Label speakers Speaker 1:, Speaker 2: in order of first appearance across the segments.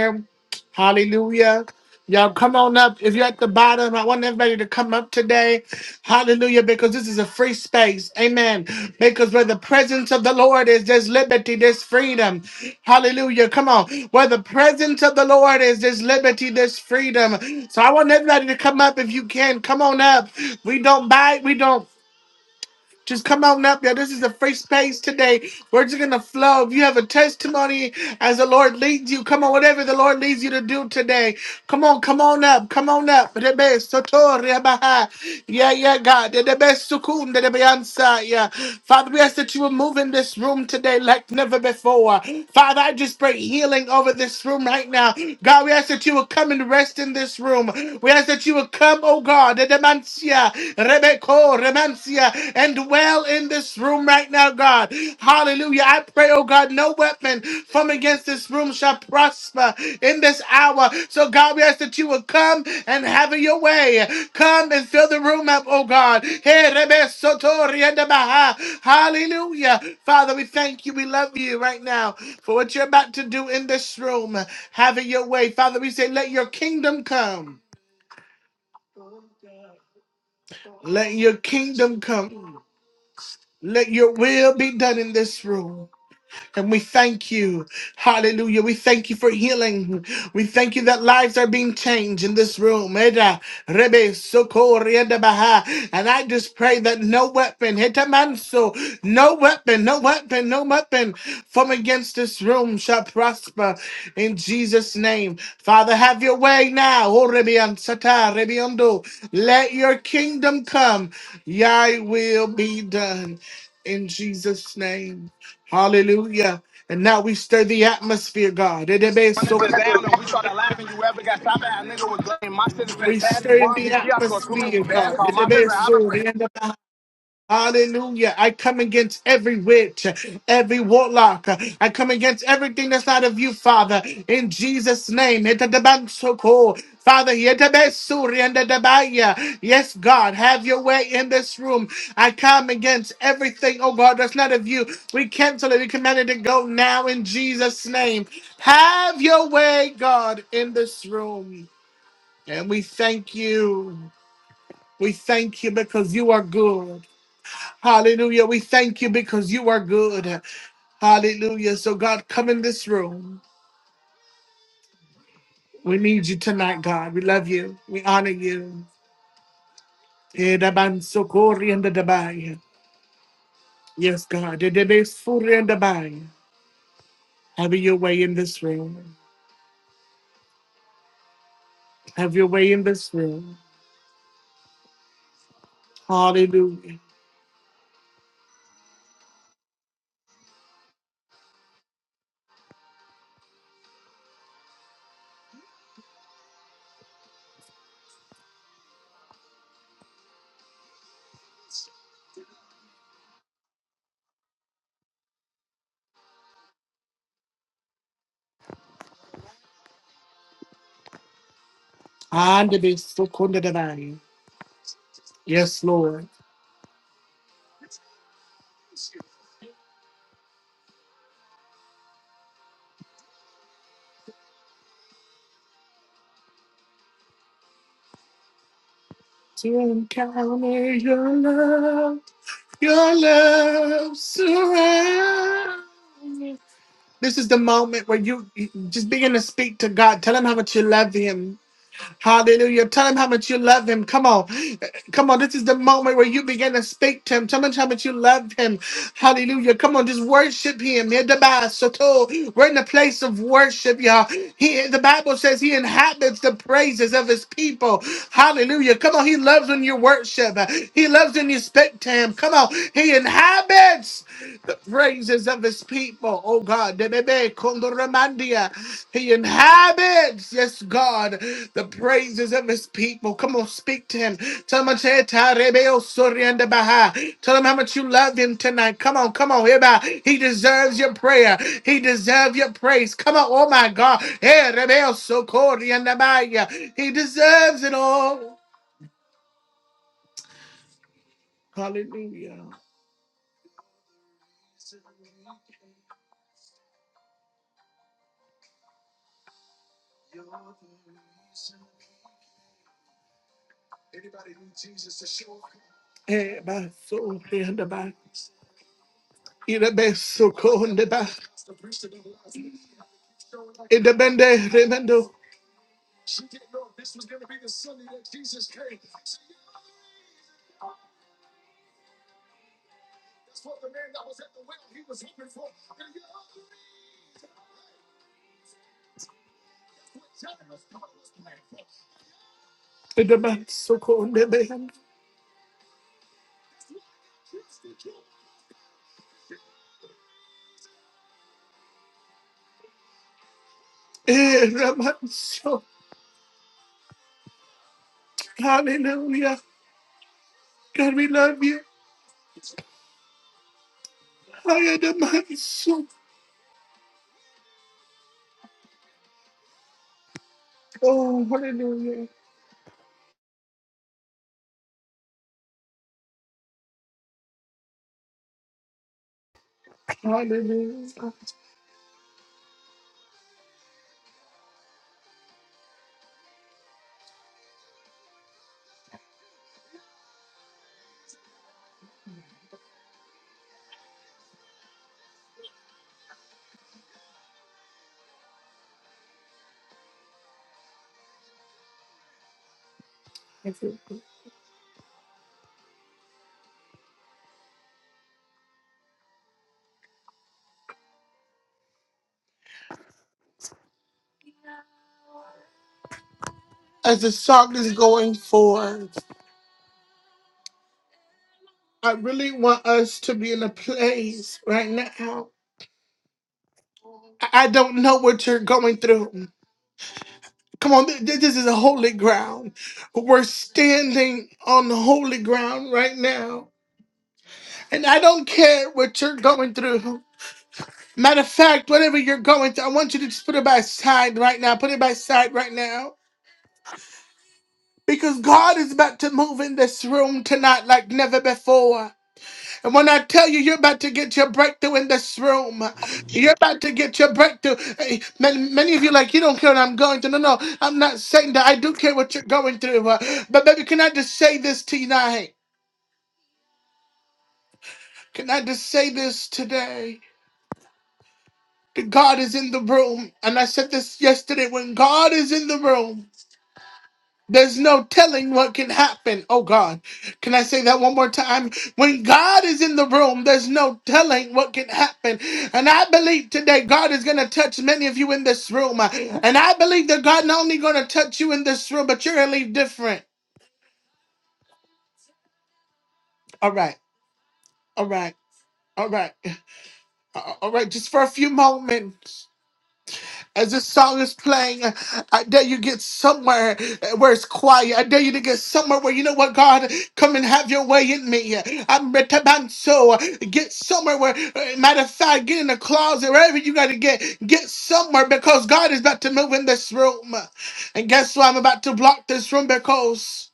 Speaker 1: here. Hallelujah. Y'all come on up. If you're at the bottom, I want everybody to come up today. Hallelujah, because this is a free space. Amen. Because where the presence of the Lord is, there's liberty, there's freedom. Hallelujah. Come on. Where the presence of the Lord is, there's liberty, there's freedom. So I want everybody to come up if you can. Come on up. We don't bite, we don't just come out now. This is the free space today. Words are going to flow. If you have a testimony as the Lord leads you, come on, whatever the Lord leads you to do today. Come on, come on up. Come on up. Rebe soto rebaha. Yeah, yeah, God. Rebe sukun rebe ansa, yeah. Father, we ask that you will move in this room today like never before. Father, I just pray healing over this room right now. God, we ask that you will come and rest in this room. We ask that you will come, oh God. Rebeko, Remansia, and dwell in this room right now, God. Hallelujah. I pray, oh God, no weapon from against this room shall prosper in this hour. So, God, we ask that you would come and have your way. Come and fill the room up, oh God. Hey, Rebe Soto Rienda Baha. Hallelujah. Father, we thank you. We love you right now for what you're about to do in this room. Have it your way. Father, we say, let your kingdom come. Let your kingdom come. Let your will be done in this room. And we thank you. Hallelujah. We thank you for healing. We thank you that lives are being changed in this room. Eda, rebe, soko, rienda, baha. And I just pray that no weapon, hitamanso, no weapon, no weapon, no weapon from against this room shall prosper in Jesus' name. Father, have your way now. Oh, rebe, ansata, rebe, ondo. Let your kingdom come. Thy will be done in Jesus' name. Hallelujah. And now we stir the atmosphere, God. It is so-
Speaker 2: Running this down and we started laughing. You ever got shot at? A nigga was lame. My shit is
Speaker 1: We
Speaker 2: fantastic.
Speaker 1: stir in
Speaker 2: One
Speaker 1: the
Speaker 2: VP, I scored too many
Speaker 1: atmosphere,
Speaker 2: bags.
Speaker 1: God.
Speaker 2: Call my
Speaker 1: It
Speaker 2: favorite
Speaker 1: is
Speaker 2: How to
Speaker 1: so.
Speaker 2: play.
Speaker 1: Hallelujah. I come against every witch, every warlock. I come against everything that's not of you, Father, in Jesus' name. Etabansoko. Father, yetabesuri and etabaya. yes, God, have your way in this room. I come against everything, oh God, that's not of you. We cancel it. We command it to go now in Jesus' name. Have your way, God, in this room. And we thank you. We thank you because you are good. Hallelujah. We thank you because you are good. Hallelujah. So, God, come in this room. We need you tonight, God. We love you. We honor you. Eh, daban sokori and the dabai. Yes, God. Eh, debe suri and dabai. Have your way in this room. Have your way in this room. Hallelujah. And debe sokori and dabai. Yes, Lord. To encounter your love, your love surrounds. me. This is the moment where you you just begin to speak to God. Tell him how much you love him. Hallelujah. Tell him how much you love him. Come on. Come on. This is the moment where you begin to speak to him. Tell him how much you love him. Hallelujah. Come on. Just worship him. Hear the Bible. Soto. We're in the place of worship, y'all. He, the Bible says he inhabits the praises of his people. Hallelujah. Come on. He loves when you worship. He loves when you speak to him. Come on. He inhabits the praises of his people, oh God. Debebe kondoramandia. He inhabits, yes, God, the praises of his people. Come on, speak to him. Tell him, I said, "Tarebe osori and baha." Tell him how much you love him tonight. Come on, come on. Eba. He deserves your prayer. He deserves your praise. Come on, oh my God. Eh, rebe osokori and abaya. He deserves it all. Hallelujah. Eh, basori and abaya. Irabe sokori and abaya. In the bende remendo, in the man so cold, the man. Eh, Raman, so Hallelujah. God, we love you. Higher the man so. Oh, hallelujah. Hallelujah. As the song is going forward, I really want us to be in a place right now. I I don't know what you're going through. Come on, th- th- this is a holy ground. We're standing on holy ground right now. And I don't care what you're going through. Matter of fact, whatever you're going through, I want you to just put it by side right now. Put it by side right now. Because God is about to move in this room tonight like never before. And when I tell you, you're about to get your breakthrough in this room. You're about to get your breakthrough. Hey, Many, many of you are like, you don't care what I'm going through. No, no, I'm not saying that. I do care what you're going through. Uh, But baby, can I just say this tonight? Can I just say this today? God is in the room. And I said this yesterday when God is in the room, there's no telling what can happen. Oh God, can I say that one more time? When God is in the room, there's no telling what can happen. And I believe today God is going to touch many of you in this room. And I believe that God not only going to touch you in this room, but you're going to leave different. All right, all right, all right, Uh, all right, just for a few moments. As this song is playing, I dare you get somewhere where it's quiet. I dare you to get somewhere where you know what, God, come and have your way in me. I'm retabanso. Get somewhere where, uh, matter of fact, get in the closet, wherever you got to get. Get somewhere because God is about to move in this room. And guess what? I'm about to block this room because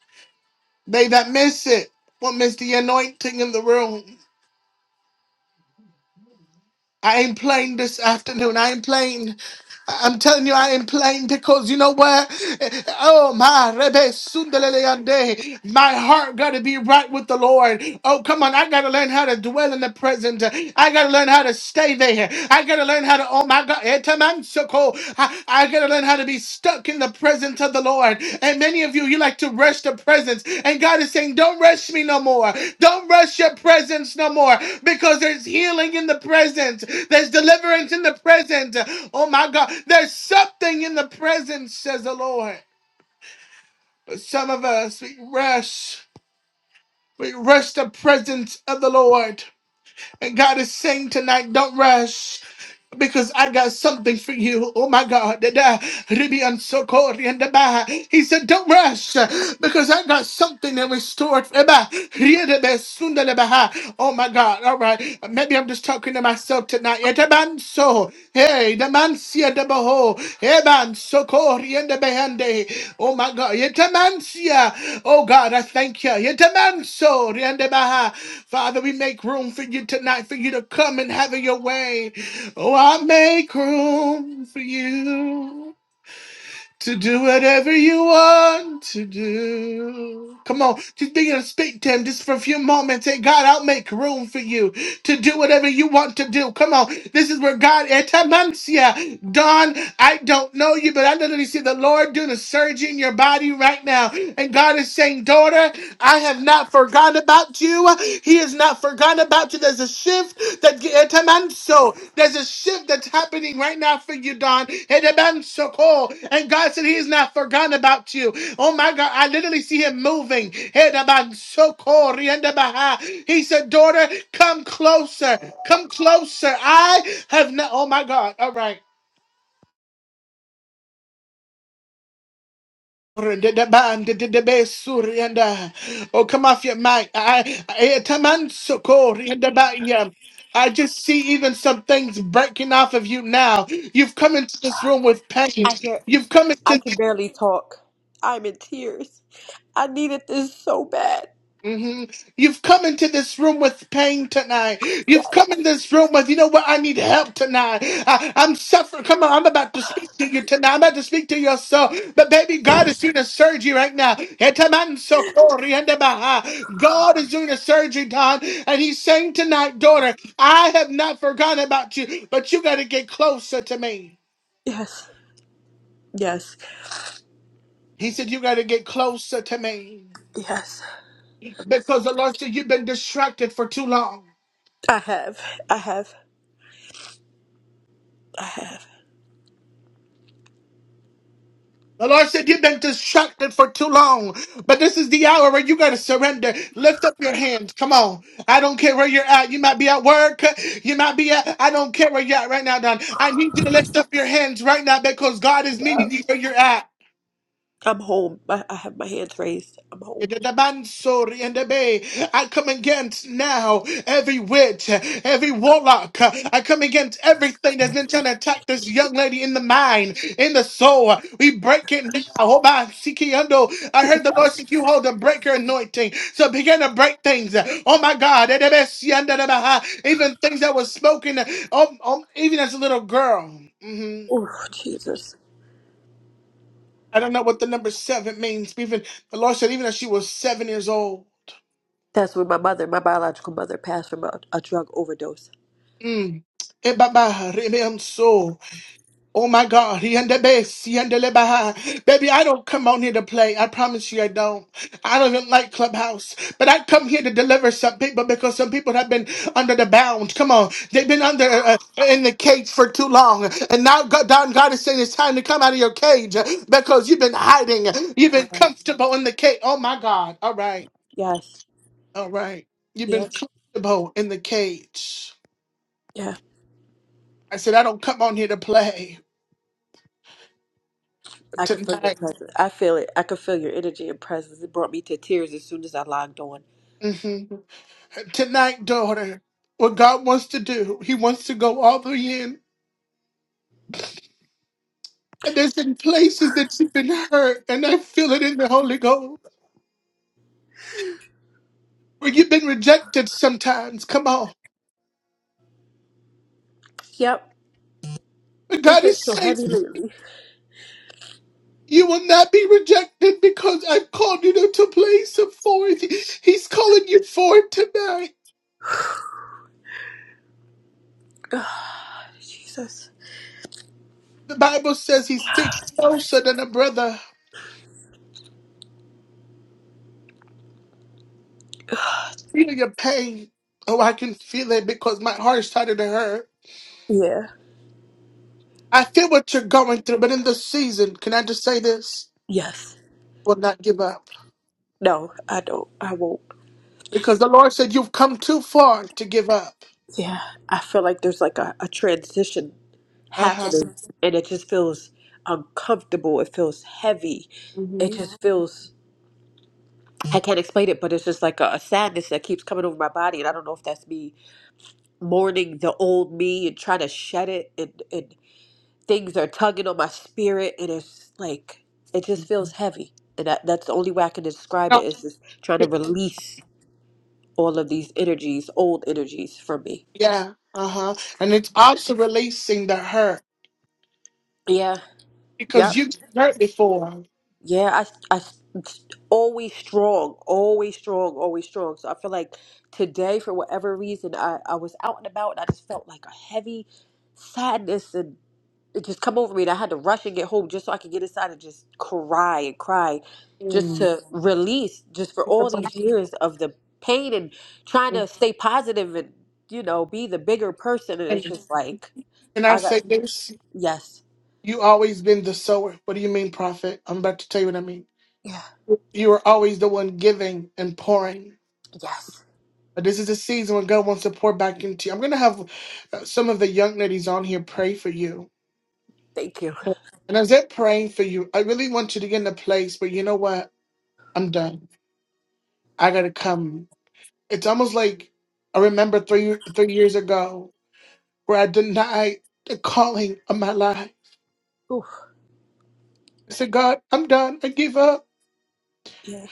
Speaker 1: they that miss it will miss the anointing in the room. I ain't playing this afternoon. I ain't playing. I- I'm telling you, I ain't playing because you know what? Eh, Oh my, Rebe Sundeleleande. my heart got to be right with the Lord. Oh come on, I got to learn how to dwell in the present. I got to learn how to stay there. I got to learn how to. Oh my God, Etamansoko. I, I got to learn how to be be stuck in the presence of the Lord. And many of you, you like to rush the presence. And God is saying, Don't rush me no more. Don't rush your presence no more because there's healing in the presence, there's deliverance in the presence. Oh my God, there's something in the presence, says the Lord. But some of us, we rush, we rush the presence of the Lord. And God is saying tonight, Don't rush because I got something for you. Oh my God. Da-da. Ribian sokori and daba. He said, Don't rush because I got something that restored. Eba. Riedebe sunda lebaha. Oh my God. All right. Maybe I'm just talking to myself tonight. Etaban so. Hey, the man sia debaho. Eban sokori and debehende. Oh my God. Yetaman sia. Oh God, I thank you. Yetaman so. Riendebaha. Father, we make room for you tonight for you to come and have your way. Oh, I make room for you to do whatever you want to do. Come on, just begin to speak to him just for a few moments. Say, God, I'll make room for you to do whatever you want to do. Come on, this is where God, Etamancia, Don, I don't know you, but I literally see the Lord doing a surgery in your body right now. And God is saying, Daughter, I have not forgotten about you you. He is not forgotten about you. There's a shift that Etamanso. There's a shift that's happening right now for you, Don. Etamanso call. And God said He is not forgotten about you. Oh my God, I literally see Him moving. Etamanso ko Rienda Riendabaha. He said, daughter, come closer. Come closer. I have not. Oh my God. All right. Oh, come off your mic. I, I, I I just see even some things breaking off of you now. You've come into this room with pain.
Speaker 3: I hear
Speaker 1: You've come
Speaker 3: I
Speaker 1: into
Speaker 3: can barely talk. I'm in tears. I needed this so bad.
Speaker 1: hmm You've come into this room with pain tonight. You've come in this room with, you know what, I need help tonight. I, I'm suffering. Come on, I'm about to speak to you tonight. I'm about to speak to your soul. But baby, God is doing a surgery right now. Etamansokoriyandamaha. God is doing a surgery, Don. And he's saying tonight, daughter, I have not forgotten about you, but you got to get closer to me.
Speaker 3: Yes, yes,
Speaker 1: He said, you got to get closer to me.
Speaker 3: yes.
Speaker 1: Because the Lord said, you've been distracted for too long.
Speaker 3: I have. I have. I have.
Speaker 1: The Lord said, You've been distracted for too long, but this is the hour where you got to surrender. Lift up your hands. Come on. I don't care where you're at. You might be at work. You might be at, I don't care where you're at right now, Don. I need you to lift up your hands right now because God is
Speaker 3: Uh,
Speaker 1: meeting you where you're at.
Speaker 3: I'm home. I, I have my hands raised. I'm home.
Speaker 1: Yedadabansori and the bay. I come against now every witch, every warlock. I come against everything that's been trying to attack this young lady in the mind, in the soul. We break it now. Oh my Sikiando. I heard the Lord said you hold the breaker anointing. So begin to break things. Oh my God. Edebe siandadabaha. Even things that were spoken, um, um, even as a little girl. Mhm.
Speaker 3: Oh, Jesus.
Speaker 1: I don't know what the number seven means. Even the Lord said, even as she was seven years old.
Speaker 3: That's when my mother, my biological mother, passed from a, a drug overdose.
Speaker 1: Mm. Ebaba, Rebem so. Oh my God, he and the bass, he and the lebaha. Baby, I don't come on here to play. I promise you I don't. I don't even like Clubhouse. But I come here to deliver some people because some people have been under the bound. Come on. They've been under uh, uh, in the cage for too long. And now God, God God is saying it's time to come out of your cage because you've been hiding. You've been
Speaker 3: Yeah.
Speaker 1: comfortable in the cage. Oh my God. All right.
Speaker 3: Yes.
Speaker 1: All right. You've been
Speaker 3: Yeah.
Speaker 1: comfortable in the cage.
Speaker 3: Yeah.
Speaker 1: I said, I don't come on here to play.
Speaker 3: I can feel your
Speaker 1: tonight.
Speaker 3: presence. I feel it. I can feel your energy and presence. It brought me to tears as soon as I logged on.
Speaker 1: mhm. Tonight, daughter, what God wants to do, He wants to go all the way in. And there's been places that you've been hurt, and I feel it in the Holy Ghost, where you've been rejected sometimes. Come on.
Speaker 3: Yep.
Speaker 1: But
Speaker 3: It's
Speaker 1: God
Speaker 3: been
Speaker 1: is
Speaker 3: so
Speaker 1: saying,
Speaker 3: heavy lately.
Speaker 1: you will not be rejected because I've called you to a place of forth. He's calling you forth tonight.
Speaker 3: God, Jesus.
Speaker 1: The Bible says he sticks closer than a brother. Feel your pain. Oh, I can feel it because my heart started to hurt.
Speaker 3: Yeah.
Speaker 1: I feel what you're going through, but in this season, can I just say this?
Speaker 3: Yes.
Speaker 1: Will not give up.
Speaker 3: No, I don't. I won't.
Speaker 1: Because the Lord said you've come too far to give up.
Speaker 3: Yeah. I feel like there's like a, a transition
Speaker 1: Uh huh.
Speaker 3: happening and it just feels uncomfortable. It feels heavy. It
Speaker 1: hmm
Speaker 3: just feels, I can't explain it, but it's just like a, a sadness that keeps coming over my body. And I don't know if that's me mourning the old me and trying to shed it. And, and things are tugging on my spirit. And it's like, it just feels heavy. And that, that's the only way I can describe it is just trying to release all of these energies, old energies from me.
Speaker 1: Yeah. Uh huh. And it's also releasing the hurt
Speaker 3: Yeah.
Speaker 1: because
Speaker 3: Yep.
Speaker 1: you hurt before.
Speaker 3: Yeah. I, I, always strong, always strong, always strong. So I feel like today, for whatever reason, I, I was out and about and I just felt like a heavy sadness and it just come over me. And I had to rush and get home just so I could get inside and just cry and cry just to release just for all these years of the pain and trying to stay positive and, you know, be the bigger person. And it's
Speaker 1: And
Speaker 3: just like,
Speaker 1: can I
Speaker 3: I got,
Speaker 1: say this?
Speaker 3: yes.
Speaker 1: You always been the sower. What do you mean, prophet? I'm about to tell you what I mean.
Speaker 3: Yeah.
Speaker 1: You were always the one giving and pouring.
Speaker 3: Yes.
Speaker 1: But this is a season when God wants to pour back into you. I'm going to have uh, some of the young ladies on here pray for you
Speaker 3: Thank you.
Speaker 1: And as they're praying for you, I really want you to get in a place where you know what? I'm done. I gotta come. It's almost like I remember three three years ago where I denied the calling of my life. I said, God, I'm done. I give up.
Speaker 3: Yeah.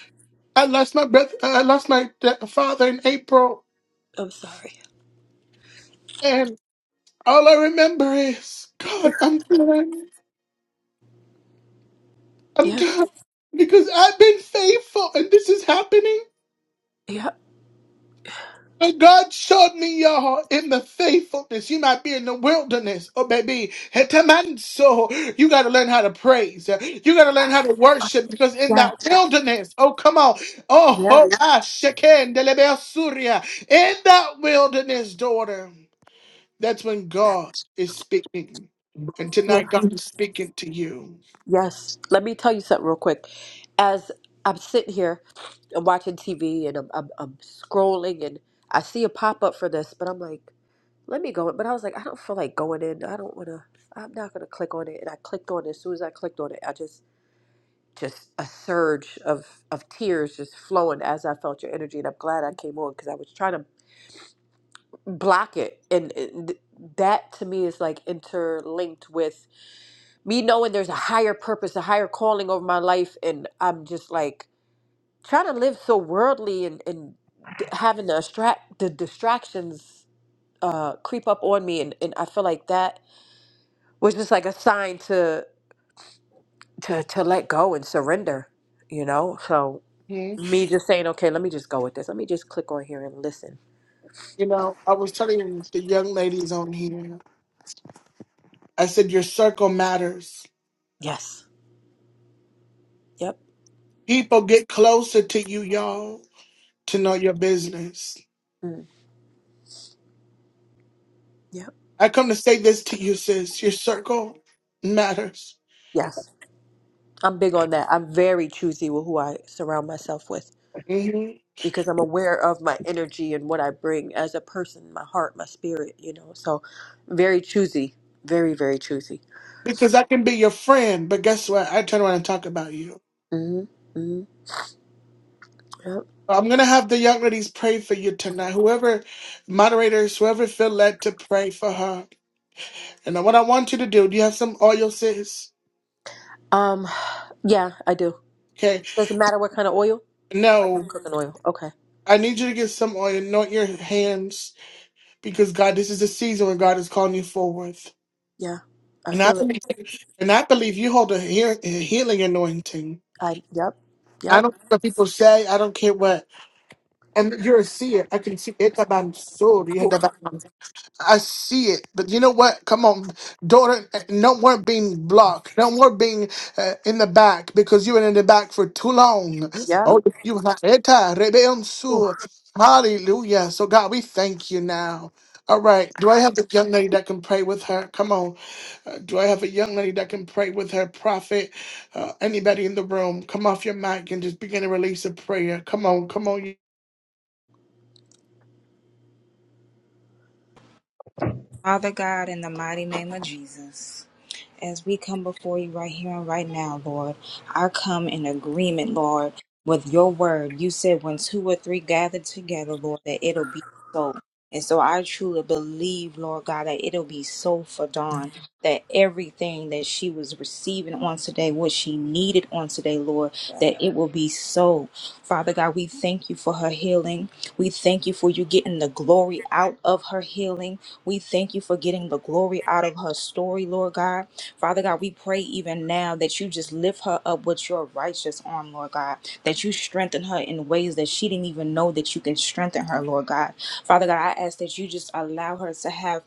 Speaker 1: I lost my brother. I lost my da- father in April,
Speaker 3: I'm sorry.
Speaker 1: and all I remember is, God, I'm done. I'm
Speaker 3: Yeah.
Speaker 1: done because I've been faithful, and this is happening.
Speaker 3: Yeah.
Speaker 1: And God showed me y'all in the faithfulness. You might be in the wilderness. Oh, baby. So you got to learn how to praise. You got to learn how to worship because in
Speaker 3: Yeah.
Speaker 1: that wilderness, oh, come on. Oh,
Speaker 3: Yeah.
Speaker 1: oh ah, sheken delebe suria. in that wilderness, daughter, that's when God is speaking. And
Speaker 3: Yeah.
Speaker 1: tonight, God is speaking to you.
Speaker 3: Yes. Let me tell you something real quick. As I'm sitting here, I'm watching TV and I'm I'm, I'm scrolling and I see a pop up for this, but I'm like, let me go. in. But I was like, I don't feel like going in. I don't want to. I'm not gonna click on it. And I clicked on it. As soon as I clicked on it, I just just a surge of of tears just flowing as I felt your energy, and I'm glad I came on because I was trying to block it and it- that to me is like interlinked with me knowing there's a higher purpose a higher calling over my life and i'm just like trying to live so worldly and and d- having the distract the distractions uh creep up on me and, and i feel like that was just like a sign to to to let go and surrender you know so
Speaker 1: Hmm?
Speaker 3: me just saying okay let me just go with this let me just click on here and listen
Speaker 1: You know, I was telling the young ladies on here, I said, Your circle matters.
Speaker 3: yes yep
Speaker 1: People get closer to you, y'all, to know your business.
Speaker 3: mm. yep
Speaker 1: I come to say this to you, sis. Your circle matters.
Speaker 3: yes I'm big on that. I'm very choosy with who I surround myself with
Speaker 1: hmm
Speaker 3: because I'm aware of my energy and what I bring as a person, my heart, my spirit, you know. So, very choosy, very very choosy.
Speaker 1: Because I can be your friend, but guess what? I turn around and talk about you.
Speaker 3: Mhm. Mhm. Yep.
Speaker 1: So I'm going to have the young ladies pray for you tonight. Whoever, moderators, whoever feel led to pray for her. And what I want you to do, do you have some oil, sis?
Speaker 3: Um yeah, I do.
Speaker 1: Okay.
Speaker 3: Does it matter what kind of oil? Like I'm
Speaker 1: No,
Speaker 3: cooking oil. Okay.
Speaker 1: I need you to get some oil. Anoint your hands because, God, this is a season where God is calling you forward.
Speaker 3: Yeah. I
Speaker 1: And I
Speaker 3: feel it.
Speaker 1: believe, and I believe you hold a, heal, a healing anointing.
Speaker 3: I yep.
Speaker 1: I
Speaker 3: Yep.
Speaker 1: don't care what people say. I don't care what. And you're a seer. I can see it about soul. I see it, but you know what? Come on, daughter. No more being blocked. No more being uh, in the back because you were in the back for too long.
Speaker 3: Yep.
Speaker 1: Oh, you have Eta, rebe
Speaker 3: Oh
Speaker 1: unsu. Hallelujah. So God, we thank you now. All right. Do I
Speaker 3: god.
Speaker 1: have a young lady that can pray with her? Come on. Uh, do I have a young lady that can pray with her? Prophet, uh, anybody in the room, come off your mic and just begin to release a prayer. Come on. Come on.
Speaker 4: Father God, in the mighty name of Jesus as we come before you right here and right now, Lord. I come in agreement, Lord, with your word. You said when two or three gather together, Lord, that it'll be so. And so I truly believe, Lord God, that it'll be so for Dawn, that everything that she was receiving on today, what she needed on today, Lord,
Speaker 3: Yeah.
Speaker 4: that it will be so. Father God, we thank you for her healing. We thank you for you getting the glory out of her healing. We thank you for getting the glory out of her story, Lord God. Father God, we pray even now that you just lift her up with your righteous arm, Lord God, that you strengthen her in ways that she didn't even know that you can strengthen her, Lord God. Father God, I ask that you just allow her to have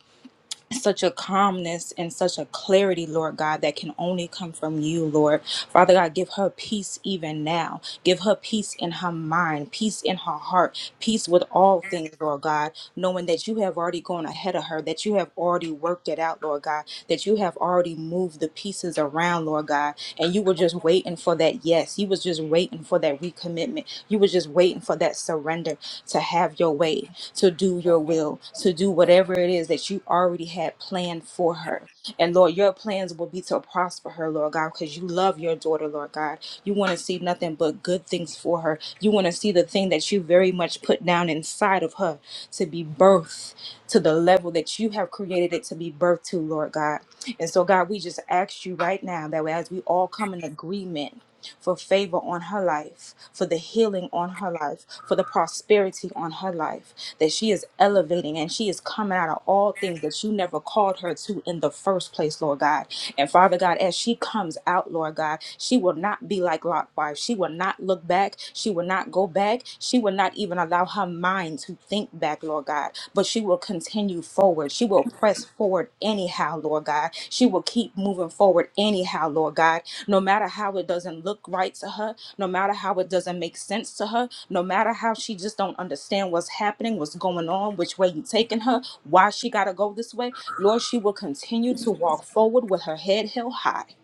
Speaker 4: such a calmness and such a clarity, Lord God, that can only come from you, Lord. Father God, give her peace even now. Give her peace in her mind, peace in her heart, peace with all things, Lord God, knowing that you have already gone ahead of her, that you have already worked it out, Lord God, that you have already moved the pieces around, Lord God, and you were just waiting for that yes. You was just waiting for that recommitment. You was just waiting for that surrender to have your way, to do your will, to do whatever it is that you already had planned for her. And Lord, your plans will be to prosper her, Lord God, because you love your daughter, Lord God. You want to see nothing but good things for her. You want to see the thing that you very much put down inside of her to be birthed to the level that you have created it to be birthed to, Lord God. And so, God, we just ask you right now that as we all come in agreement for favor on her life, for the healing on her life, for the prosperity on her life, that she is elevating and she is coming out of all things that you never called her to in the first place, Lord God. And Father God, as she comes out, Lord God, she will not be like Lot's wife. She will not look back. She will not go back. She will not even allow her mind to think back, Lord. God, but she will continue forward. She will press forward anyhow, Lord God. She will keep moving forward anyhow, Lord God. No matter how it doesn't look right to her, no matter how it doesn't make sense to her, no matter how she just don't understand what's happening, what's going on, which way you taking her, why she gotta go this way, Lord, she will continue to walk forward with her head held high.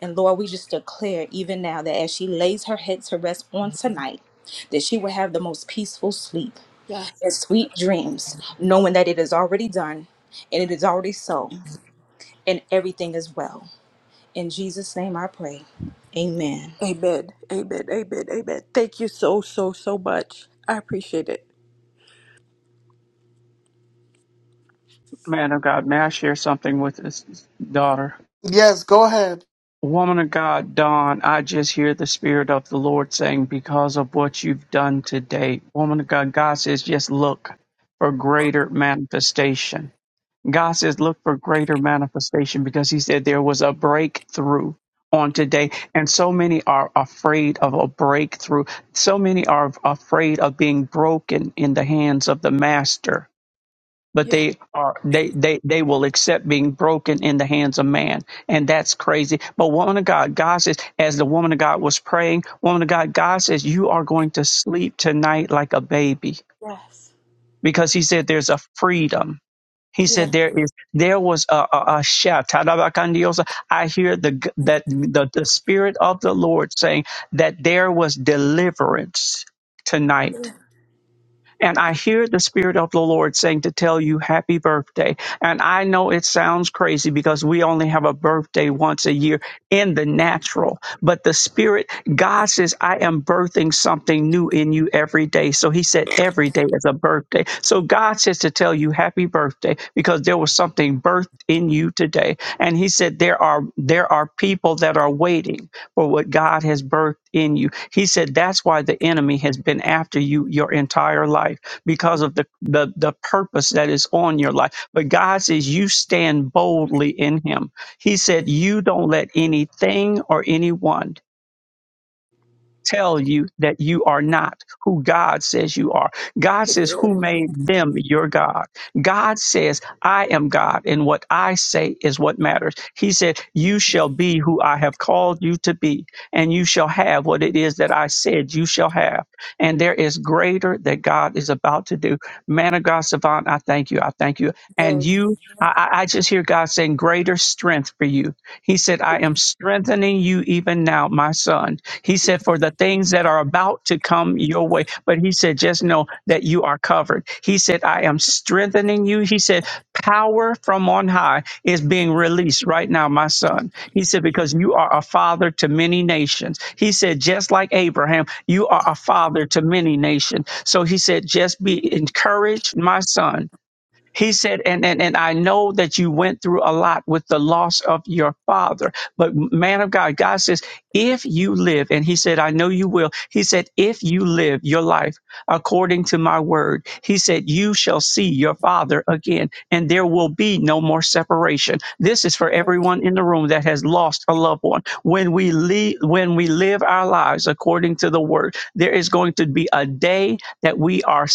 Speaker 4: And Lord, we just declare even now that as she lays her head to rest on tonight, that she will have the most peaceful sleep
Speaker 3: Yeah.
Speaker 4: and sweet dreams, knowing that it is already done and it is already so, and everything is well. In Jesus' name I pray. Amen.
Speaker 3: Amen. Amen. Amen. Amen. Thank you so so so much. I appreciate it.
Speaker 5: Man of God, may I share something with his daughter?
Speaker 1: Yes, go ahead.
Speaker 5: Woman of God, Dawn, I just hear the Spirit of the Lord saying, because of what you've done today, woman of God, God says, just look for greater manifestation. God says, look for greater manifestation because He said there was a breakthrough on today. And so many are afraid of a breakthrough. So many are afraid of being broken in the hands of the Master but
Speaker 3: Yeah.
Speaker 5: they are they they they will accept being broken in the hands of man and that's crazy but woman of god god says as the woman of god was praying woman of god god says you are going to sleep tonight like a baby
Speaker 3: Yes.
Speaker 5: because he said there's a freedom he
Speaker 3: Yeah.
Speaker 5: said there is there was a, a, a shout Tarabakandiosa. i hear the g- that the, the spirit of the lord saying that there was deliverance tonight
Speaker 3: Amen.
Speaker 5: and I hear the Spirit of the Lord saying to tell you happy birthday. And I know it sounds crazy because we only have a birthday once a year in the natural, but the Spirit, God says, I am birthing something new in you every day. So He said, every day day as a birthday. So God says to tell you happy birthday because there was something birthed in you today. And he said there are there are people that are waiting for what God has birthed in you. He said that's why the enemy has been after you your entire life because of the the, the purpose that is on your life. But God says you stand boldly in him. He said you don't let anything or anyone tell you that you are not who God says you are. God says,
Speaker 3: Amen.
Speaker 5: Who made them your God? God says, I am God, and what I say is what matters. He said, You shall be who I have called you to be, and you shall have what it is that I said you shall have. And there is greater that God is about to do. Man of God, Savant, I thank you. I thank you. And you, I, I I just hear God saying, Greater strength for you. He said, I am strengthening you even now, my son he said, For the things that are about to come your way. But he said, Just know that you are covered. He said, I am strengthening you. He said, Power from on high is being released right now, my son. He said, Because you are a father to many nations. He said, Just like Abraham, you are a father to many nations. So he said, Just be encouraged, my son he said, and, and, and I know that you went through a lot with the loss of your father, but man of God, God says, if you live, and he said, I know you will. He said, if you live your life according to my word, he said, you shall see your father again, and there will be no more separation. This is for everyone in the room that has lost a loved one. When we live, when we live our lives according to the word, there is going to be a day that we are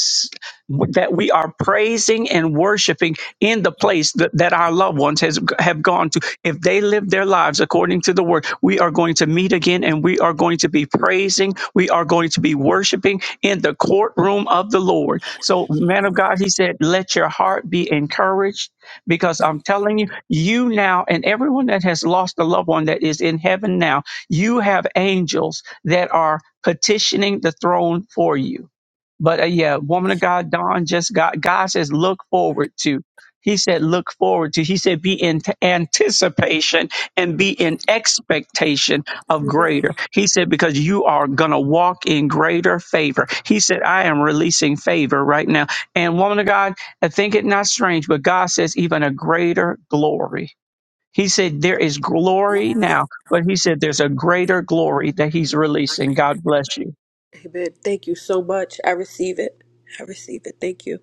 Speaker 5: that we are praising and worshiping in the place that, that our loved ones has have gone to if they live their lives according to the word we are going to meet again and we are going to be praising we are going to be worshiping in the courtroom of the lord so man of god he said let your heart be encouraged because i'm telling you you now and everyone that has lost a loved one that is in heaven now you have angels that are petitioning the throne for you but uh, yeah, woman of God, Don just got, God says, look forward to. He said, look forward to. He said, be in t- anticipation and be in expectation of
Speaker 3: Amen.
Speaker 5: greater. He said, because you are going to walk in greater favor. He said, I am releasing favor right now. And woman of God, I think it not strange, but God says, even a greater glory. He said, there is glory now, but he said, there's a greater glory that he's releasing. God bless you.
Speaker 3: Amen. Thank you so much. I receive it. I receive it. Thank you.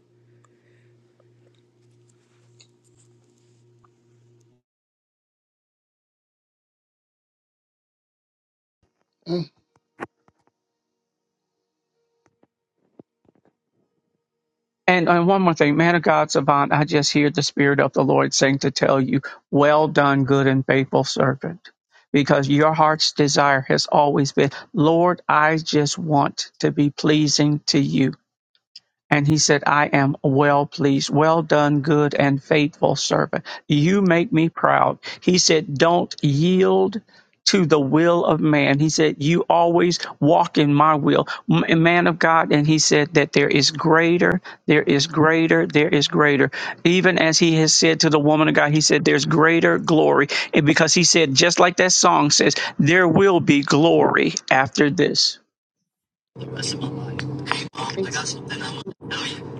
Speaker 1: Mm.
Speaker 5: And, and one more thing, man of God, Savant, I just hear the Spirit of the Lord saying to tell you, well done, good and faithful servant, because your heart's desire has always been, Lord, I just want to be pleasing to you. And he said, I am well pleased. Well done, good and faithful servant. You make me proud. He said, Don't yield to the will of man. He said, You always walk in my will. M- Man of God. And he said that there is greater, there is greater, there is greater. Even as he has said to the woman of God, he said, There's greater glory. And because he said, just like that song says, there will be glory after this.
Speaker 6: the rest of my life. Hey mom, I got something I want to tell you.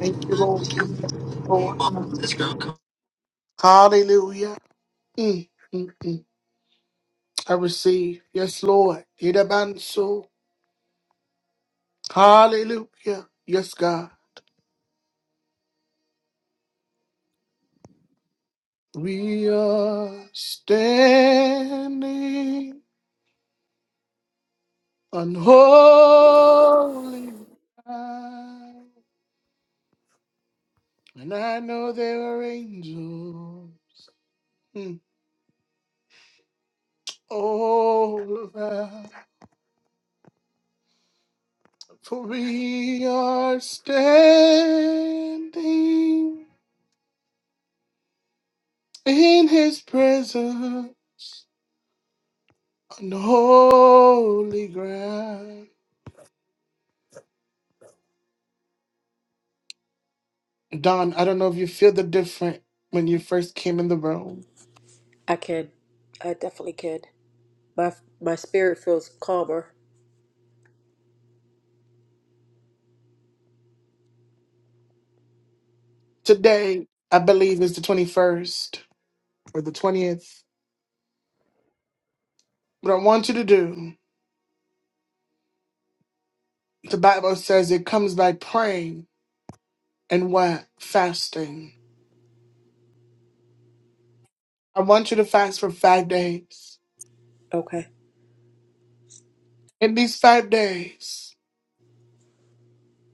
Speaker 1: Thank you,
Speaker 6: Hey
Speaker 1: Lord.
Speaker 6: mom, this girl. comes
Speaker 1: Hallelujah. Mm, mm, mm. I receive. Yes, Lord. Idabanso. Hallelujah. Yes, God. We are standing on holy ground. And I know there are angels mm, all around. For we are standing in his presence. on holy ground. Don, I don't know if you feel the different when you first came in the room.
Speaker 3: I can. I definitely can. My my spirit feels calmer.
Speaker 1: Today, I believe, is the 21st or the 20th. What I want you to do, the Bible says it comes by praying and what? Fasting. I want you to fast for five days.
Speaker 3: Okay.
Speaker 1: In these five days,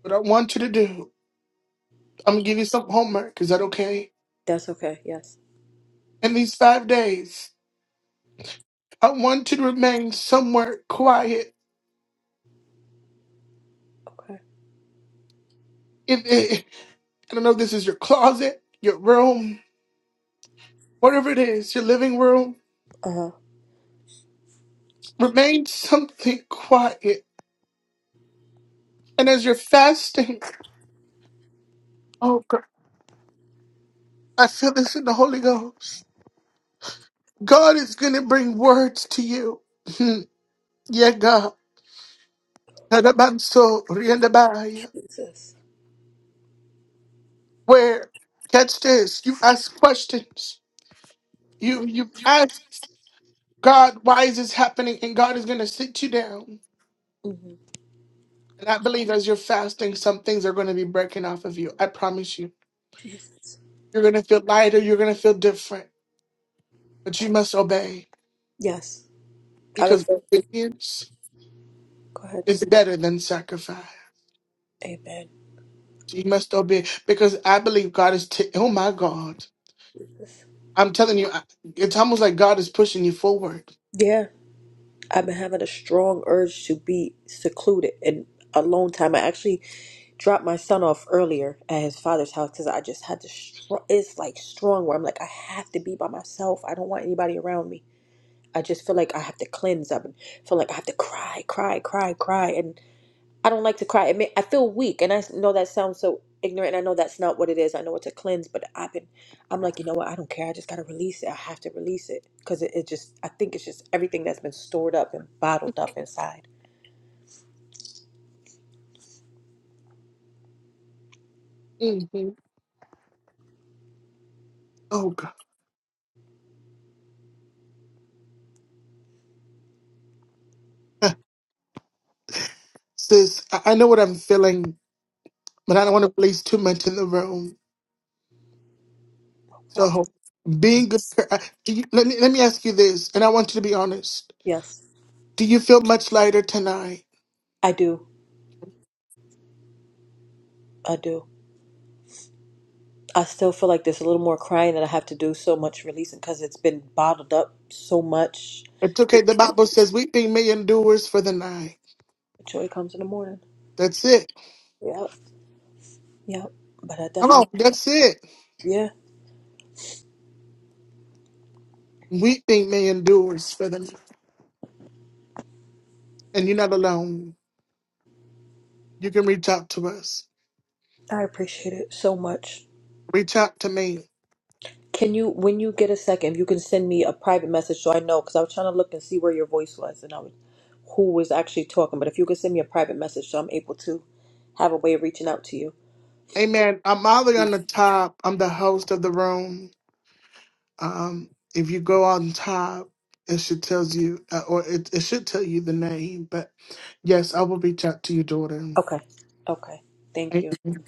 Speaker 1: what I want you to do, I'm going to give you some homework. Is that okay?
Speaker 3: That's okay. Yes.
Speaker 1: In these five days, I want you to remain somewhere quiet
Speaker 3: Okay.
Speaker 1: I don't know if this is your closet, your room, whatever it is, your living room.
Speaker 3: Uh huh.
Speaker 1: Remain something quiet. And as you're fasting, oh God, I feel this in the Holy Ghost. God is going to bring words to you. Hmm. yeah, God. Tadabanso riandabaya.
Speaker 3: Jesus.
Speaker 1: Where, catch this, you ask questions. You, you ask God, why is this happening? And God is going to sit you down.
Speaker 3: hmm
Speaker 1: And I believe as you're fasting, some things are going to be breaking off of you. I promise you.
Speaker 3: Jesus.
Speaker 1: You're going to feel lighter. You're going to feel different. But you must obey
Speaker 3: Yes. I've been
Speaker 1: because
Speaker 3: feeling.
Speaker 1: obedience
Speaker 3: Go ahead.
Speaker 1: is better than sacrifice.
Speaker 3: Amen.
Speaker 1: You must obey because I believe God is, t- oh my God. I'm telling you, I- it's almost like God is pushing you forward.
Speaker 3: Yeah. I've been having a strong urge to be secluded and alone time. I actually dropped my son off earlier at his father's house because I just had to. Str- it's like strong where I'm like, I have to be by myself. I don't want anybody around me. I just feel like I have to cleanse up and feel like I have to cry, cry, cry, cry, and I don't like to cry. I mean, I feel weak, and I s- know that sounds so ignorant. And I know that's not what it is. I know it's a cleanse, but I've been. I'm like, you know what? I don't care. I just gotta release it. I have to release it because it, it just. I think it's just everything that's been stored up and bottled up inside.
Speaker 1: hmm Oh God. Sis, I I know what I'm feeling, but I don't want to place too much in the room.
Speaker 3: Okay.
Speaker 1: So being good, I- do you, let, me, let me ask you this, and I want you to be honest.
Speaker 3: Yes,
Speaker 1: Do you feel much lighter tonight?
Speaker 3: I do. I do. I still feel like there's a little more crying that I have to do, so much releasing because it's been bottled up so much.
Speaker 1: It's
Speaker 3: The
Speaker 1: okay. The Bible says weeping may endures for the night.
Speaker 3: joy comes in the morning.
Speaker 1: That's it.
Speaker 3: Yep, yep. But I
Speaker 1: Come
Speaker 3: definitely,
Speaker 1: on, that's it.
Speaker 3: yeah,
Speaker 1: We think may endures for them. And you're not alone. You can reach out to us.
Speaker 3: I appreciate it so much.
Speaker 1: Reach out to me.
Speaker 3: Can you, when you get a second, if you can send me a private message so I know, because I was trying to look and see where your voice was and I was, who was actually talking. But if you could send me a private message so I'm able to have a way of reaching out to you.
Speaker 1: Amen. I'm Ollie on the top. I'm the host of the room. Um, if you go on top, it should tells you, uh, or it, it should tell you the name. But yes, I will reach out to you, daughter.
Speaker 3: Okay, okay. Thank you.
Speaker 1: Amen.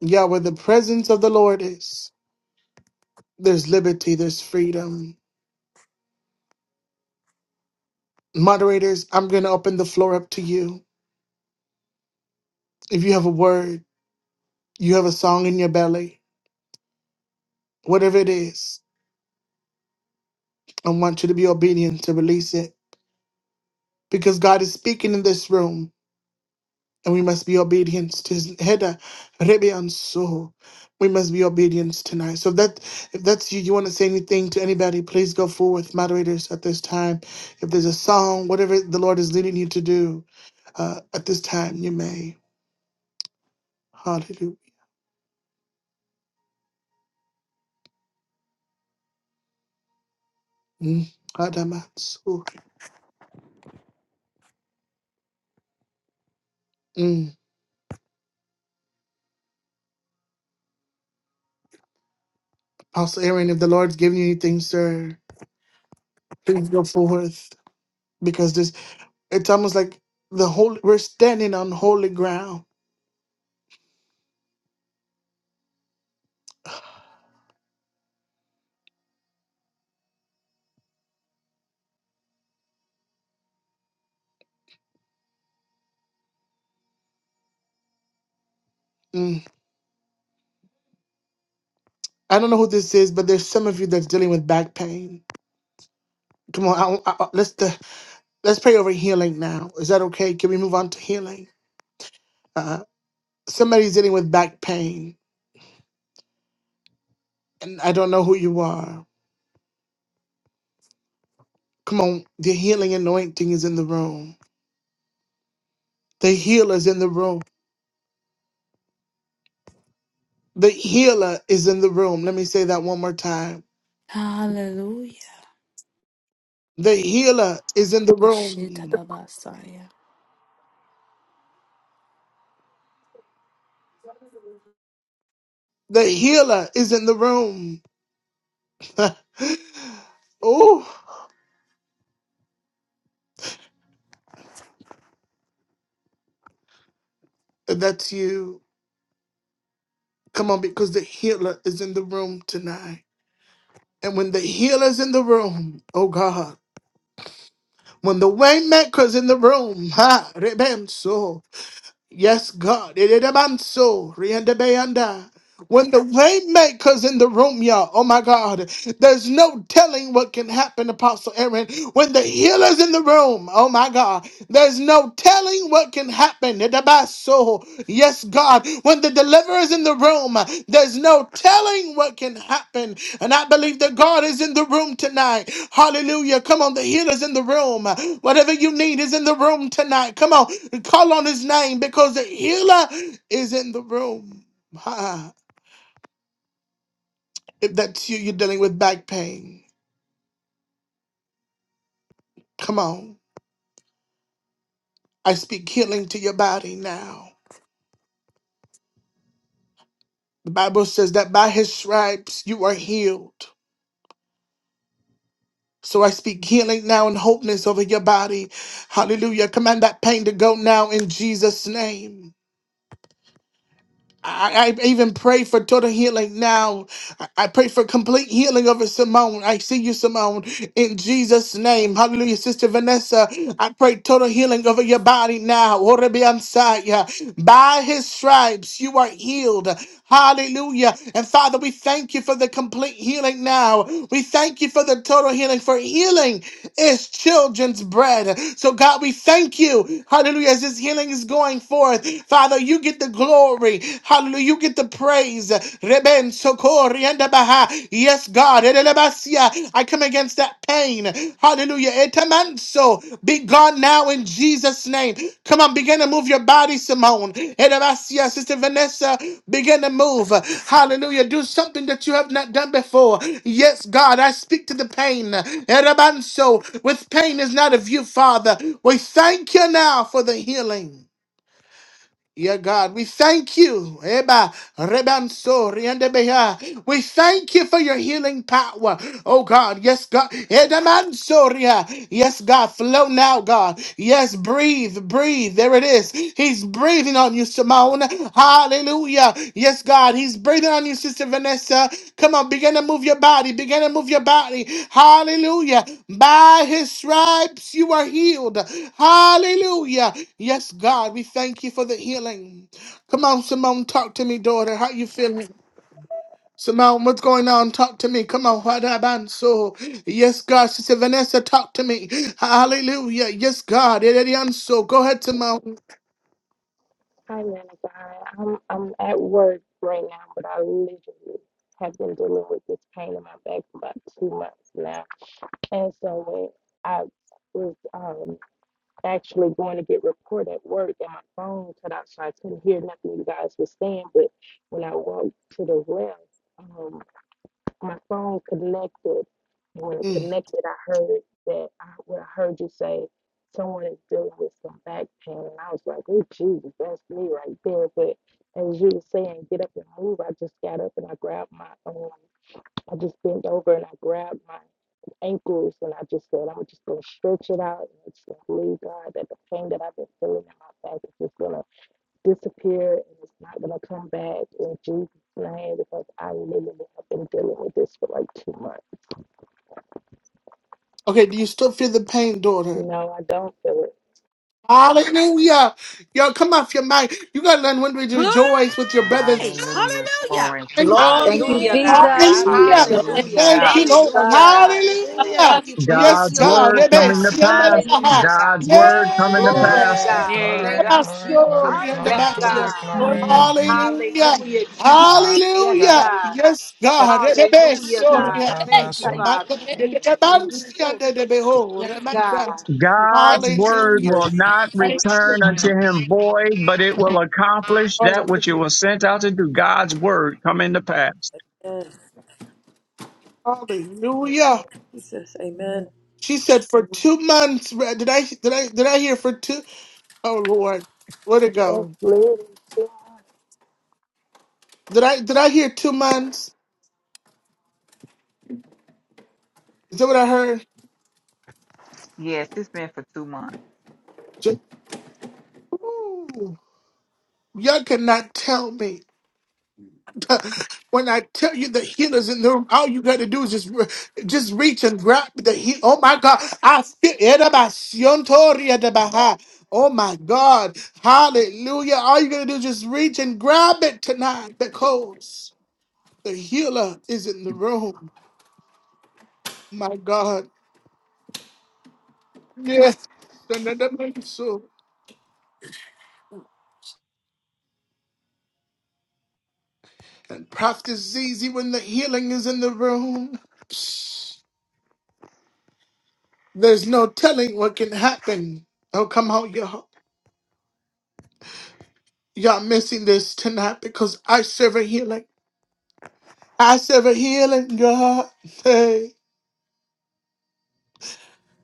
Speaker 1: Yeah, where the presence of the Lord is, there's liberty, there's freedom. Moderators, I'm going to open the floor up to you. If you have a word, You have a song in your belly, whatever it is. I want you to be obedient to release it because God is speaking in this room and we must be obedient to his header, Rebbe and so we must be obedient tonight. So if that if that's you, you want to say anything to anybody, please go forward. moderators at this time. If there's a song, whatever the Lord is leading you to do, uh, at this time you may. Hallelujah. Mm. Adamatsu. Mm. Apostle Aaron, if the Lord's giving you anything, sir. Please go forth because this it's almost like the whole we're standing on holy ground. Mm. I don't know who this is, but there's some of you that's dealing with back pain. Come on, I, I, I- let's uh, let's pray over healing now. Is that okay? Can we move on to healing? Uh, somebody's dealing with back pain, and I don't know who you are. Come on, the healing anointing is in the room. The healer is in the room. The healer is in the room. Let me say that one more time.
Speaker 7: Hallelujah.
Speaker 1: The healer is in the room.
Speaker 7: Oshitadabasaya.
Speaker 1: The healer is in the room. oh, that's you. Come on, because the healer is in the room tonight. And when the healer's in the room, oh God, when the waymaker's in the room, ha, rebem so. Yes, God. Erebanso, riendebeanda. When the waymaker's in the room, y'all, oh my God, there's no telling what can happen, Apostle Aaron. When the healer's in the room, oh my God, there's no telling what can happen. Erebaso. Yes, God. When the deliverer's in the room, there's no telling what can happen. And I believe that God is in the room tonight. Hallelujah. Come on, the healer's in the room. Whatever you need is in the room tonight. Come on, call on his name because the healer is in the room. Ah, if that's you, you're dealing with back pain. Come on. I speak healing to your body now. The Bible says that by his stripes you are healed. So I speak healing now and wholeness over your body. Hallelujah. Command that pain to go now in Jesus' name. I, I even pray for total healing now. I I pray for complete healing over Simone. I see you, Simone, in Jesus' name. Hallelujah, Sister Vanessa. I pray total healing over your body now. Orebeansaya. By his stripes, you are healed. Hallelujah. And Father, we thank you for the complete healing now. We thank you for the total healing, for healing healing is children's bread. So, God, we thank you. Hallelujah. As this healing is going forth, Father, you get the glory. Hallelujah. You get the praise. Reben sokori and baha. Yes, God. Edelebasia. I come against that pain. Hallelujah. Etamanso. Be gone now in Jesus' name. Come on, begin to move your body, Simone. Edabasia, Sister Vanessa, begin to move. Hallelujah. Do something that you have not done before. Yes, God, I speak to the pain. Edabanso, with pain is not of you, Father. We thank you now for the healing. Yeah, God, we thank you. Eba, Rebanso, riandebeha. We thank you for your healing power. Oh God, yes, God. Edamansoria. Yes, God. Flow now, God. Yes, breathe, breathe. There it is. He's breathing on you, Simone. Hallelujah. Yes, God. He's breathing on you, Sister Vanessa. Come on, begin to move your body. Begin to move your body. Hallelujah. By his stripes you are healed. Hallelujah. Yes, God. We thank you for the healing. Come on, Simone, talk to me, daughter. How you feeling? Simone, what's going on? Talk to me. Come on, what happened? So, yes, God. She said, Vanessa, talk to me. Hallelujah. Yes, God. It is so. Go ahead, Simone.
Speaker 8: Hi, man of I'm I'm at work right now, but I literally have been dealing with this pain in my back for about two months now. And so when I was um actually going to get report at work and my phone cut out so I couldn't hear nothing you guys were saying, but when I walked to the left, um, my phone connected. When it
Speaker 1: Mm.
Speaker 8: connected, I heard that I, well, I heard you say someone is dealing with some back pain, and I was like, "Oh Jesus, that's me right there." But as you were saying, get up and move, I just got up and I grabbed my um, I just bent over and I grabbed my ankles, and I just said, "I'm just gonna stretch it out and just gonna believe God that the pain that I've been feeling in my back is just gonna." disappear and it's not gonna come back in Jesus' name because I literally have been dealing with this for like two months.
Speaker 1: Okay, do you still feel the pain, daughter?
Speaker 8: You know, I don't feel
Speaker 1: Hallelujah. Y'all, come off your mic. You got to learn when to
Speaker 7: Glory!
Speaker 1: rejoice with your brothers.
Speaker 9: Hallelujah.
Speaker 7: Hallelujah!
Speaker 9: Glory to God.
Speaker 3: Thank you,
Speaker 10: Hallelujah,
Speaker 4: Glory.
Speaker 10: God.
Speaker 3: Jesus.
Speaker 9: Hallelujah.
Speaker 1: Hallelujah.
Speaker 11: Your name,
Speaker 4: Hallelujah.
Speaker 10: Hallelujah.
Speaker 3: Thank
Speaker 1: Thank
Speaker 9: Hallelujah.
Speaker 1: you,
Speaker 11: thank
Speaker 3: you,
Speaker 1: Lord.
Speaker 10: Hallelujah,
Speaker 3: God.
Speaker 10: God.
Speaker 4: Hallelujah.
Speaker 1: Hallelujah.
Speaker 11: God.
Speaker 10: Thank you for your
Speaker 1: Yes,
Speaker 5: God's
Speaker 10: healing,
Speaker 1: God.
Speaker 3: Healing.
Speaker 5: word
Speaker 10: oh
Speaker 1: Rebe,
Speaker 5: coming
Speaker 10: God.
Speaker 5: to
Speaker 1: siembe le
Speaker 5: pass.
Speaker 12: Hallelujah.
Speaker 1: baha.
Speaker 10: Hallelujah, God.
Speaker 5: God's
Speaker 3: Thank
Speaker 5: word
Speaker 3: you,
Speaker 5: coming to
Speaker 1: Yeah.
Speaker 3: Jesus.
Speaker 11: Hallelujah.
Speaker 10: Glory,
Speaker 5: pass.
Speaker 13: Hey,
Speaker 10: God.
Speaker 1: Yele
Speaker 9: Yay,
Speaker 1: le
Speaker 10: Thank
Speaker 13: glory,
Speaker 10: you,
Speaker 9: God.
Speaker 13: glory,
Speaker 1: baso,
Speaker 10: Jesus.
Speaker 13: glory,
Speaker 9: Hallelujah.
Speaker 1: riende
Speaker 10: Yes,
Speaker 13: glory,
Speaker 1: basia.
Speaker 13: glory,
Speaker 10: God.
Speaker 11: Glory
Speaker 13: glory.
Speaker 12: Hallelujah.
Speaker 1: Hallelujah.
Speaker 10: Hallelujah, Jesus.
Speaker 13: My
Speaker 10: Yes,
Speaker 13: God.
Speaker 1: Hallelujah.
Speaker 10: God.
Speaker 1: Yes,
Speaker 11: to
Speaker 1: God. Rebe,
Speaker 10: Hallelujah,
Speaker 1: so,
Speaker 11: God.
Speaker 10: God.
Speaker 1: yeah.
Speaker 11: Hey,
Speaker 10: Thank you,
Speaker 1: Oh,
Speaker 13: Artabasu-
Speaker 11: Kaye.
Speaker 1: my God.
Speaker 10: Father.
Speaker 11: Hey,
Speaker 14: Okay.
Speaker 1: Rebe, rebe,
Speaker 11: oh,
Speaker 1: siende de
Speaker 11: thank
Speaker 1: beho.
Speaker 10: Yes,
Speaker 1: Remember,
Speaker 10: God.
Speaker 11: you.
Speaker 5: God's word
Speaker 1: Hallelujah.
Speaker 5: will
Speaker 3: Jesus.
Speaker 5: not
Speaker 11: Hey.
Speaker 1: Thank you,
Speaker 5: return unto him void, but it will accomplish that which it
Speaker 1: Lord.
Speaker 5: was sent out to do. God's word coming to pass.
Speaker 3: Amen.
Speaker 8: it.
Speaker 1: Hallelujah.
Speaker 3: Jesus. Amen.
Speaker 1: She said for two months. re- Did I did I did I hear for two? Oh Lord, where'd it
Speaker 8: It's
Speaker 1: go?
Speaker 8: literally two months.
Speaker 1: Did I did I hear two months? Is that what I heard?
Speaker 9: Yes, it's been for two months.
Speaker 1: Ju- Ooh, y'all cannot tell me when I tell you the healer's in the room. All you got to do is just re- just reach and grab the heal. Oh my God, I feel Erabasion toria de baha. Oh my God, Hallelujah! All you got to do is just reach and grab it tonight because the healer is in the room. My God. Yes. So and Prophet Zizi, when the healing is in the room, there's no telling what can happen. Oh, come on, y'all. Y'all missing this tonight because I serve a healing. I serve a healing God. Hey,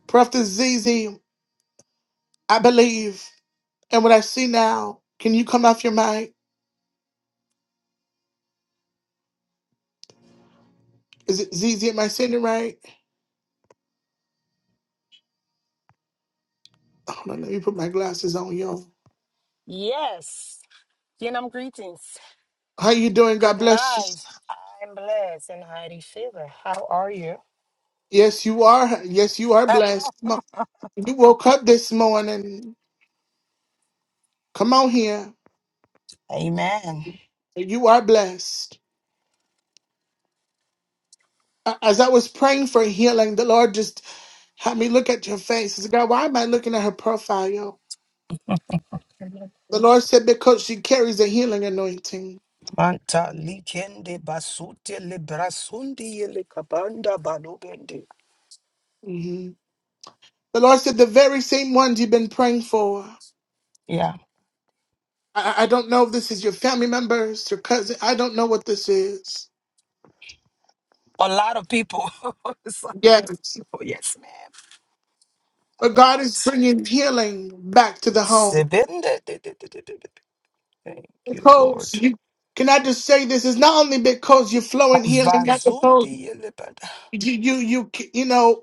Speaker 1: Prophet Zizi, I believe. And what I see now, can you come off your mic? Is it Zizi? Am I saying it right? Hold on, let me put my glasses on, y'all.
Speaker 13: Yes, Yenam greetings.
Speaker 1: How you doing? God
Speaker 13: Good
Speaker 1: bless
Speaker 13: night.
Speaker 1: you.
Speaker 13: I'm blessed and highly favored. How are you?
Speaker 1: Yes, you are. Yes, you are blessed. Come on. You woke up this morning. Come on here.
Speaker 13: Amen.
Speaker 1: You are blessed. A- As I was praying for healing, the Lord just had me look at your face. I said, God, why am I looking at her profile? The Lord said, because she carries a healing anointing.
Speaker 13: Manta likende basute librasundi likabanda balubende.
Speaker 1: hmm The Lord said, the very same ones you've been praying for.
Speaker 13: Yeah.
Speaker 1: I, I I don't know if this is your family members, your cousin. I don't know what this is.
Speaker 13: A lot of people. it's a lot of
Speaker 1: Yes.
Speaker 13: people. Yes, ma'am. A
Speaker 1: But God is
Speaker 13: lot.
Speaker 1: bringing healing back to the home.
Speaker 13: Zibinde. Thank you,
Speaker 1: because
Speaker 13: Lord.
Speaker 1: you can I just say this is not only because you're flowing here and that's
Speaker 13: Kavazundi
Speaker 1: because
Speaker 13: yelebada.
Speaker 1: you you you you know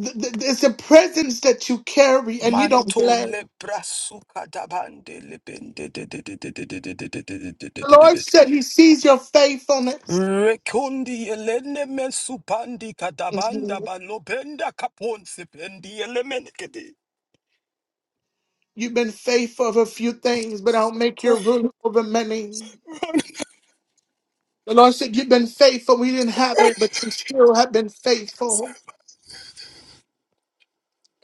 Speaker 1: th- th- it's a presence that you carry and you don't
Speaker 13: Manto
Speaker 1: play.
Speaker 13: lebra suka dabande lebende de de de de de de de de de de de de
Speaker 1: The
Speaker 13: de de
Speaker 1: Lord
Speaker 13: de.
Speaker 1: said He sees your faithfulness.
Speaker 13: Rekundi yelene mesupandi kadabanda
Speaker 1: Mhm.
Speaker 13: balobenda kaponse pendi yelemen kedi.
Speaker 1: You've been faithful of a few things, but I'll make
Speaker 13: Sata.
Speaker 1: you ruler over many. The Lord said you've been faithful. We didn't have it, but you still have been faithful.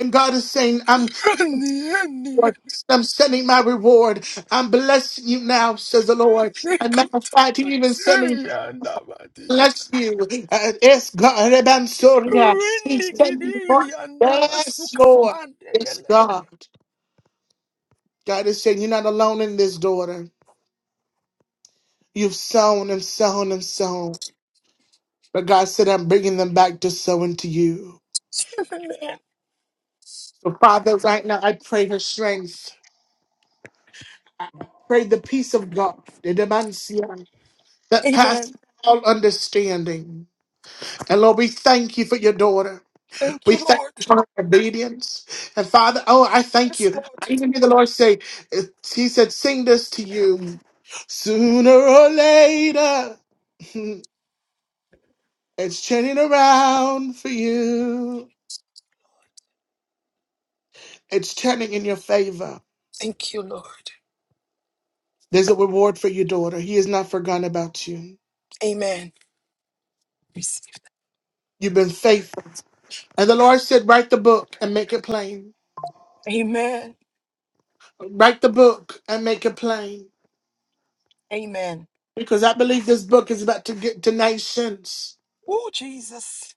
Speaker 1: And God is saying, "I'm."
Speaker 13: Sani eni
Speaker 1: reward. I'm sending my reward. I'm blessing you now, says the Lord.
Speaker 13: eni
Speaker 1: And matter of fact, He even
Speaker 13: katamanse
Speaker 1: sent me
Speaker 13: yanda badi.
Speaker 1: bless you. Uh, yes, God. Reban Soria. He
Speaker 13: Rindi
Speaker 1: sent
Speaker 13: kidi
Speaker 1: me
Speaker 13: yanda
Speaker 1: Yes,
Speaker 13: masuka
Speaker 1: Lord.
Speaker 13: pande
Speaker 1: Yes,
Speaker 13: yelebede.
Speaker 1: God. God is saying, You're not alone in this, daughter. You've sown and sown and sown. But God said, I'm bringing them back to sow into you.
Speaker 13: Amen.
Speaker 1: So, Father, right now, I pray her strength. I pray the peace of God, the demancia, that passes
Speaker 13: Amen.
Speaker 1: all understanding. And Lord, we thank you for your daughter.
Speaker 13: Thank
Speaker 1: We
Speaker 13: you,
Speaker 1: thank
Speaker 13: Lord.
Speaker 1: you for her obedience. And Father, oh, I thank
Speaker 13: Yes,
Speaker 1: you.
Speaker 13: Lord.
Speaker 1: I even hear the Lord say, uh, He said, sing this to you. Sooner or later, it's turning around for you. It's turning in your favor.
Speaker 13: Thank you, Lord.
Speaker 1: There's a reward for your daughter. He has not forgotten about you.
Speaker 13: Amen. Receive.
Speaker 1: You've been faithful. And the Lord said, write the book and make it plain.
Speaker 13: Amen.
Speaker 1: Write the book and make it plain.
Speaker 13: Amen.
Speaker 1: Because I believe this book is about to get to nations.
Speaker 13: Oh, Jesus.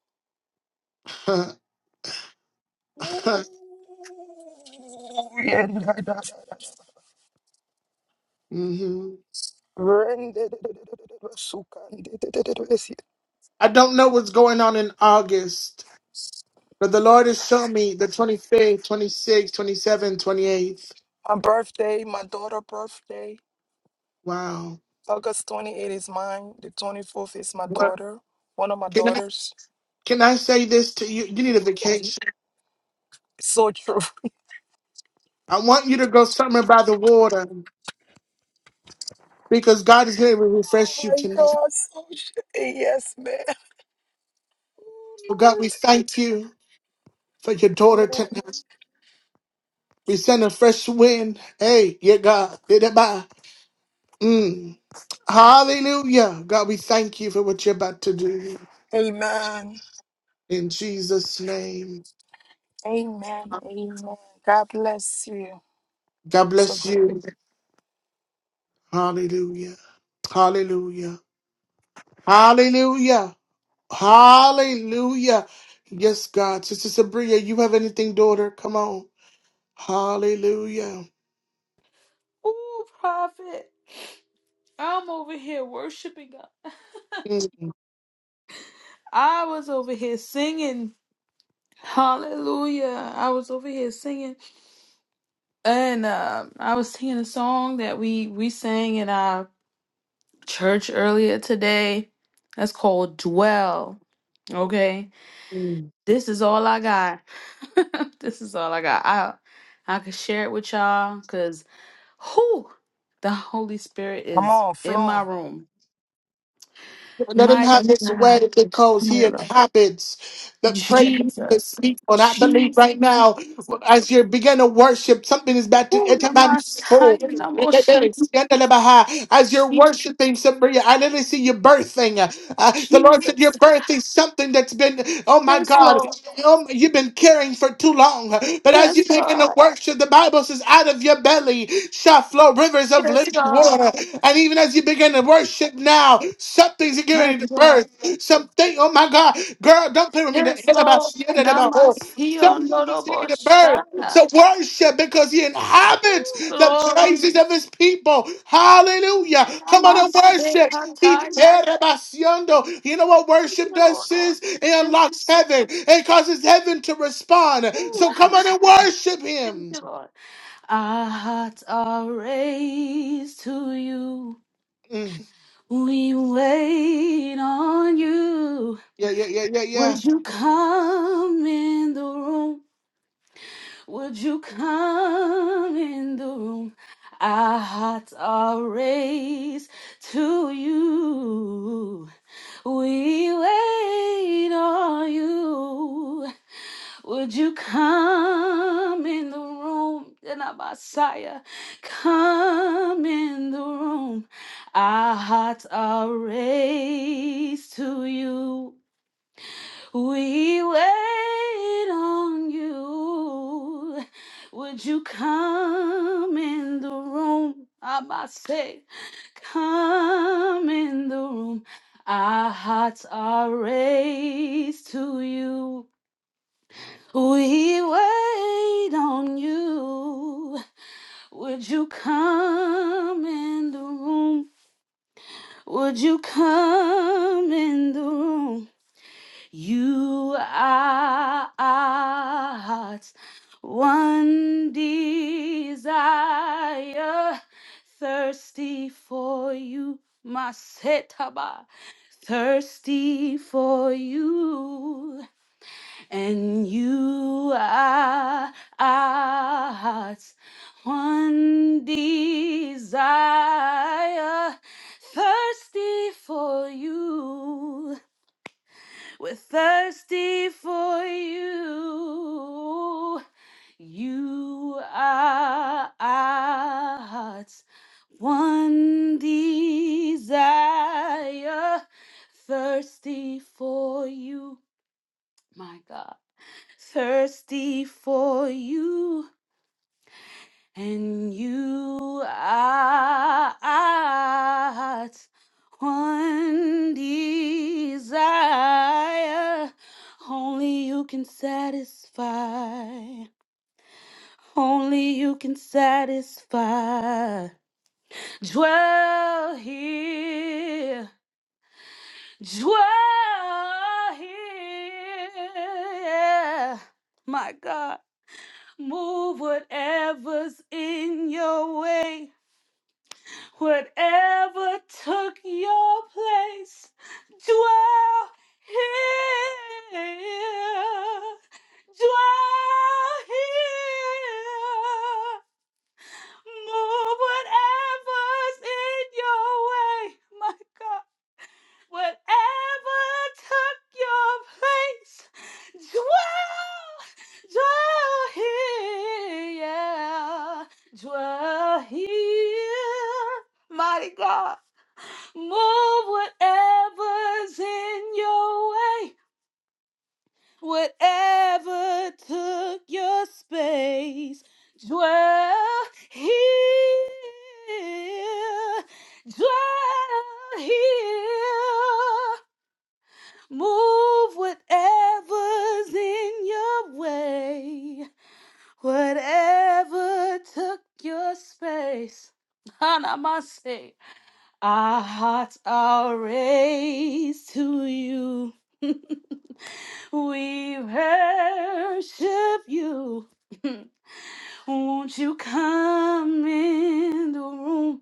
Speaker 13: Ooh, yeah, da, da, da,
Speaker 1: Mhm.
Speaker 13: Rende, yes, yeah.
Speaker 1: I don't know what's going on in August, but the Lord has shown me the 25th, 26th, 27th, 28th.
Speaker 13: My birthday, my daughter' birthday,
Speaker 1: Wow.
Speaker 13: August twenty eighth is mine. The 24th is my
Speaker 1: What?
Speaker 13: daughter, one of my
Speaker 1: Can I
Speaker 13: daughters.
Speaker 1: can I say this to you? You need a
Speaker 13: Oh. Yes,
Speaker 1: vacation.
Speaker 13: It's so true.
Speaker 1: I want you to go somewhere by the water because God is going to
Speaker 13: Oh
Speaker 1: refresh you
Speaker 13: my
Speaker 1: tonight.
Speaker 13: God, so true. Yes, man. Oh,
Speaker 1: So God, we
Speaker 13: Lord.
Speaker 1: thank you for your daughter
Speaker 13: Amen.
Speaker 1: tonight. We send a fresh wind. Hey, yeah, God. Bye. Mm. Hallelujah. God, we thank you for what you're about to do.
Speaker 13: Amen.
Speaker 1: In Jesus' name.
Speaker 13: Amen. Amen. God bless you.
Speaker 1: God
Speaker 13: So
Speaker 1: bless
Speaker 13: great.
Speaker 1: you. Hallelujah. Hallelujah. Hallelujah. Hallelujah. Yes, God. Sister Sabria, you have anything, daughter? Come on. Hallelujah.
Speaker 7: Ooh, prophet. I'm over here worshiping God.
Speaker 1: Mm.
Speaker 7: I was over here singing. Hallelujah. I was over here singing. And uh, I was singing a song that we, we sang in our church earlier today. That's called Dwell. Okay. This is all I got. this is all I got. I I could share it with y'all 'cause Who? The Holy Spirit
Speaker 13: Come
Speaker 7: is
Speaker 13: on,
Speaker 7: in my
Speaker 13: flow.
Speaker 7: room.
Speaker 1: Let him
Speaker 7: My
Speaker 1: have his way
Speaker 7: God.
Speaker 1: because he inhabits the presence of his
Speaker 7: Jesus.
Speaker 1: people. And I believe
Speaker 7: Jesus.
Speaker 1: right now,
Speaker 7: Jesus.
Speaker 1: as you begin to worship, something is about to it's
Speaker 7: Who the
Speaker 1: about to
Speaker 7: Messiah? the
Speaker 1: As you're
Speaker 7: Jesus.
Speaker 1: worshiping, Sabria, I literally see you birthing. Uh, the Lord said you're
Speaker 7: Jesus.
Speaker 1: birthing something that's been, oh my
Speaker 7: Yes,
Speaker 1: God.
Speaker 7: Lord.
Speaker 1: Um, You've been caring for too long. But as you
Speaker 7: Yes,
Speaker 1: begin to
Speaker 7: God.
Speaker 1: worship, the Bible says, out of your belly shall flow rivers of
Speaker 7: Yes,
Speaker 1: living
Speaker 7: God.
Speaker 1: water. And even as you begin to worship now, something's getting
Speaker 7: Yes,
Speaker 1: ready to
Speaker 7: God.
Speaker 1: birth. Something, oh my God, girl, don't play with me. The
Speaker 7: Yes,
Speaker 1: end about
Speaker 7: Lord.
Speaker 1: shit and about oh. Something
Speaker 7: Namasion
Speaker 1: is getting to birth.
Speaker 7: Doroboshana.
Speaker 1: So worship because he inhabits the
Speaker 7: Glory.
Speaker 1: praises of his people. Hallelujah. Come on and
Speaker 7: Namaste,
Speaker 1: worship.
Speaker 7: Namasekataya.
Speaker 1: Erebasiondo. You know what
Speaker 7: Thank
Speaker 1: worship
Speaker 7: you,
Speaker 1: does,
Speaker 7: Lord.
Speaker 1: sis? It
Speaker 7: Yes,
Speaker 1: unlocks
Speaker 7: Lord.
Speaker 1: heaven. It causes heaven to respond.
Speaker 7: Ooh,
Speaker 1: So come on and worship
Speaker 7: Thank
Speaker 1: him.
Speaker 7: you, Lord. Our hearts are raised to you.
Speaker 1: Mm.
Speaker 7: We wait on you.
Speaker 1: Yeah, yeah, yeah, yeah, yeah.
Speaker 7: Would you come in the room? Would you come in the room? Our hearts are raised to you. We wait on you. Would you come in the room? Then our Messiah, come in the room. Our hearts are raised to you. We wait on you. Would you come in the room? I must say, come in the room. Our hearts are raised to you. We wait on you. Would you come in the room? Would you come in the room? You are our heart's one desire, thirsty for you, Masetaba, thirsty for you, and you are our heart's one desire, thirsty for you we're thirsty for you. You are our heart's one desire. Thirsty for you, my God. Thirsty for you and you are heart's one desire. Only you can satisfy. Only you can satisfy. Dwell here. Dwell here. My God, move whatever's in your way. Whatever took your place, dwell here. Dwell here. Move whatever's in your way, my God. Whatever took your place, dwell, dwell here. Yeah. Dwell here, mighty God. Move whatever's in your way, whatever took your space. Dwell here, dwell here. Move whatever's in your way, whatever took your space. Hanamase. Our hearts are raised to you. we worship you. Won't you come in the room?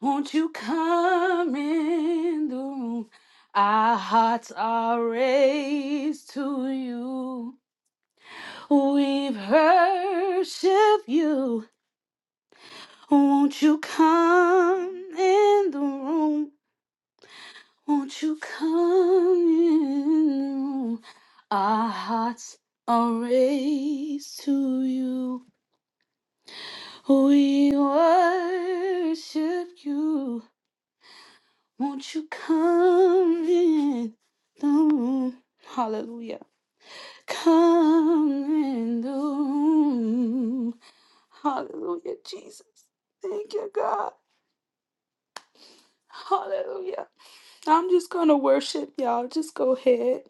Speaker 7: Won't you come in the room? Our hearts are raised to you. We worship you. Won't you come in the room? Won't you come in? the room? Our hearts are raised to you. We worship you. Won't you come in the room? Hallelujah. Come in the room. Hallelujah, Jesus. Thank you, God. Hallelujah. I'm just going to worship y'all. Just go ahead.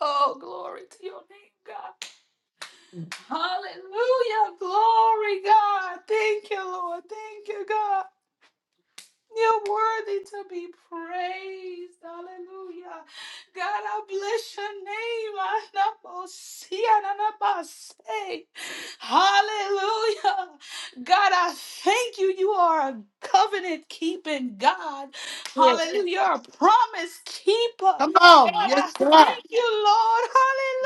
Speaker 7: Oh, glory to your name, God. Hallelujah. Glory, God. Thank you, Lord. Thank you, God. You're worthy to be praised. Hallelujah. God, I bless your name. I never see I never say. Hallelujah. God, I thank you. You are a covenant keeping God.
Speaker 1: Yeah.
Speaker 7: Hallelujah. You're a promise keeper.
Speaker 1: Come on.
Speaker 7: God, I
Speaker 1: Yes, God.
Speaker 7: thank you, Lord.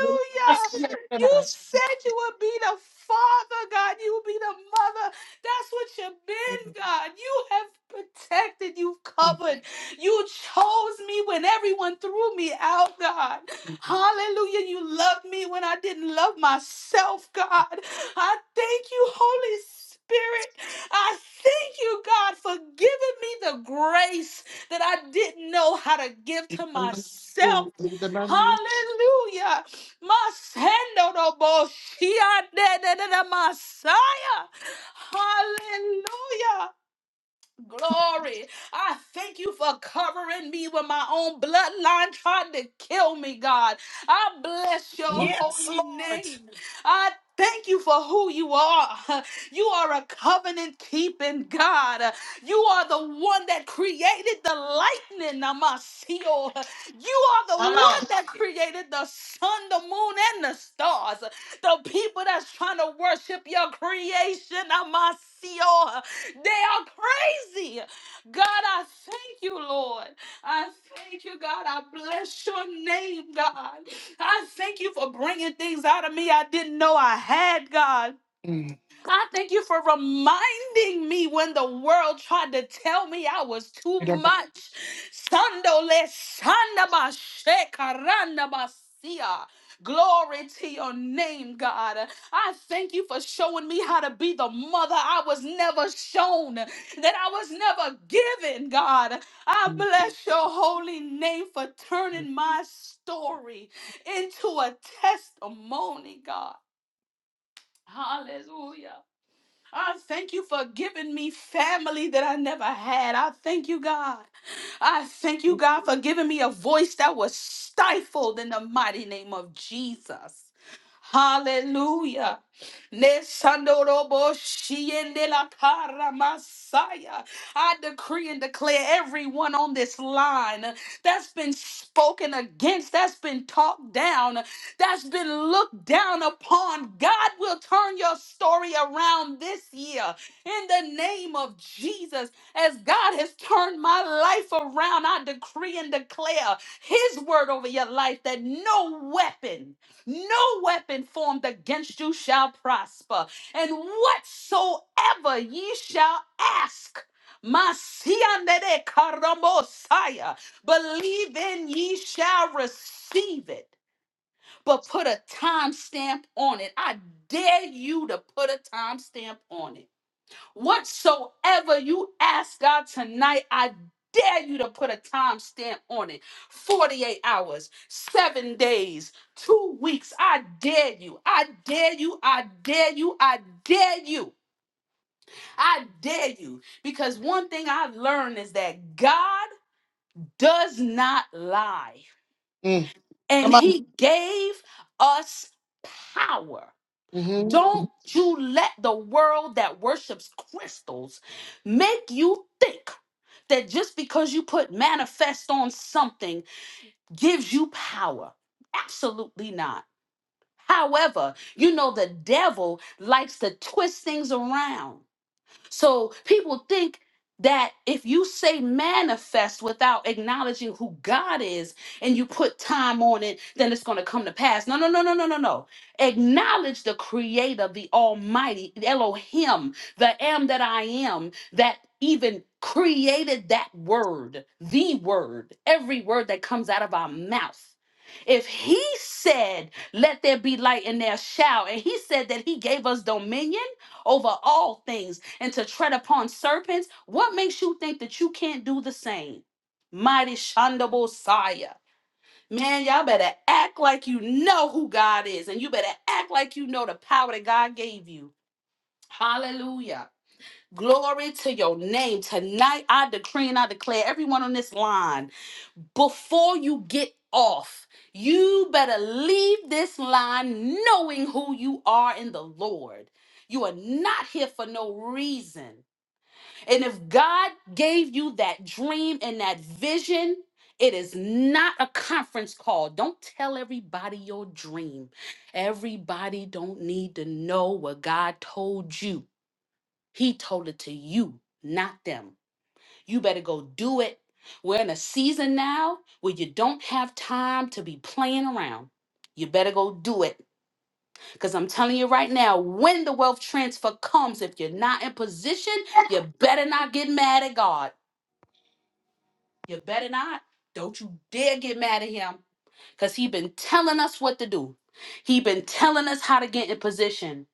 Speaker 1: Mm.
Speaker 7: You said you would be the father, God. You would be the mother. That's what you've been, God. You have protected, you've
Speaker 1: Mm.
Speaker 7: covered, you chose me when everyone threw me out, God. Hallelujah. You loved me when I didn't love myself, God. I thank you, Holy Spirit. I thank you, God, for giving me the grace that I didn't know how to give to
Speaker 1: Come on.
Speaker 7: myself.
Speaker 1: hmm
Speaker 7: Hallelujah. Masendo no Boshia de de de de Messiah. Hallelujah. Glory. I thank you for covering me when my own bloodline tried to kill me, God. I bless your
Speaker 13: Yes,
Speaker 7: holy
Speaker 13: Lord.
Speaker 7: name. I thank you for who you are. You are a covenant keeping God. You are the one that created the lightning, Namasio. You are the
Speaker 9: Come on,
Speaker 7: one that
Speaker 9: sis.
Speaker 7: created the sun, the moon, and the stars. The people that's trying to worship your creation, Namasio. They are crazy. God, I thank you, Lord. I thank you, God. I bless your name, God. I thank you for bringing things out of me I didn't know I had, God. I thank you for reminding me when the world tried to tell me I was too much. Sando le sanda ba she karanda ba sia. Glory to your name, God. I thank you for showing me how to be the mother I was never shown, that I was never given, God. I bless your holy name for turning my story into a testimony, God. Hallelujah. I thank you for giving me family that I never had. I thank you, God. I thank you, God, for giving me a voice that was stifled in the mighty name of Jesus. Hallelujah. Nesandorobo shiendelakara Masaya. I decree and declare everyone on this line uh, that's been spoken against, that's been talked down, uh, that's been looked down upon. God will turn your story around this year in the name of Jesus. As God has turned my life around, I decree and declare His word over your life that no weapon, no weapon formed against you shall prosper. And whatsoever ye shall ask, Masianere karamosaya, believe in ye shall receive it. But put a timestamp on it. I dare you to put a timestamp on it Whatsoever you ask God tonight, I dare you to put a time stamp on it 48 hours, seven days, two weeks. I dare you. I dare you. I dare you. I dare you. I dare you. Because one thing I've learned is that God does not lie,
Speaker 1: Mm.
Speaker 7: and He gave us power. Don't you let the world that worships crystals make you think that just because you put manifest on something gives you power. Absolutely not. However, you know, the devil likes to twist things around. So people think that if you say manifest without acknowledging who God is and you put time on it, then it's going to come to pass. No, no, no, no, no, no, no. Acknowledge the creator, the almighty, Elohim, the am that I am, that even created that word, the word, every word that comes out of our mouth. If he said, Let there be light, and there shall, and he said that he gave us dominion over all things and to tread upon serpents. What makes you think that you can't do the same? Mighty Shandabo Saya. Man, y'all better act like you know who God is, and you better act like you know the power that God gave you. Hallelujah. Glory to your name. Tonight, I decree and I declare everyone on this line before you get off. You better leave this line knowing who you are in the Lord. You are not here for no reason. And if God gave you that dream and that vision, it is not a conference call. Don't tell everybody your dream. Everybody don't need to know what God told you. He told it to you, not them. You better go do it. We're in a season now where you don't have time to be playing around. You better go do it. Because I'm telling you right now, when the wealth transfer comes, if you're not in position, you better not get mad at God. You better not. Don't you dare get mad at him. Because he been telling us what to do. He been telling us how to get in position.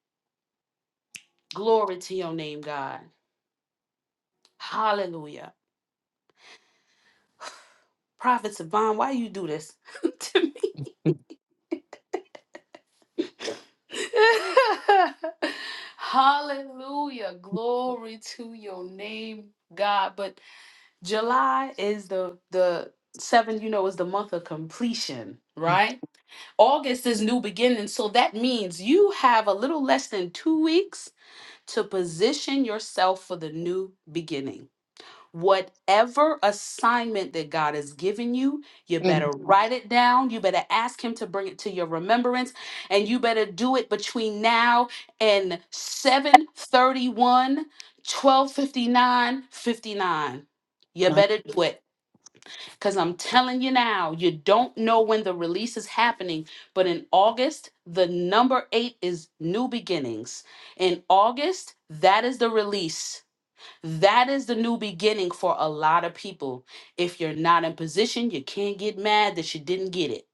Speaker 7: Glory to your name, God. Hallelujah. Prophet Savon, why you do this to me? Hallelujah. Glory to your name, God. But July is the the seven, you know, is the month of completion, right? August is new beginning. So that means you have a little less than two weeks to position yourself for the new beginning. Whatever assignment that God has given you, you better write it down. You better ask Him to bring it to your remembrance, and you better do it between now and seven thirty-one, twelve fifty-nine, fifty-nine. You
Speaker 1: My-
Speaker 7: better do it. Because I'm telling you now, you don't know when the release is happening. But in August, the number eight is new beginnings. In August, that is the release that is the new beginning for a lot of people. If you're not in position, you can't get mad that you didn't get it.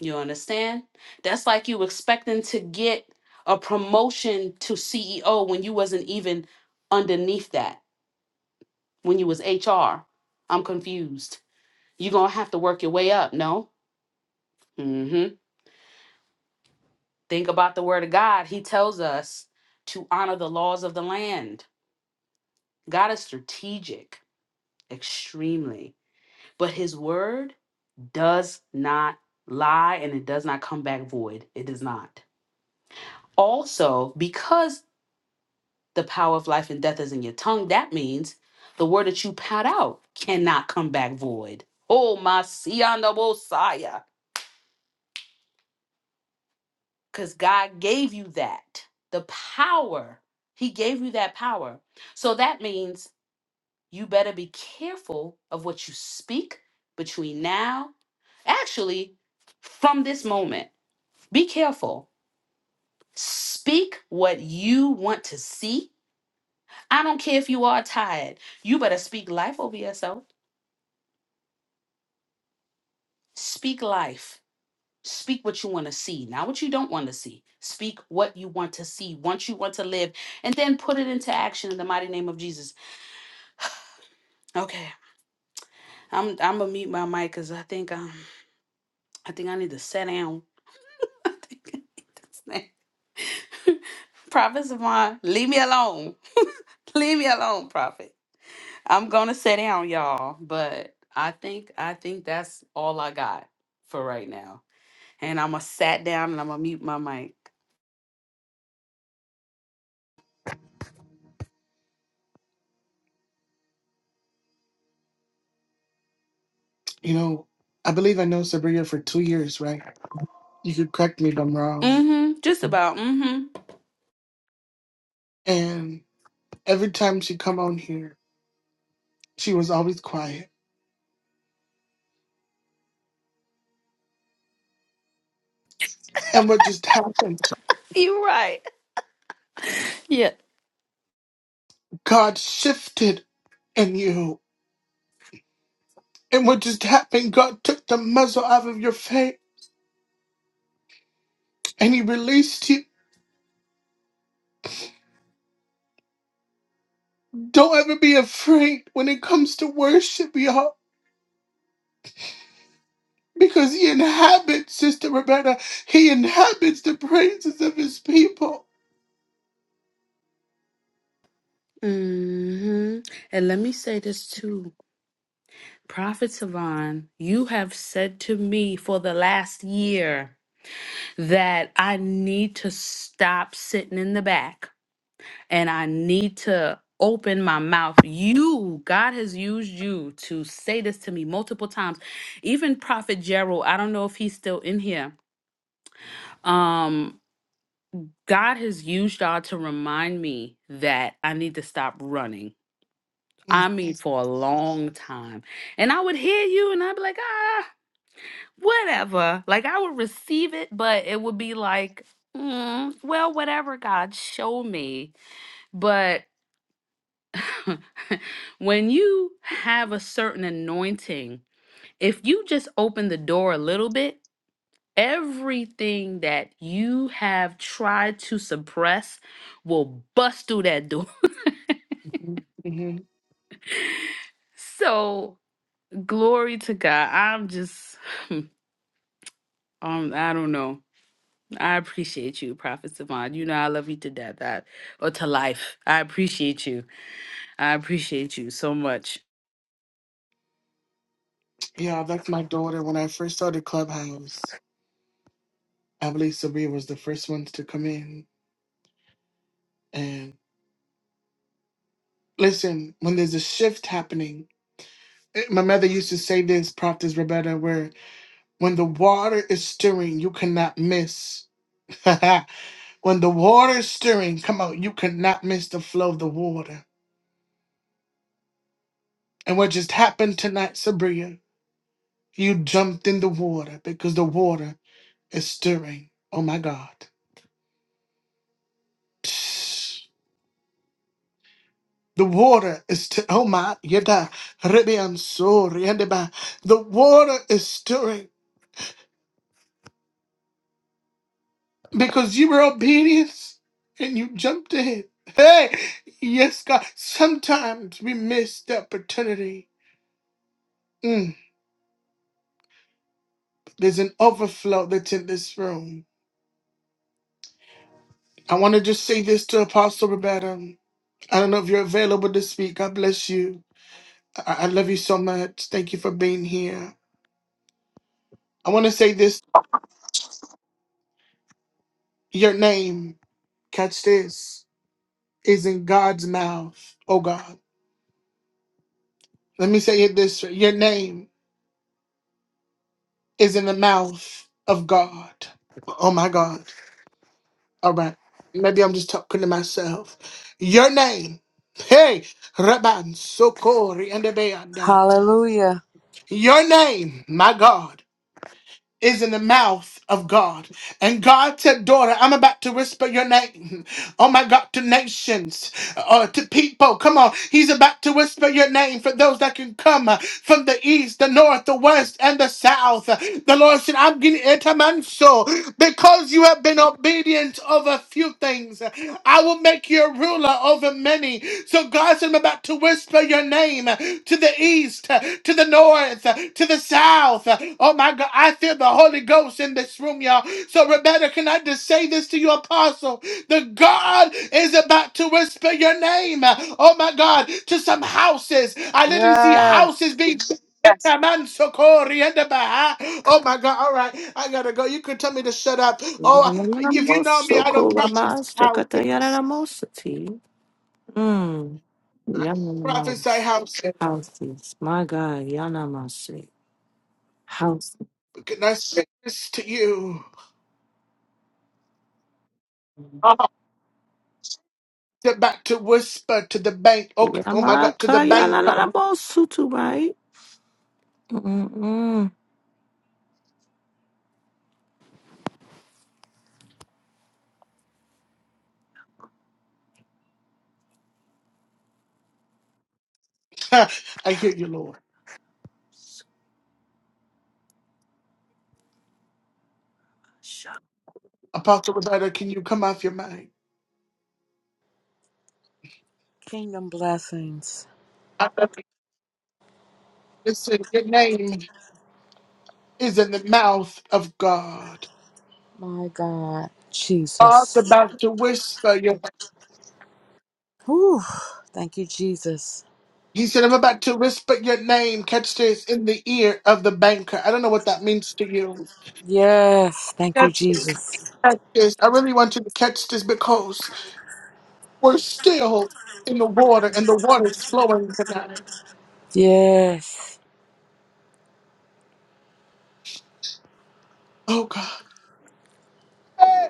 Speaker 7: You understand? That's like you expecting to get a promotion to CEO when you wasn't even underneath that, when you was HR. I'm confused. You're going to have to work your way up, no? Mhm. Think about the word of God. He tells us to honor the laws of the land. God is strategic, extremely. But his word does not lie and it does not come back void. It does not. Also, because the power of life and death is in your tongue, that means the word that you pat out cannot come back void. Oh, my Sianabosaya. Because God gave you that, the power. He gave you that power. So that means you better be careful of what you speak between now, actually, from this moment. Be careful Speak what you want to see. I don't care if you are tired. You better speak life over yourself. Speak life. Speak what you want to see, not what you don't want to see. Speak what you want to see, once you want to live, and then put it into action in the mighty name of Jesus. Okay, I'm I'm gonna mute my mic because I think um I think I need to sit down. I think I need to sit down. Prophet Savon, leave me alone. Leave me alone, Prophet. I'm gonna sit down, y'all. But I think I think that's all I got for right now. And I'm gonna sat down and I'm gonna mute my mic.
Speaker 1: You know, I believe I know Sabrina for two years, right? You could correct me if I'm wrong.
Speaker 7: Mm-hmm. Just about. Mm-hmm.
Speaker 1: And every time she come on here, She was always quiet. And what just happened?
Speaker 7: Yeah.
Speaker 1: God shifted in you. And what just happened? God took the muzzle out of your faith, and He released you. Don't ever be afraid when it comes to worship, y'all. Because He inhabits, Sister Roberta, He inhabits the praises of His people.
Speaker 7: Mm-hmm. And let me say this too. Prophet Savon, you have said to me for the last year that I need to stop sitting in the back and I need to open my mouth. You, God has used you to say this to me multiple times. Even Prophet Gerald, I don't know if he's still in here. Um, God has used y'all to remind me that I need to stop running. I mean, for a long time. And I would hear you and I'd be like, ah, whatever. Like, I would receive it, but it would be like, mm, well, whatever God show me. But when you have a certain anointing, if you just open the door a little bit, everything that you have tried to suppress will bust through that door.
Speaker 1: Mm-hmm.
Speaker 7: So, glory to God. I'm just, um, I don't know. I appreciate you, Prophet Savant. You know, I love you to death I, or to life. I appreciate you. I appreciate you so much.
Speaker 1: Yeah, that's my daughter, when I first started Clubhouse, I believe Sabria was the first ones to come in. And listen, when there's a shift happening, eh, my mother used to say this, Prophetess Roberta, where when the water is stirring, you cannot miss. when the water is stirring, come on, you cannot miss the flow of the water. And what just happened tonight, Sabria, you jumped in the water because the water is stirring. Oh my God. The water is t- oh my yada rebian sori and ba. The water is stirring because you were obedient and you jumped in. Hey, yes, God. Sometimes we miss the opportunity. Mm, there's an overflow that's in this room. I want to just say this to Apostle Roberta. I don't know if you're available to speak. God bless you. I, I love you so much. Thank you for being here. I want to say this. Your name. Catch this. is in God's mouth, oh God. Let me say it this way your name is in the mouth of God. Oh my God. All right. Maybe I'm just talking to myself. Your name. Hey, Rabban Sokori and Abeanda.
Speaker 15: Hallelujah.
Speaker 1: Your name, my God. is in the mouth of God. And God said, Daughter, I'm about to whisper your name. Oh my God, to nations, uh, to people. Come on. He's about to whisper your name for those that can come uh, from the east, the north, the west, and the south. The Lord said, I'm getting etamanso because you have been obedient over few things. I will make you a ruler over many. So God said, I'm about to whisper your name uh, to the east, uh, to the north, uh, to the south. Uh, Oh my God, I feel the Holy Ghost in this room, y'all. So Rebecca, can I just say this to you, apostle? The God is about to whisper your name. uh, Oh my God, to some houses. I literally see houses
Speaker 15: Yes.
Speaker 1: being Yes. Oh my God. All right. I gotta go. You could tell me to shut up. Oh, if you know me, I don't prophesy houses.
Speaker 16: Yanamosokoramastakatayanaramosati. Mm.
Speaker 1: I prophesy
Speaker 16: Yanamamas.
Speaker 1: houses.
Speaker 16: Houses. My God. Yanamase. Houses.
Speaker 1: Can I say this to you? They're about to whisper to the bank. Oh, g- oh my God, to the bank.
Speaker 16: Yamakayanamosutu, right? Mm-mm.
Speaker 1: I hear you, Lord. Apostle Roberta, can you come off your mind?
Speaker 15: Kingdom blessings.
Speaker 1: I love you. Listen, your name is in the mouth of God.
Speaker 15: My God.
Speaker 1: God's
Speaker 15: Jesus.
Speaker 1: about to whisper your
Speaker 15: Whew. Thank you, Jesus.
Speaker 1: He said, I'm about to whisper your name. Catch this in the ear of the banker. I don't know what that means to you.
Speaker 15: Yes. Thank you,
Speaker 1: Catch this.
Speaker 15: Jesus.
Speaker 1: Catch this. I really want you to catch this because We're still in the water, and the water's flowing tonight.
Speaker 15: Yes.
Speaker 1: Oh God. Hey,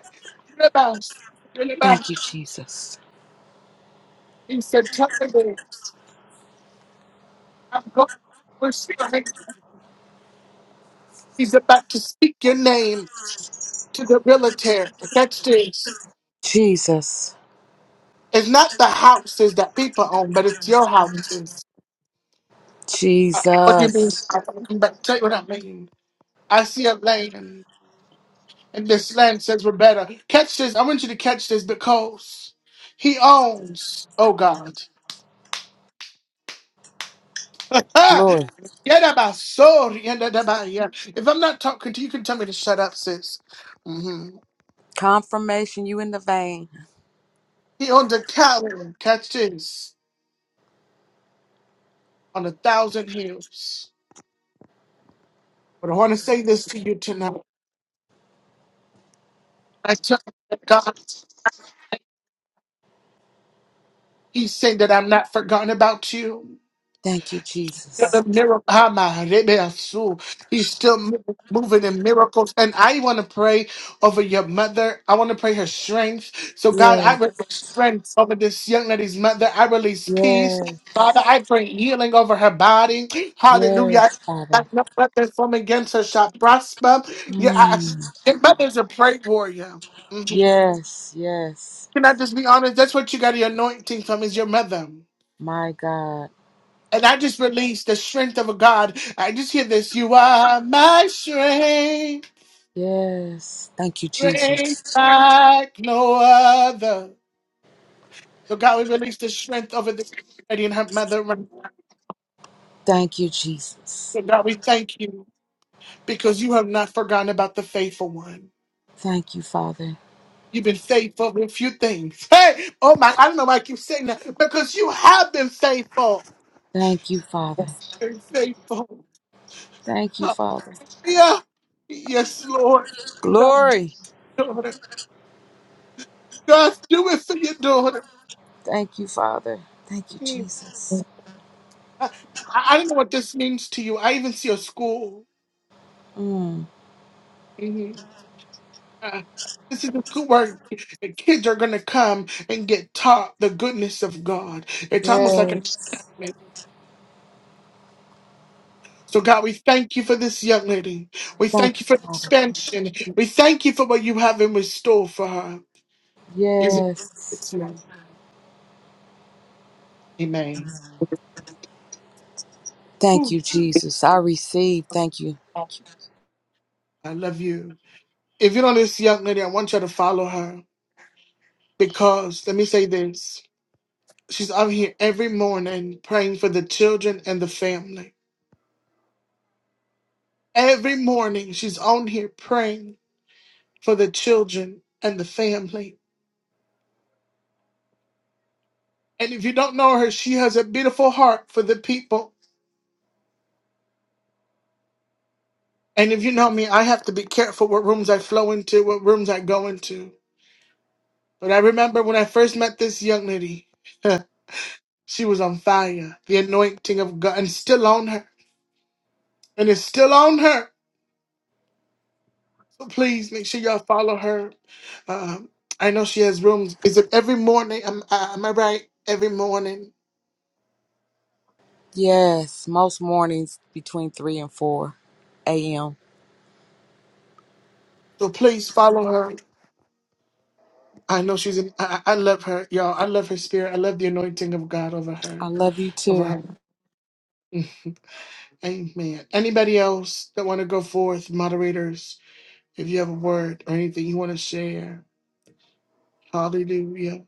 Speaker 1: you're the best. you the best.
Speaker 15: Thank you, Jesus.
Speaker 1: He said, Tell the babes, I'm going. We're still in. He's about to speak your name to the realtor. Next this!
Speaker 15: Jesus.
Speaker 1: it's not the houses that people own, but it's your houses. Uh, what do you mean?
Speaker 15: Jesus.
Speaker 1: I'm about to tell you what I mean. I see a land, and this land says we're better. Catch this. I want you to catch this because he owns. Oh God. Ah,
Speaker 15: Glory.
Speaker 1: yadaba, sorry, yadadaba, yeah. If I'm not talking to you, you can tell me to shut up, sis. hmm
Speaker 15: Confirmation, you in the vein.
Speaker 1: He on the tower, catch this, on a thousand hills. But I want to say this to you tonight. I tell you that God, He said that I'm not forgotten about you.
Speaker 15: Thank you, Jesus.
Speaker 1: The miracle, ah, my rebe asu. he's still mo- moving in miracles. And I want to pray over your mother. I want to pray her strength. So, God, I
Speaker 15: Yes.
Speaker 1: release strength over this young lady's mother. I release peace.
Speaker 15: Yes.
Speaker 1: Father, I pray healing over her body. Hallelujah.
Speaker 15: Yes, Father.
Speaker 1: That No weapon from against her shall prosper. Yeah, I,
Speaker 15: Mm.
Speaker 1: your mother's a prayer warrior. Mhm.
Speaker 15: Yes. Yes.
Speaker 1: Can I just be honest? That's what you got the anointing from is your mother.
Speaker 15: My God.
Speaker 1: And I just release the strength of a God. I just hear this. You are my strength,
Speaker 15: Yes. Thank you,
Speaker 1: strength
Speaker 15: Jesus.
Speaker 1: like no other. So God, we release the strength over this lady and her mother. right now.
Speaker 15: Thank you, Jesus.
Speaker 1: So God, we thank you because you have not forgotten about the faithful one.
Speaker 15: Thank you, Father.
Speaker 1: You've been faithful with few things. Hey, oh my, I don't know why I keep saying that because you have been faithful.
Speaker 15: Thank you, Father.
Speaker 1: Been faithful.
Speaker 15: Thank you, Father.
Speaker 1: Yeah. Yes, Lord. God,
Speaker 15: Glory.
Speaker 1: daughter. God, do it for your daughter.
Speaker 15: Thank you, Father. Thank you, Jesus.
Speaker 1: I, I don't know what this means to you. I even see a school.
Speaker 15: Mm.
Speaker 1: Mhm. Uh, this is a school where the kids are going to come and get taught the goodness of God. It's almost like an
Speaker 15: Yes.
Speaker 1: experiment. So, God, we thank you for this young lady. We
Speaker 15: Thank
Speaker 1: thank you for
Speaker 15: you,
Speaker 1: the
Speaker 15: Father.
Speaker 1: expansion. We thank you for what you have in store for her. Is it?
Speaker 15: Yes.
Speaker 1: It's name. Amen.
Speaker 15: Thank
Speaker 1: Whew.
Speaker 15: you, Jesus. I receive. Thank you.
Speaker 17: Awesome.
Speaker 1: I love you. If you know this young lady, I want you to follow her because let me say this. She's out here every morning praying for the children and the family. Every morning she's on here praying for the children and the family. And if you don't know her, she has a beautiful heart for the people. And if you know me, I have to be careful what rooms I flow into, what rooms I go into. But I remember when I first met this young lady, she was on fire. The anointing of God and it's still on her. And it's still on her So please make sure y'all follow her. Um, I know she has rooms. Is it every morning? Am, I- am I right? Every morning.
Speaker 15: Yes. Most mornings between 3 and 4 a.m.
Speaker 1: So please follow her. I know she's an. I, I I love her, y'all. I love her spirit. I love the anointing of God over
Speaker 15: I
Speaker 1: her.
Speaker 15: love you
Speaker 1: Over
Speaker 15: too.
Speaker 1: her. Mm. Amen. Anybody else that want to go forth, moderators, if you have a word or anything you want to share, hallelujah.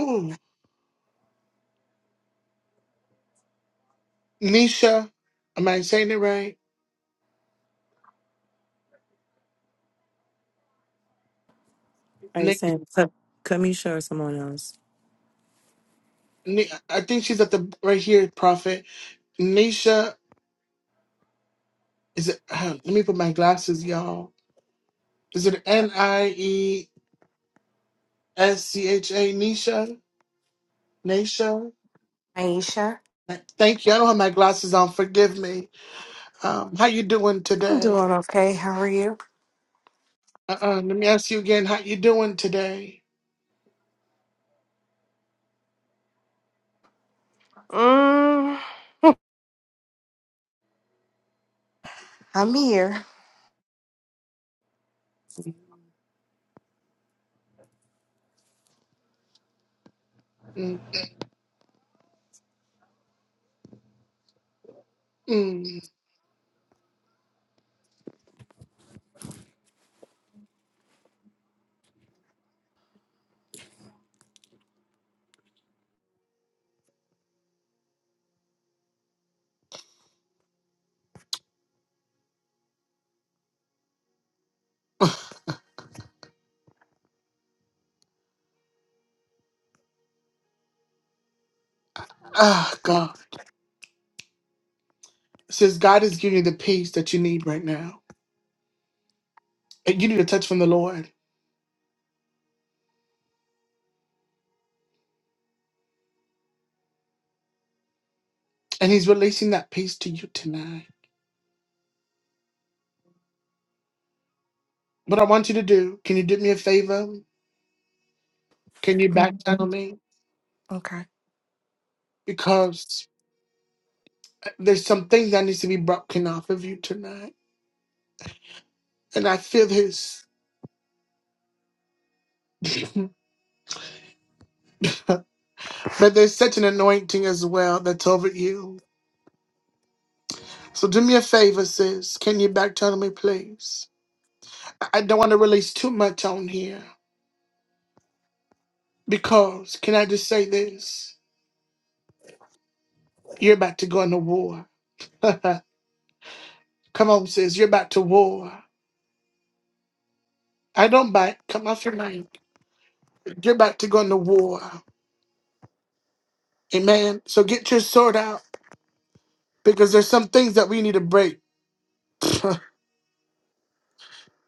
Speaker 1: Ooh. Nisha, am I saying it right?
Speaker 16: Are you
Speaker 1: Ni-
Speaker 16: saying Ka- Kamisha or someone else?
Speaker 1: Ni- I think she's at the right here, prophet. Nisha Is it? let me put my glasses, y'all. Is it N I E S C H A Nisha? Nisha?
Speaker 18: Aisha,
Speaker 1: Thank you. I don't have my glasses on. Forgive me. Um, how you doing
Speaker 18: I'm
Speaker 1: today?
Speaker 18: doing okay. How are you?
Speaker 1: Uh, uh Let me ask you again. How you doing today?
Speaker 18: Mm, I'm here.
Speaker 1: Mm-mm. Ah, God. It says God is giving you the peace that you need right now. And you need a touch from the Lord. And He's releasing that peace to you tonight. What I want you to do, can you do me a favor? Can you back
Speaker 18: Mm,
Speaker 1: channel me?
Speaker 18: Okay.
Speaker 1: Because There's some things that needs to be broken off of you tonight, and I feel this. but there's such an anointing as well that's over you. So do me a favor, sis. Can you back channel me, please? I I don't want to release too much on here because can I just say this? You're about to go into war. Come on, sis. You're about to war. I don't bite. Come off your mind. You're about to go into war. Amen. So get your sword out because there's some things that we need to break. do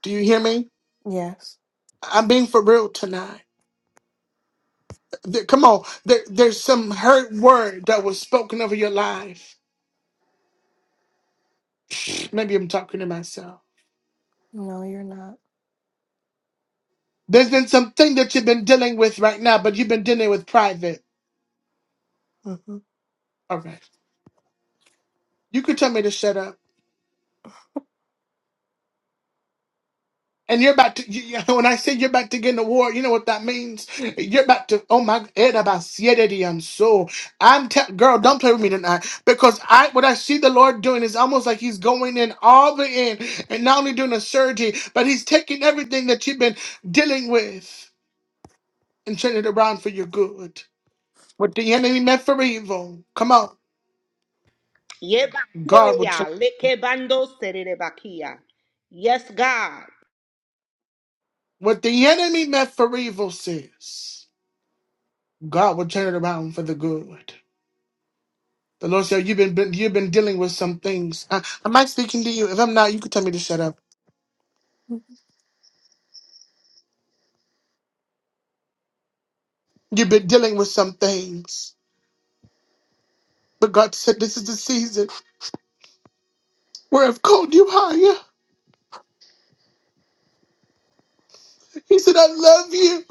Speaker 1: you hear me?
Speaker 18: Yes.
Speaker 1: I'm being for real tonight. There- come on, there, there's some hurt word that was spoken over your life. Maybe I'm talking to myself.
Speaker 18: No, you're not.
Speaker 1: There's been something that you've been dealing with right now, but you've been dealing with private.
Speaker 18: hmm
Speaker 1: All right, you could tell me to shut up. And you're about to, you, you- when I say you're about to get an award, you know what that means? You're about to, oh my, it about and so I'm, te- girl, don't play with me tonight. Because I, what I see the Lord doing is almost like He's going in all the in and not only doing a surgery, but He's taking everything that you've been dealing with and turning it around for your good. What the enemy meant for evil, come on, God will turn.
Speaker 10: Yebakoya, lekebando sererebakia. Yes, God.
Speaker 1: What the enemy meant for evil says, God will turn it around for the good. The Lord said, "You've been, been you've been dealing with some things." I, am I speaking to you? If I'm not, you can tell me to shut up. You've been dealing with some things, but God said, "This is the season where I've called you higher." He said, "I love you.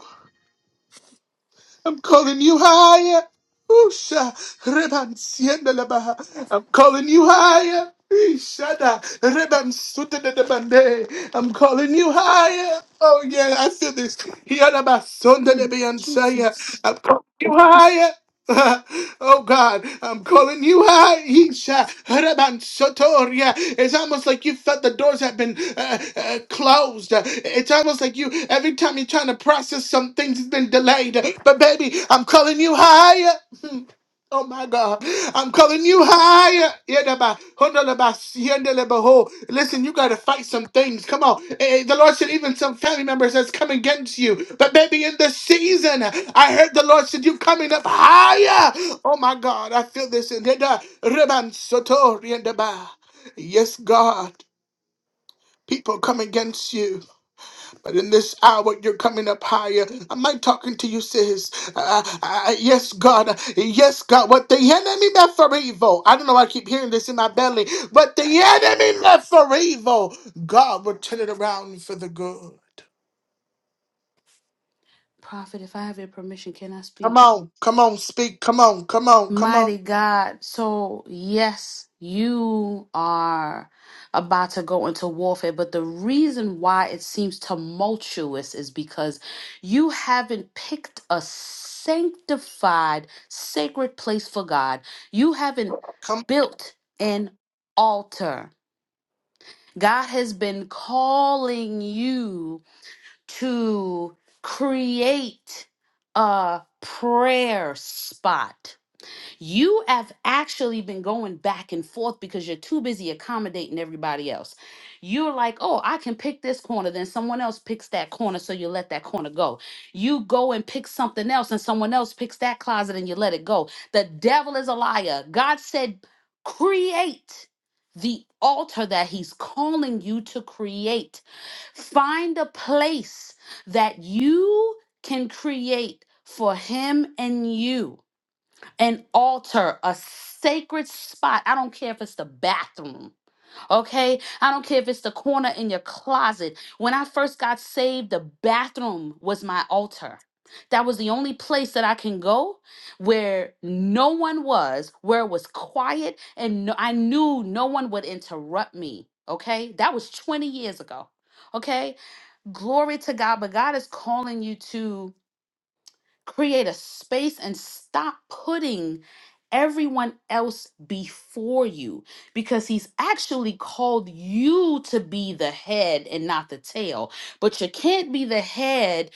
Speaker 1: I'm calling you higher." Usha, reban sienda labaha. I'm calling you higher. Ishada, reban suta de de bande. I'm calling you higher. Oh yeah, I feel this. Hiya, laba, sonda,
Speaker 7: Mm,
Speaker 1: lebi, ansaya.
Speaker 7: Jesus.
Speaker 1: I'm calling you higher. oh God, I'm calling you out. Isha. Haraban Sotoria. It's almost like you felt the doors have been uh, uh, closed. It's almost like you, every time you're trying to process some things, it's been delayed. But baby, I'm calling you higher. Oh my God. I'm calling you higher. Yedaba, hondalaba, siendalaba ho. Listen, you got to fight some things. Come on. Eh, eh, The Lord said, even some family members that's come against you. But baby, in this season, I heard the Lord said, you coming up higher. Oh my God. I feel this. in Yeda, reban soto, riendaba. Yes, God. People come against you. But in this hour, you're coming up higher. Am I talking to you, sis? Uh, uh, uh, yes, God. Yes, God. What the enemy meant for evil. I don't know. why I keep hearing this in my belly. But the enemy meant for evil. God will turn it around for the good.
Speaker 7: Prophet, if I have your permission, can I
Speaker 1: Come
Speaker 7: speak?
Speaker 1: on. Come on. Speak. Come on. Come on. Come on.
Speaker 7: Mighty God, so yes, you are about to go into warfare, but the reason why it seems tumultuous is because you haven't picked a sanctified, sacred place for God. You haven't
Speaker 1: Come.
Speaker 7: built an altar. God has been calling you to create a prayer spot you have actually been going back and forth because you're too busy accommodating everybody else. You're like, oh, I can pick this corner. Then someone else picks that corner. So you let that corner go. You go and pick something else, and someone else picks that closet and you let it go. The devil is a liar. God said, create the altar that he's calling you to create. Find a place that you can create for him and you an altar, a sacred spot. I don't care if it's the bathroom, okay? I don't care if it's the corner in your closet. When I first got saved, the bathroom was my altar. That was the only place that I can go where no one was, where it was quiet, and no, I knew no one would interrupt me, okay? That was 20 years ago, okay? Glory to God, but God is calling you to create a space and stop putting everyone else before you because he's actually called you to be the head and not the tail but you can't be the head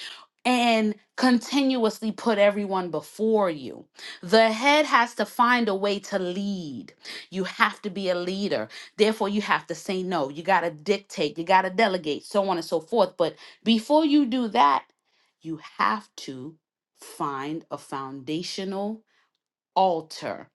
Speaker 7: and continuously put everyone before you. The head has to find a way to lead. You have to be a leader. Therefore, you have to say no. You got to dictate. You got to delegate, so on and so forth. But before you do that, you have to find a foundational altar.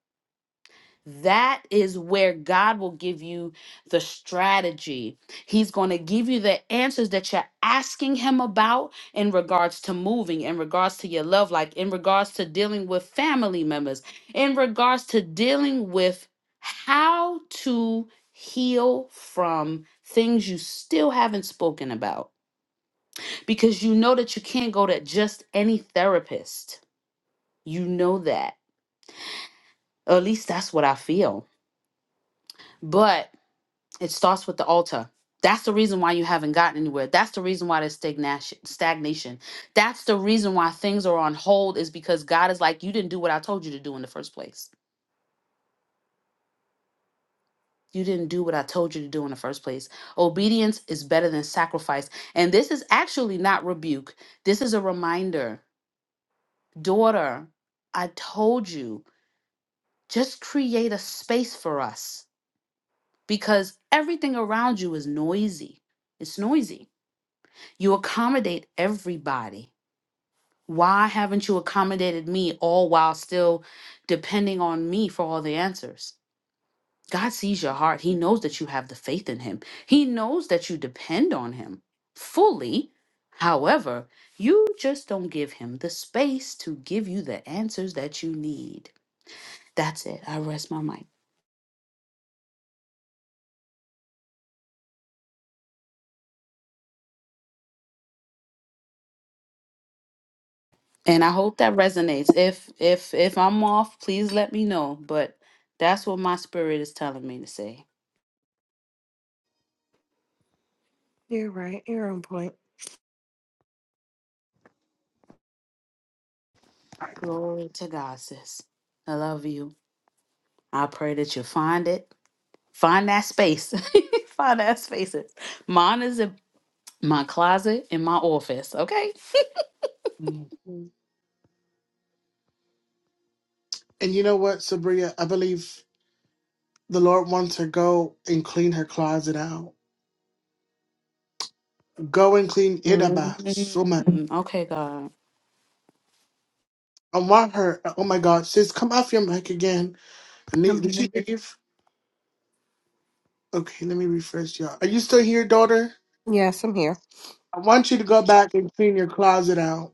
Speaker 7: That is where God will give you the strategy. He's going to give you the answers that you're asking Him about in regards to moving, in regards to your love life, in regards to dealing with family members, in regards to dealing with how to heal from things you still haven't spoken about. Because you know that you can't go to just any therapist. You know that Or at least that's what I feel. But it starts with the altar. That's the reason why you haven't gotten anywhere. That's the reason why there's stagnation. Stagnation. That's the reason why things are on hold is because God is like, you didn't do what I told you to do in the first place. You didn't do what I told you to do in the first place. Obedience is better than sacrifice. And this is actually not rebuke. This is a reminder. Daughter, I told you, just create a space for us because everything around you is noisy. It's noisy. You accommodate everybody. Why haven't you accommodated me all while still depending on me for all the answers? God sees your heart. He knows that you have the faith in Him, He knows that you depend on Him fully. However, you just don't give Him the space to give you the answers that you need. That's it. I rest my mic. And I hope that resonates. If if if I'm off, please let me know. But that's what my spirit is telling me to say.
Speaker 18: You're right. You're on point.
Speaker 7: Glory to God, sis. I love you. I pray that you find it. Find that space. find that space. Mine is in my closet in my office. Okay.
Speaker 1: And you know what, Sabria? I believe the Lord wants her go and clean her closet out. Go and clean it up. So
Speaker 7: Mhm.
Speaker 1: much.
Speaker 7: Okay, God.
Speaker 1: I want her. Oh my God, sis, come off your mic again. Ne-
Speaker 18: I'm
Speaker 1: Did she
Speaker 18: here.
Speaker 1: leave? Okay, let me refresh y'all. Are you still here, daughter?
Speaker 18: Yes, I'm here.
Speaker 1: I want you to go back and clean your closet out.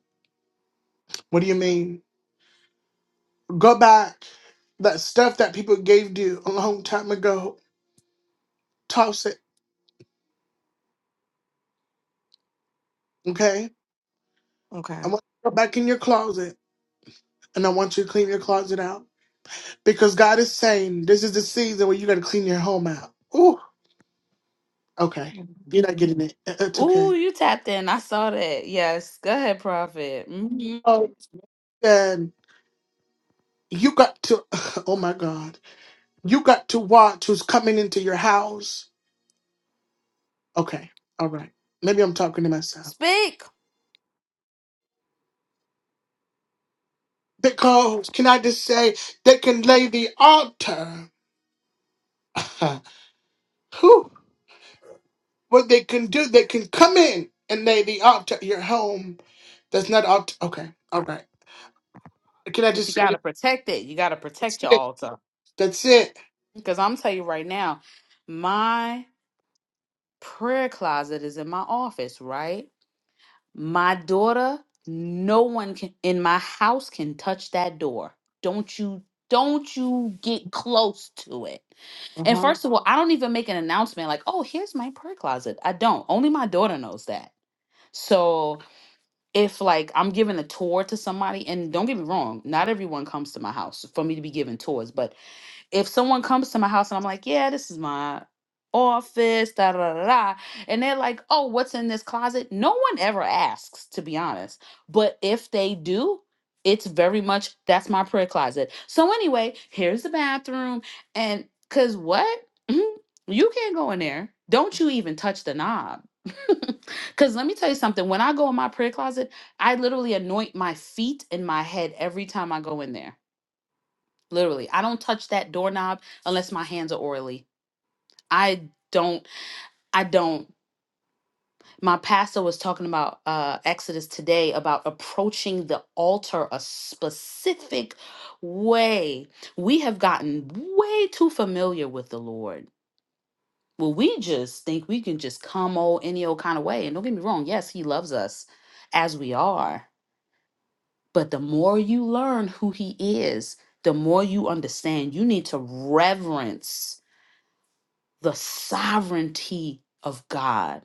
Speaker 1: What do you mean? Go back. That stuff that people gave you a long time ago, toss it. Okay? I
Speaker 18: Okay.
Speaker 1: want you to go back in your closet and I want you to clean your closet out. Because God is saying this is the season where you gotta clean your home out. Ooh, okay.
Speaker 18: Mhm.
Speaker 1: You're not getting it. Uh, It's
Speaker 7: Ooh,
Speaker 1: okay.
Speaker 7: you tapped in. I saw that. Yes. Go ahead, prophet. Mhm.
Speaker 1: Oh, and you got to, oh my God, you got to watch who's coming into your house Okay, all right. Maybe I'm talking to myself.
Speaker 7: Speak.
Speaker 1: Because, can I just say, they can lay the altar. Whew. What they can do, they can come in and lay the altar at your home. That's not altar. Okay, all right. Can I
Speaker 7: But
Speaker 1: just
Speaker 7: you
Speaker 1: say,
Speaker 7: gotta protect it. You gotta
Speaker 1: that's
Speaker 7: protect your
Speaker 1: it.
Speaker 7: altar.
Speaker 1: That's it.
Speaker 7: Because I'm telling you right now, my prayer closet is in my office, right? My daughter, no one can in my house can touch that door. Don't you don't you get close to it. And
Speaker 1: Uh-huh.
Speaker 7: first of all, I don't even make an announcement like, oh, here's my prayer closet. I don't. Only my daughter knows that. So if like I'm giving a tour to somebody, and don't get me wrong, not everyone comes to my house for me to be giving tours, but if someone comes to my house and I'm like, yeah, this is my office, da da da da, and they're like, oh, what's in this closet? No one ever asks, to be honest. But if they do, it's very much that's my prayer closet. So anyway, here's the bathroom, and cause what? Mhm. You can't go in there. Don't you even touch the knob. Cause let me tell you something. When I go in my prayer closet, I literally anoint my feet and my head every time I go in there Literally, I don't touch that doorknob unless my hands are oily. I don't. I don't. My pastor was talking about uh, Exodus today about approaching the altar a specific way. We have gotten way too familiar with the Lord. Well, we just think we can just come old any old kind of way. And don't get me wrong, yes, He loves us as we are. But the more you learn who He is, the more you understand you need to reverence the sovereignty of God.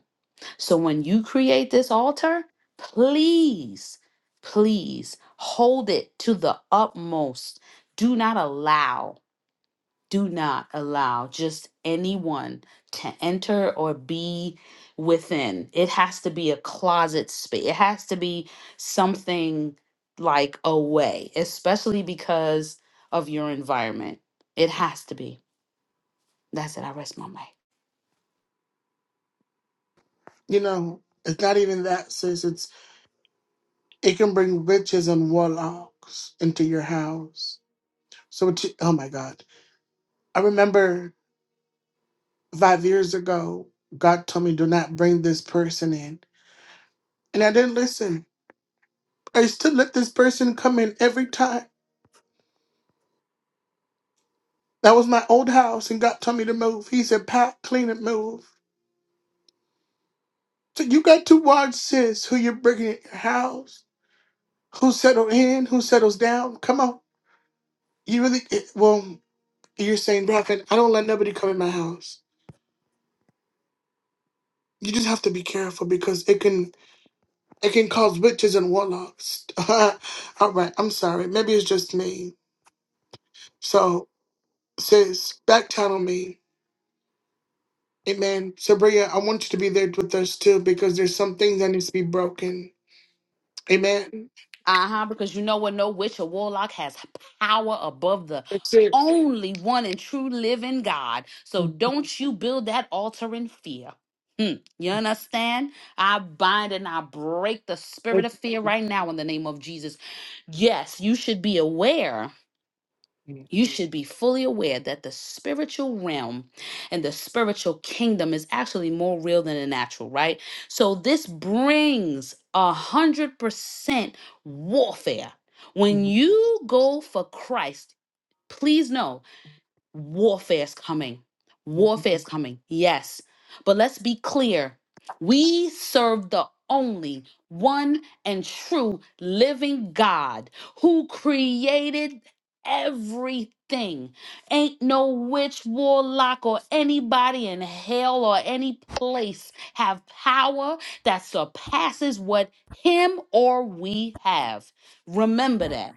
Speaker 7: So when you create this altar, please, please hold it to the utmost. Do not allow, do not allow just anyone to enter or be within. It has to be a closet space, it has to be something like away, especially because of your environment. It has to be. That's it. I rest my mic.
Speaker 1: You know, it's not even that, sis. It's, it can bring witches and warlocks into your house. So, what you, oh my God. I remember five years ago, God told me, do not bring this person in. And I didn't listen. I used to let this person come in every time. That was my old house, and God told me to move. He said, Pat, clean it, move. So you got to watch, sis, who you're bringing in your house, who settled in, who settles down. Come on. You really, it, well, you're saying, Prophet, I don't let nobody come in my house. You just have to be careful because it can it can cause witches and warlocks. All right, I'm sorry. Maybe it's just me. So, sis, back channel me. Amen. Sabria, I want you to be there with us too because there's some things that needs to be broken. Amen.
Speaker 7: Uh-huh, because you know what? No witch or warlock has power above the
Speaker 1: That's it.
Speaker 7: only one and true living God. So don't you build that altar in fear. Mm, you understand? I bind and I break the spirit of fear right now in the name of Jesus. Yes, you should be aware you should be fully aware that the spiritual realm and the spiritual kingdom is actually more real than the natural, right? So this brings a hundred percent warfare. When you go for Christ, please know warfare is coming. Warfare is coming. Yes. But let's be clear. We serve the only one and true living God who created everything. Ain't no witch, warlock, or anybody in hell or any place have power that surpasses what him or we have. Remember that.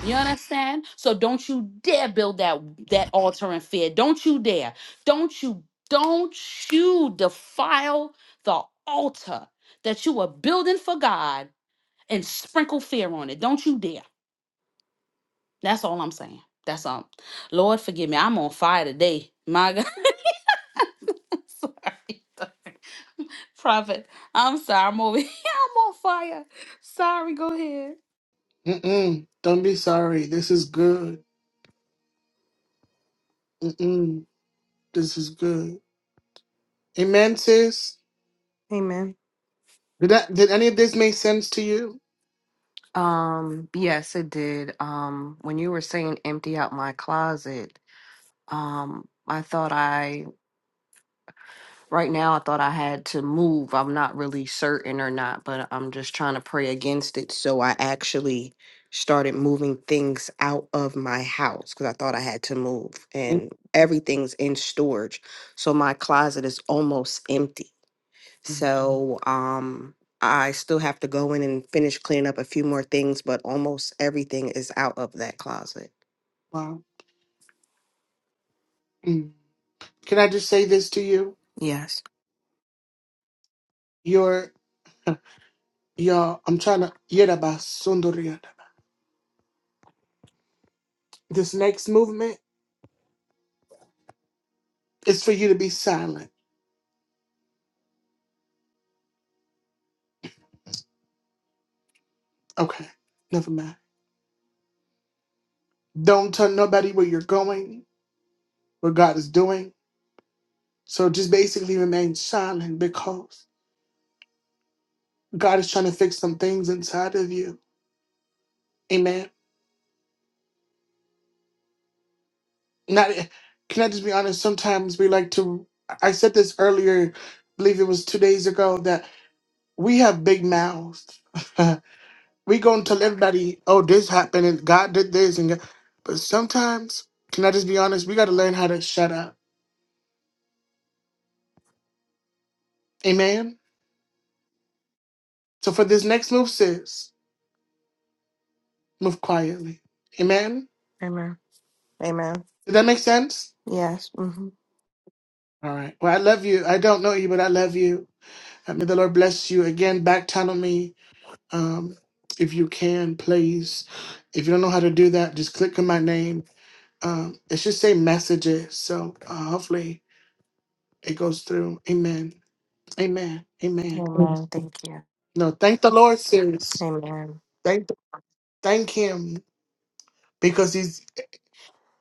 Speaker 7: You understand? So don't you dare build that that altar in fear. Don't you dare. Don't you don't you defile the altar that you are building for God and sprinkle fear on it. Don't you dare. That's all I'm saying. That's all. Lord forgive me. I'm on fire today. My God. Sorry. Prophet. I'm sorry. I'm over here. I'm on fire. Sorry. Go ahead.
Speaker 1: Mm-mm. Don't be sorry. This is good. Mm-mm. This is good. Amen, sis.
Speaker 18: Amen.
Speaker 1: Did that, did any of this make sense to you?
Speaker 18: Um, yes, it did. Um, when you were saying empty out my closet, um, I thought I Right now, I thought I had to move. I'm not really certain or not, but I'm just trying to pray against it. So I actually started moving things out of my house because I thought I had to move,
Speaker 1: Mm,
Speaker 18: and everything's in storage. So my closet is almost empty. So um, I still have to go in and finish cleaning up a few more things, but almost everything is out of that closet.
Speaker 1: Wow. Mm. Can I just say this to you?
Speaker 18: Yes.
Speaker 1: Your your I'm trying to Yeraba Sundariada. This next movement is for you to be silent. Okay. Never mind. Don't tell nobody where you're going, what God is doing. So just basically remain silent because God is trying to fix some things inside of you. Amen. Not can I just be honest? Sometimes we like to I said this earlier, believe it was two days ago, that we have big mouths. we go and tell everybody, oh, this happened and God did this and God. but sometimes, can I just be honest, we gotta learn how to shut up. Amen. So for this next move, sis, move quietly. Amen.
Speaker 18: Amen. Amen.
Speaker 1: Did that make sense?
Speaker 18: Yes. hmm
Speaker 1: All right. Well, I love you. I don't know you, but I love you. Uh, May the Lord bless you. Again, back tunnel me um, if you can, please. If you don't know how to do that, just click on my name. Um, it should say messages. So uh, hopefully it goes through. Amen. Amen. Amen.
Speaker 18: Amen. Thank you.
Speaker 1: No, thank the Lord, serious.
Speaker 18: Amen.
Speaker 1: Thank, thank Him because He's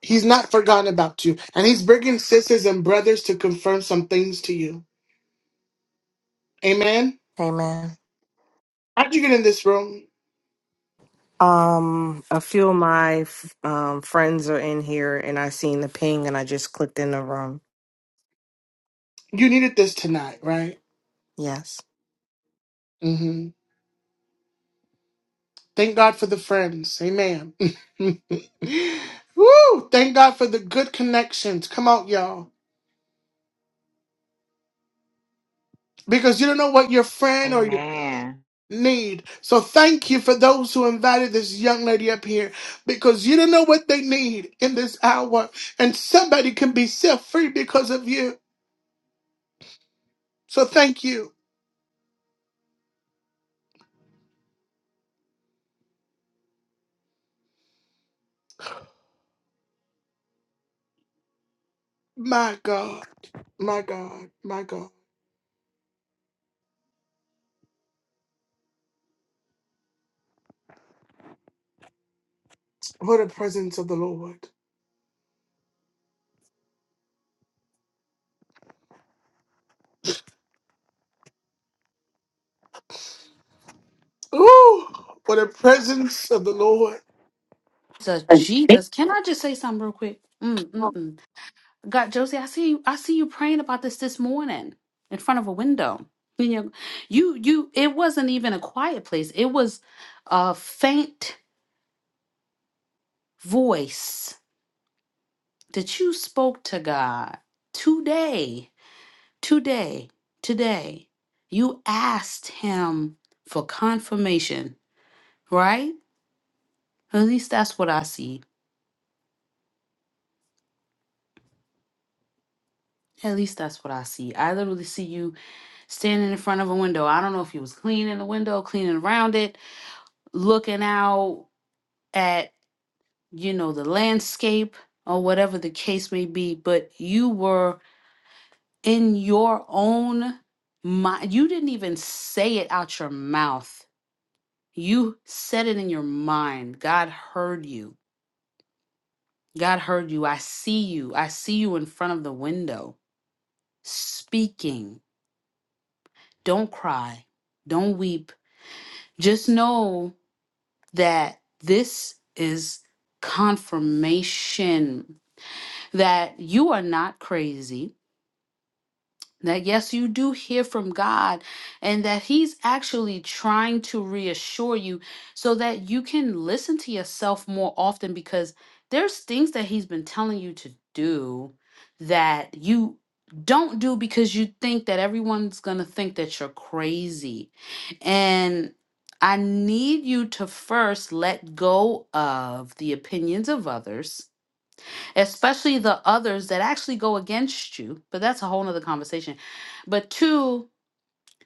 Speaker 1: He's not forgotten about you, and He's bringing sisters and brothers to confirm some things to you. Amen.
Speaker 18: Amen.
Speaker 1: How'd you get in this room?
Speaker 18: Um, a few of my f- um, friends are in here, and I seen the ping, and I just clicked in the room.
Speaker 1: You needed this tonight, right?
Speaker 18: Yes.
Speaker 1: hmm Thank God for the friends. Amen. Woo! Thank God for the good connections. Come on, y'all. Because you don't know what your friend or your
Speaker 9: Amen.
Speaker 1: need. So thank you for those who invited this young lady up here. Because you don't know what they need in this hour. And somebody can be set free because of you. So thank you. My God. My God. My God. What a presence of the Lord. Ooh, for the presence of the Lord.
Speaker 7: So Jesus. Can I just say something real quick? Mm-mm-mm. God, Josie, I see you. I see you praying about this this morning in front of a window. You, know, you, you. It wasn't even a quiet place. It was a faint voice that you spoke to God today, today, today. You asked Him for confirmation, right? At least that's what I see. At least that's what I see. I literally see you standing in front of a window. I don't know if you was cleaning the window, cleaning around it, looking out at you know the landscape or whatever the case may be but you were in your own mind you didn't even say it out your mouth you said it in your mind god heard you god heard you i see you i see you in front of the window speaking don't cry don't weep just know that this is confirmation that you are not crazy that yes, you do hear from God, and that He's actually trying to reassure you so that you can listen to yourself more often because there's things that He's been telling you to do that you don't do because you think that everyone's going to think that you're crazy. And I need you to first let go of the opinions of others especially the others that actually go against you. But that's a whole nother conversation. But two,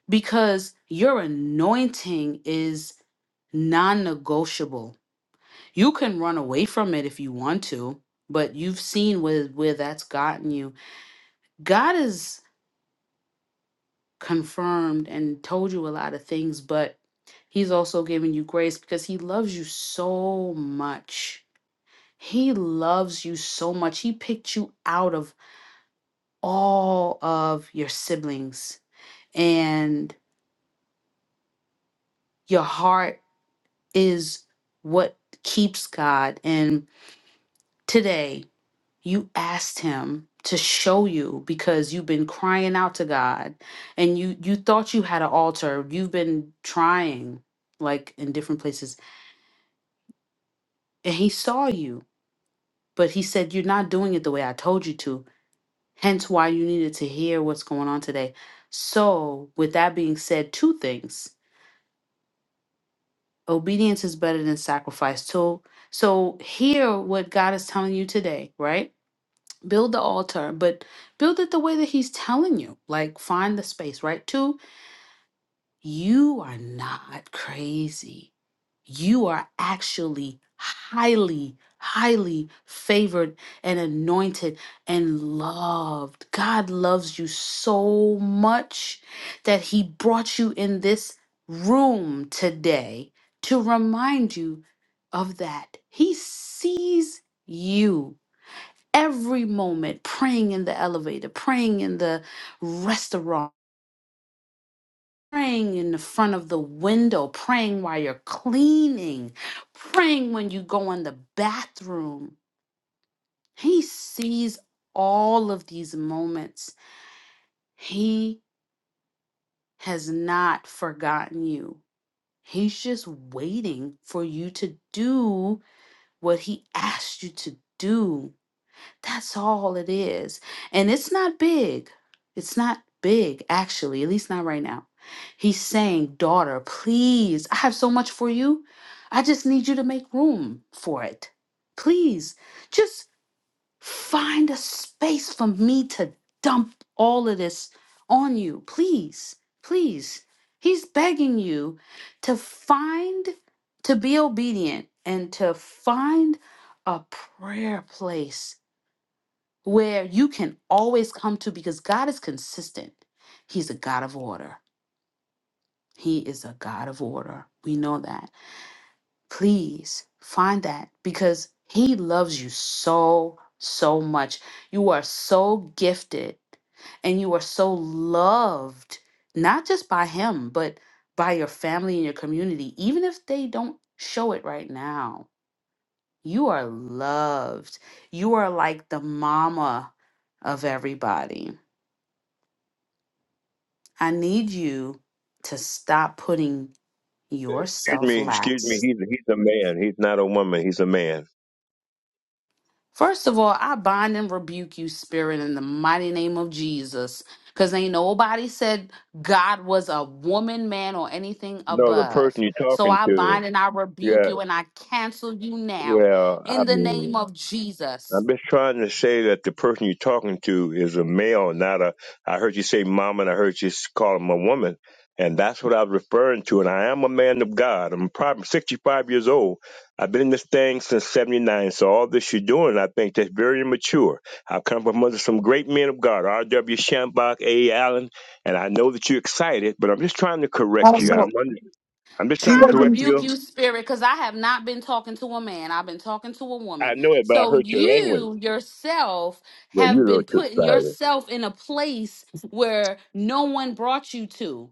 Speaker 7: because your anointing is non negotiable. You can run away from it if you want to, but you've seen where, where that's gotten you. God has confirmed and told you a lot of things, but He's also giving you grace because He loves you so much. He loves you so much. He picked you out of all of your siblings and your heart is what keeps God and today you asked him to show you because you've been crying out to God and you you thought you had an altar you've been trying like in different places and he saw you but he said you're not doing it the way I told you to hence why you needed to hear what's going on today so with that being said two things Obedience is better than sacrifice. So, so hear what God is telling you today, right? Build the altar, but build it the way that He's telling you. Like find the space, right? Two, you are not crazy. You are actually highly, highly favored and anointed and loved. God loves you so much that He brought you in this room today to remind you of that. He sees you every moment praying in the elevator, praying in the restaurant praying in the front of the window, praying while you're cleaning, praying when you go in the bathroom. He sees all of these moments. He has not forgotten you. He's just waiting for you to do what he asked you to do. That's all it is. And it's not big. It's not big, actually, at least not right now. He's saying, Daughter, please, I have so much for you. I just need you to make room for it. Please, just find a space for me to dump all of this on you. Please, please. He's begging you to find, to be obedient, and to find a prayer place where you can always come to because God is consistent. He's a God of order. He is a God of order. We know that. Please find that because He loves you so, so much. You are so gifted and you are so loved, not just by Him, but by your family and your community, even if they don't show it right now. You are loved. You are like the mama of everybody I need you to stop putting
Speaker 19: Excuse
Speaker 7: yourself
Speaker 19: me, excuse me.
Speaker 7: last.
Speaker 19: He's he's a man. He's not a woman. He's a man.
Speaker 7: First of all, I bind and rebuke you, spirit, in the mighty name of Jesus. Because ain't nobody said God was a woman, man, or anything
Speaker 19: No, the
Speaker 7: above.
Speaker 19: person you're
Speaker 7: So
Speaker 19: talking
Speaker 7: I
Speaker 19: to.
Speaker 7: bind and I rebuke
Speaker 19: Yeah.
Speaker 7: you and I cancel you now
Speaker 19: Well, I
Speaker 7: in the name
Speaker 19: mean.
Speaker 7: of Jesus.
Speaker 19: I'm just trying to say that the person you're talking to is a male, not a. I heard you say mom, and I heard you s- call him a woman, and that's what I was referring to. And I am a man of God. I'm probably 65 years old. I've been in this thing since 79. So all this you're doing, I think that's very immature. I've come from under some great men of God, R.W. Shambach, A. Allen, and I know that you're excited, but I'm just trying to
Speaker 1: I
Speaker 19: correct
Speaker 1: don't
Speaker 19: you. I'm
Speaker 1: know.
Speaker 19: under, I'm just
Speaker 1: She
Speaker 19: trying to
Speaker 7: I
Speaker 19: correct
Speaker 1: wasn't.
Speaker 7: rebuke
Speaker 19: you.
Speaker 7: you, spirit, because I have not been talking to a man. I've been talking to a
Speaker 19: I
Speaker 7: woman.
Speaker 19: know it, but I
Speaker 7: So
Speaker 19: heard your language.
Speaker 7: you yourself
Speaker 19: Well, you
Speaker 7: have been putting
Speaker 19: know,
Speaker 7: yourself in a place where no one brought you to.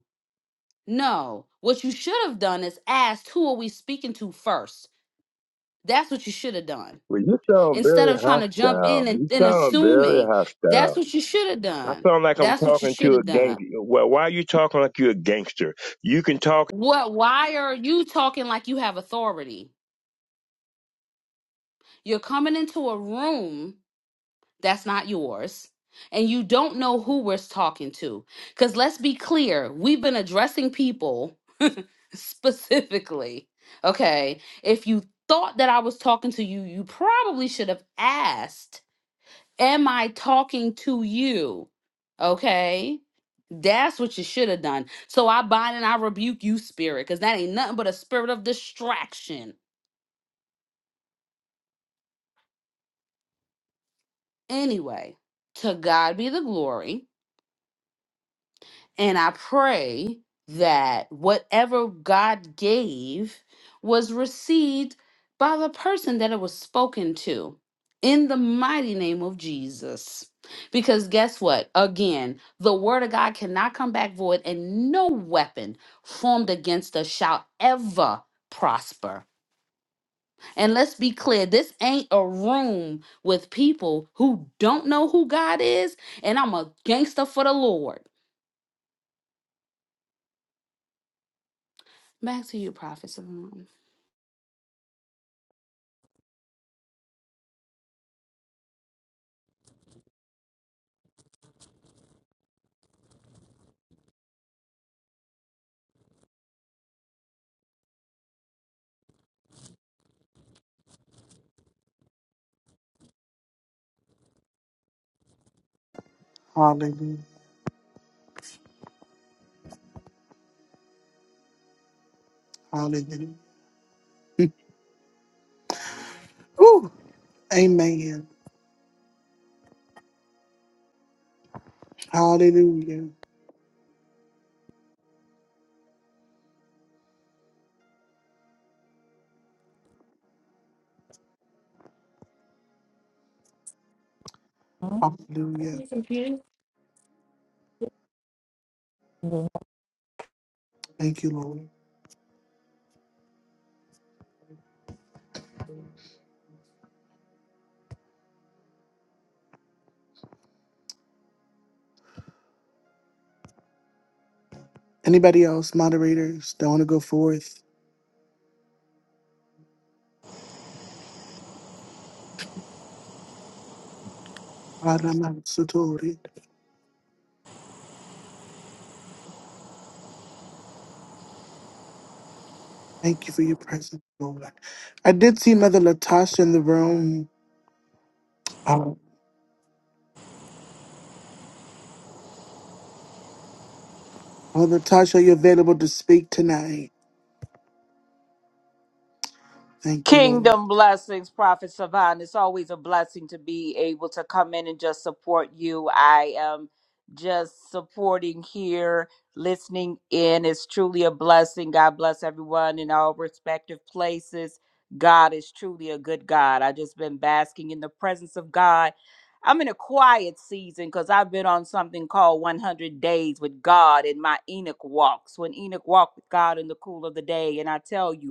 Speaker 7: No. What you should have done is asked, who are we speaking to first? That's what you should have done.
Speaker 19: Well, you sound
Speaker 7: Instead
Speaker 19: very
Speaker 7: of trying to jump
Speaker 19: hostile.
Speaker 7: in and,
Speaker 19: You
Speaker 7: and
Speaker 19: sound very
Speaker 7: assuming, that's
Speaker 19: hostile.
Speaker 7: what you should have
Speaker 19: I
Speaker 7: done.
Speaker 19: sound like I'm
Speaker 7: That's what you
Speaker 19: talking
Speaker 7: should
Speaker 19: to a
Speaker 7: have done.
Speaker 19: gangster. Well, why are you talking like you're a gangster? You can talk
Speaker 7: What why are you talking like you have authority? You're coming into a room That's not yours. And you don't know who we're talking to. Because let's be clear, we've been addressing people specifically. Okay. If you thought that I was talking to you, you probably should have asked, Am I talking to you? Okay. That's what you should have done. So I bind and I rebuke you, spirit, because that ain't nothing but a spirit of distraction. Anyway, to God be the glory. And I pray that whatever God gave was received by the person that it was spoken to in the mighty name of Jesus. Because guess what? Again, the word of God cannot come back void, and no weapon formed against us shall ever prosper. And let's be clear this ain't a room with people who don't know who God is, and I'm a gangster for the Lord. Back to you, Prophet. Salome.
Speaker 1: Hallelujah. Hallelujah. Ooh, Amen. Hallelujah.
Speaker 20: Huh? Are
Speaker 1: Hallelujah.
Speaker 20: you confused?
Speaker 1: Thank you, Lord. Anybody else, moderators, that want to go forth? Aramatsutori. Thank you for your presence, Lord. I did see Mother Latasha in the room. Uh, Mother Latasha, you're available to speak tonight. Thank you, Lord.
Speaker 21: Kingdom blessings, Prophet Savan. It's always a blessing to be able to come in and just support you. I am just supporting here, listening in. It's truly a blessing. God bless everyone in all respective places. God is truly a good God. I've just been basking in the presence of God. I'm in a quiet season because I've been on something called 100 Days with God in my Enoch walks. When Enoch walked with God in the cool of the day, and I tell you,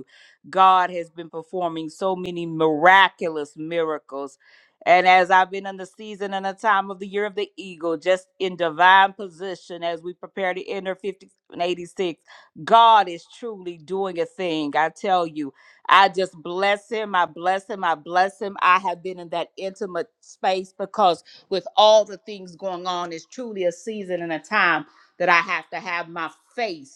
Speaker 21: God has been performing so many miraculous miracles. And as I've been in the season and the time of the year of the eagle, just in divine position as we prepare to enter fifty and eighty-six, God is truly doing a thing. I tell you, I just bless him. I bless him. I bless him. I have been in that intimate space because with all the things going on, it's truly a season and a time that I have to have my face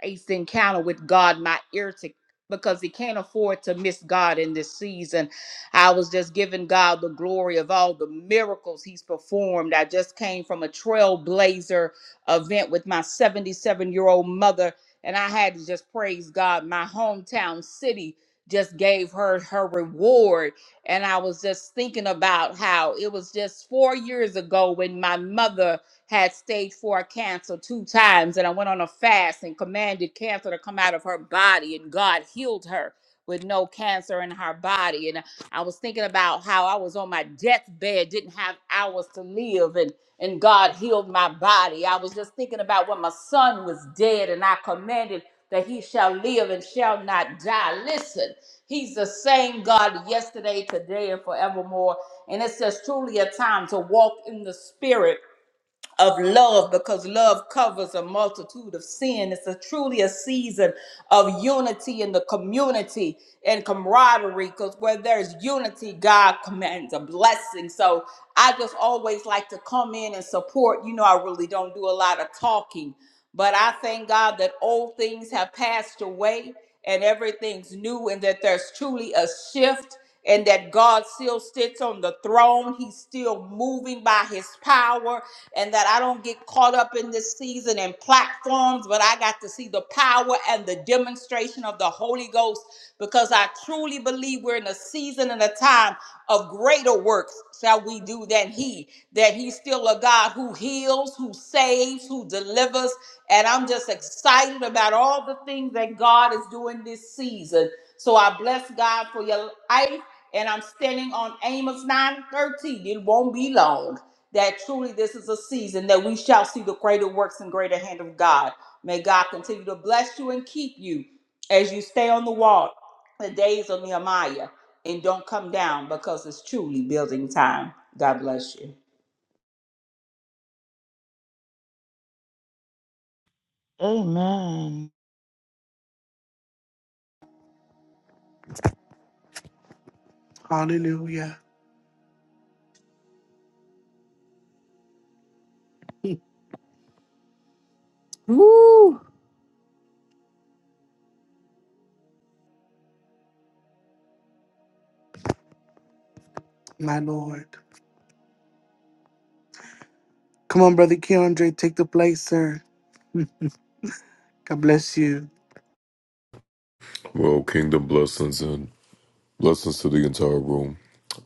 Speaker 21: face encounter with God, my ear to because he can't afford to miss God in this season. I was just giving God the glory of all the miracles he's performed. I just came from a trailblazer event with my 77 year old mother, and I had to just praise God. My hometown city just gave her her reward. And I was just thinking about how it was just four years ago when my mother had stage four cancer two times, and I went on a fast and commanded cancer to come out of her body, and God healed her with no cancer in her body. And I was thinking about how I was on my deathbed, didn't have hours to live, and and God healed my body. I was just thinking about when my son was dead, and I commanded that he shall live and shall not die. Listen, he's the same God yesterday, today, and forevermore. And it says truly a time to walk in the spirit of love because love covers a multitude of sin. It's a truly a season of unity in the community and camaraderie because where there's unity, God commands a blessing. So I just always like to come in and support. You know, I really don't do a lot of talking, but I thank God that old things have passed away and everything's new and that there's truly a shift and that God still sits on the throne. He's still moving by his power and that I don't get caught up in this season and platforms, but I got to see the power and the demonstration of the Holy Ghost because I truly believe we're in a season and a time of greater works shall we do than He, that He's still a God who heals, who saves, who delivers. And I'm just excited about all the things that God is doing this season. So I bless God for your life. And I'm standing on Amos 9:13. It won't be long that truly this is a season that we shall see the greater works and greater hand of God. May God continue to bless you and keep you as you stay on the wall the days of Nehemiah and don't come down because it's truly building time. God bless you.
Speaker 22: Amen.
Speaker 1: Hallelujah, my Lord. Come on, Brother Keandre, take the place, sir. God bless you.
Speaker 23: Well, kingdom blessings and blessings to the entire room.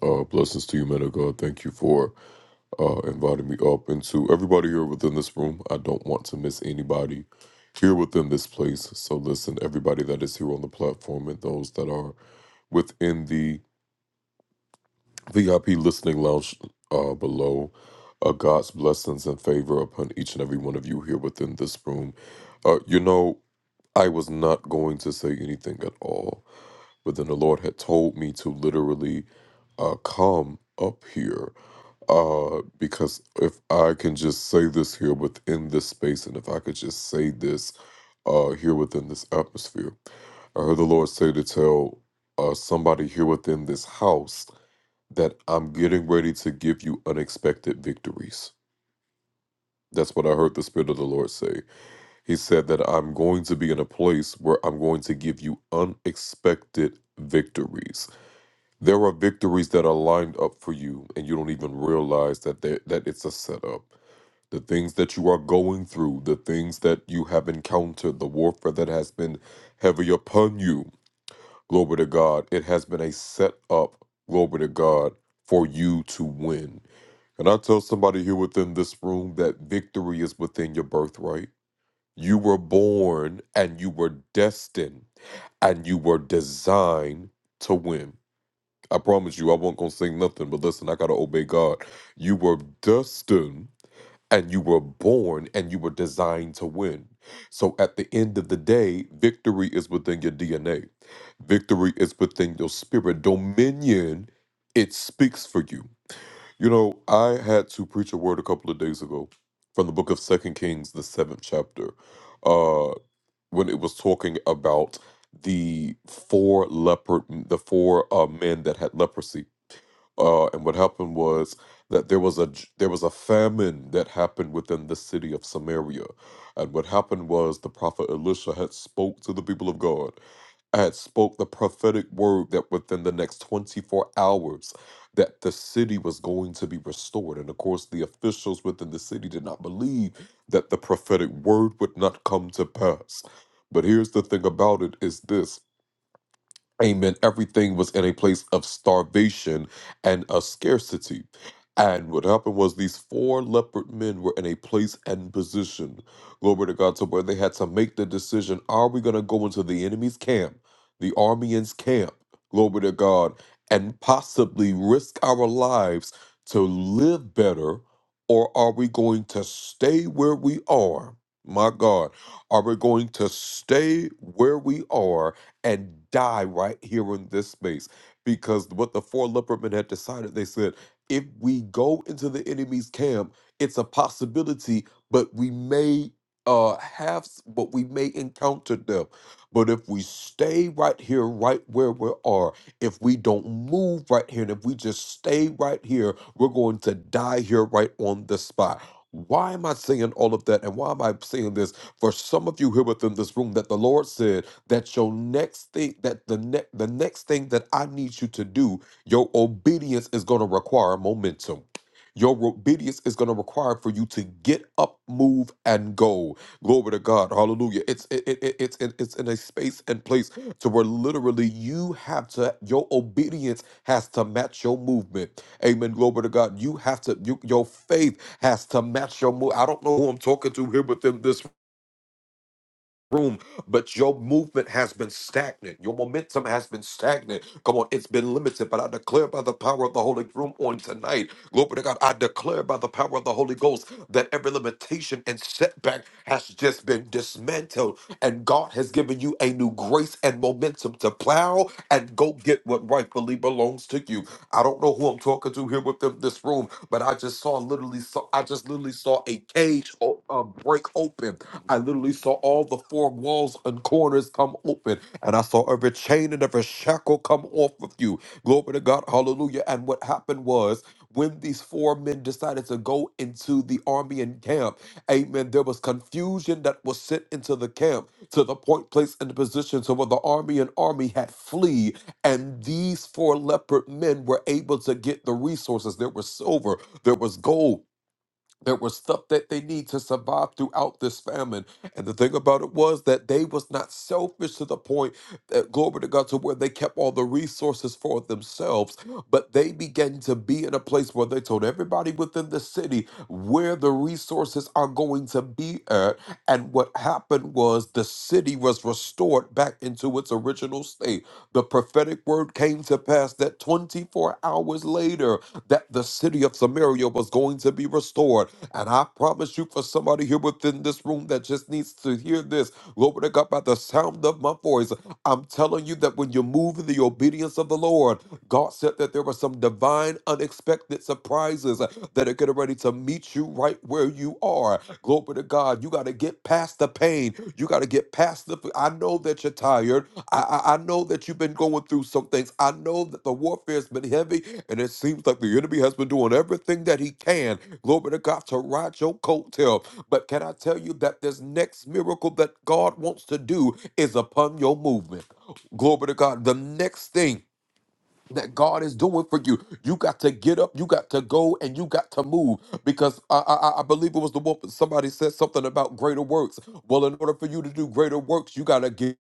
Speaker 23: Uh, blessings to you, men of God. Thank you for uh, inviting me up and to everybody here within this room. I don't want to miss anybody here within this place. So, listen, everybody that is here on the platform and those that are within the VIP listening lounge uh, below. Uh, God's blessings and favor upon each and every one of you here within this room. Uh, you know, I was not going to say anything at all but then the Lord had told me to literally uh, come up here uh, because if I can just say this here within this space and if I could just say this uh, here within this atmosphere, I heard the Lord say to tell uh, somebody here within this house that I'm getting ready to give you unexpected victories. That's what I heard the Spirit of the Lord say. He said that I'm going to be in a place where I'm going to give you unexpected victories there are victories that are lined up for you, and you don't even realize that they, that it's a setup. The things that you are going through, the things that you have encountered, the warfare that has been heavy upon you, glory to God, it has been a setup, glory to God, for you to win. And I tell somebody here within this room that victory is within your birthright. You were born and you were destined and you were designed to win. I promise you, I won't gonna sing nothing, but listen, I gotta obey God. You were destined and you were born and you were designed to win. So at the end of the day, victory is within your DNA. Victory is within your spirit. Dominion, it speaks for you. You know, I had to preach a word a couple of days ago from the book of Second Kings, the seventh chapter, uh, when it was talking about the four leopard the four uh, men that had leprosy uh, and what happened was that there was a j- there was a famine that happened within the city of Samaria, and what happened was the prophet Elisha had spoke to the people of God, had spoke the prophetic word that within the next twenty four hours that the city was going to be restored, and of course the officials within the city did not believe that the prophetic word would not come to pass. But here's the thing about it is this Amen. Everything was in a place of starvation and a scarcity. And what happened was these four leopard men were in a place and position, glory to God, to where they had to make the decision are we going to go into the enemy's camp, the Armenians' camp, glory to God, and possibly risk our lives to live better, or are we going to stay where we are? My God, are we going to stay where we are and die right here in this space. Because what the four leopard men had decided, they said, if we go into the enemy's camp, it's a possibility, but we may uh have s- but we may encounter them. But if we stay right here, right where we are, if we don't move right here, and if we just stay right here, we're going to die here right on the spot. Why am I saying all of that? And why am I saying this? For some of you here within this room, that the Lord said that your next thing that the ne- the next thing that I need you to do, your obedience is going to require momentum. Your obedience is going to require for you to get up, move, and go. Glory to God, Hallelujah! It's it, it, it- it's it, it's in a space and place to where literally you have to your obedience has to match your movement. Amen. Glory to God. You have to you, your faith has to match your move. I don't know who I'm talking to here within this room, but your movement has been stagnant. Your momentum has been stagnant. Come on, it's been limited, but I declare by the power of the Holy Room on tonight, glory to God, I declare by the power of the Holy Ghost that every limitation and setback has just been dismantled and God has given you a new grace and momentum to plow and go get what rightfully belongs to you. I don't know who I'm talking to here within this room, but I just saw literally saw I just literally saw a cage o- uh, break open. I literally saw all the four walls and corners come open, and I saw every chain and every shackle come off of you. Glory to God, hallelujah. And what happened was when these four men decided to go into the army and camp, amen, there was confusion that was sent into the camp to the point, place, and the position so when the army and army had flee, and these four leopard men were able to get the resources. There was silver, there was gold. There was stuff that they need to survive throughout this famine. And the thing about it was that they was not selfish to the point that glory to God to where they kept all the resources for themselves but they began to be in a place where they told everybody within the city where the resources are going to be at. And what happened was the city was restored back into its original state. The prophetic word came to pass that 24 hours later, that the city of Samaria was going to be restored. And I promise you, for somebody here within this room that just needs to hear this, glory to God, by the sound of my voice, I'm telling you that when you move in the obedience of the Lord, God said that there were some divine, unexpected surprises uh, that are getting ready to meet you right where you are. Glory to God. You got to get past the pain. You got to get past the. I know that you're tired. I, I, I know that you've been going through some things. I know that the warfare has been heavy, and it seems like the enemy has been doing everything that he can. Glory to God to ride your coattail. But can I tell you that this next miracle that God wants to do is upon your movement? Glory to God. The next thing that God is doing for you. You got to get up, you got to go, and you got to move. Because I, I, I I believe it was the one. somebody said something about greater works. Well, in order for you to do greater works, you got to get.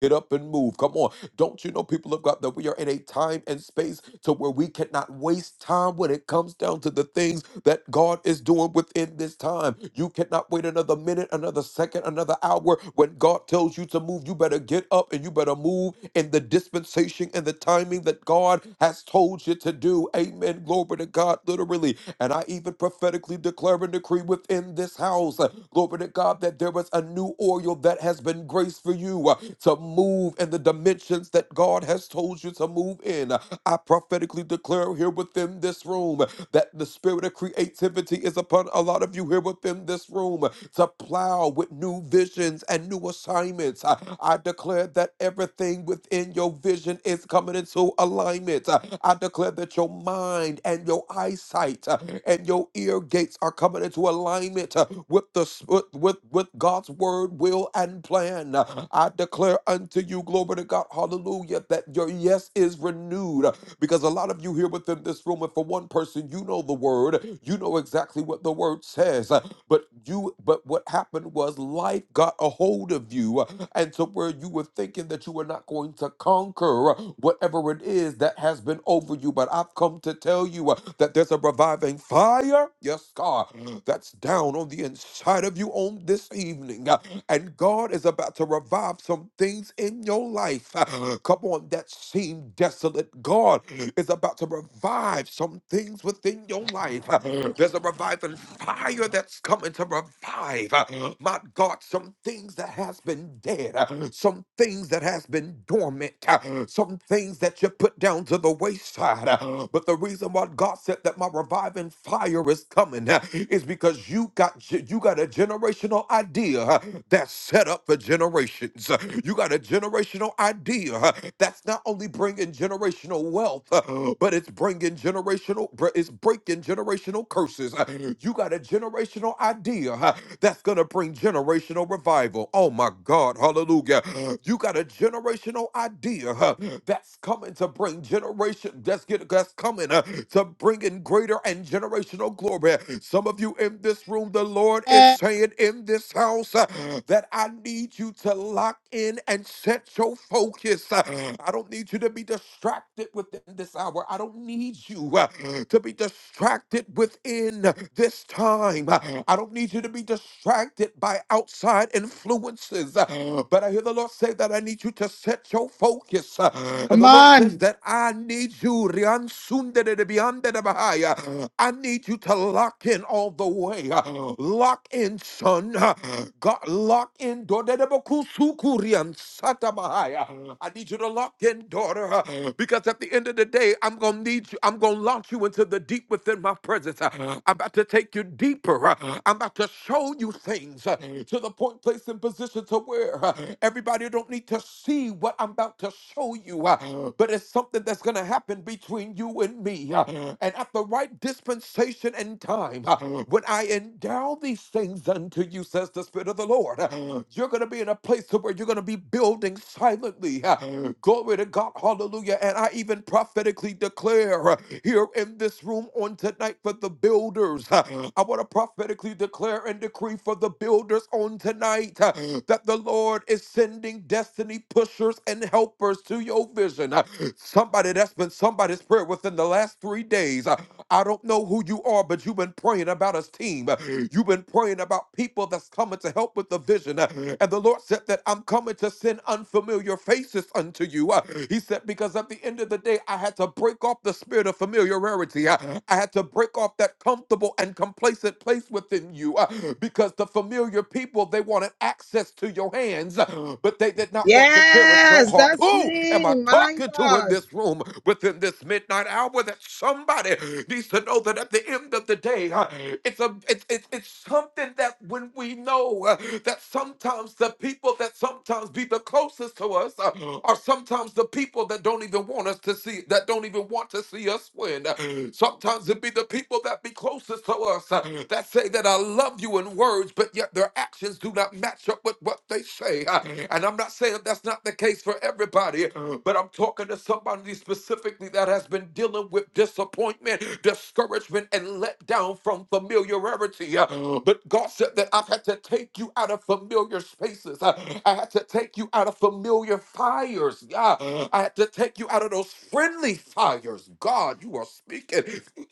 Speaker 23: Get up and move. Come on. Don't you know, people of God, that we are in a time and space to where we cannot waste time when it comes down to the things that God is doing within this time. You cannot wait another minute, another second, another hour. When God tells you to move, you better get up and you better move in the dispensation and the timing that God has told you to do. Amen. Glory to God, literally. And I even prophetically prophetically declare and decree within this house, uh, glory to God, that there is a new oil that has been graced for you uh, to move in the dimensions that God has told you to move in. Uh, I prophetically declare here within this room uh, that the spirit of creativity is upon a lot of you here within this room uh, to plow with new visions and new assignments. I, I declare that everything within and your vision is coming into alignment. Uh, I declare that your mind and your eyesight uh, and your ear gates are coming into alignment uh, with the s- with with, with God's word, will, and plan. Uh, I declare unto you, glory to God, hallelujah, that your yes is renewed. Uh, Because a lot of you here within this room, and for one person, you know the word, you know exactly what the word says. uh, but you, but what happened was life got a hold of you, and to where you were thinking that you were not going to conquer whatever it is that has been over you. But I've come to tell you uh, that there's a reviving fire, yes, God, that's down on the inside of you on this evening, uh, and God is about to revive some things in your life. Uh, Come on, that seemed desolate. God is about to revive some things within your life. There's a reviving fire that's coming to revive. uh, My God, some things that has been dead, uh, some things that has been dormant, uh, some things that you put down to the wayside. uh, But the reason why God said that my reviving fire is coming uh, is because you got you got a generation generational idea uh, that's set up for generations. Uh, You got a generational idea uh, that's not only bringing generational wealth, uh, but it's bringing generational, br- it's breaking generational curses. Uh, You got a generational idea uh, that's going to bring generational revival. Oh my God, hallelujah. You got a generational idea huh, that's coming to bring generation. That's get that's coming uh, to bring in greater and generational glory. Some of you in this room, the Lord is
Speaker 1: Come
Speaker 23: saying in this house uh, that I need you to lock in and set your focus. Uh, I don't need you to be distracted distracted within this hour. I don't need you uh, to be distracted within this time. Uh, I don't need you to be distracted by outside influences. Uh, But I hear the Lord say that I need you to set your focus. Uh, And the Lord says
Speaker 1: on.
Speaker 23: that I need you. Rian sunde de de bian de de bahaya. I need you to lock in all the way. Uh, Lock in, son. Uh, God, lock in. Dodedebokusukurian satabahaya. I need you to lock in, daughter, uh, because at the end of the day, I'm going to need you. I'm going to launch you into the deep within my presence. Uh, I'm about to take you deeper. Uh, I'm about to show you things uh, to the point, place, and position to where uh, everybody don't need to see what I'm about to show you, uh, but it's something that's going to happen between you and me. uh, And at the right right dispensation and time. Uh, When I endow these things unto you, says the Spirit of the Lord, uh, you're going to be in a place to where you're going to be building silently. Uh, Glory to God. Hallelujah. And I even prophetically declare uh, here in this room on tonight for the builders. uh, I want to prophetically declare and decree for the builders on tonight uh, that the Lord is sending destiny pushers and helpers to your vision. Uh, Somebody that's been somebody's prayer within the last three days. Uh, I don't know who you are, but you've been praying about his team. You've been praying about people that's coming to help with the vision. And the Lord said that I'm coming to send unfamiliar faces unto you. He said, because at the end of the day, I had to break off the spirit of familiarity. I had to break off that comfortable and complacent place within you because the familiar people, they wanted access to your hands, but they did not want to cherish your
Speaker 13: Yes,
Speaker 23: heart.
Speaker 13: that's
Speaker 23: Who am
Speaker 13: me.
Speaker 23: I
Speaker 13: My
Speaker 23: talking to in
Speaker 13: God.
Speaker 23: this room within this midnight hour that somebody needs to know that at the end of the day, uh, it's a it's, it's it's something that when we know uh, that sometimes the people that sometimes be the closest to us uh, are sometimes the people that don't even want us to see that don't even want to see us win. Uh, Sometimes it be the people that be closest to us uh, that say that I love you in words, but yet their actions do not match up with what they say. Uh, And I'm not saying that's not the case for everybody, but I'm talking to somebody specifically that has been dealing with disappointment disappointment, discouragement, and let down from familiarity. Uh, But God said that I've had to take you out of familiar spaces. Uh, I had to take you out of familiar fires. Yeah. I had to take you out of those friendly fires. God, you are speaking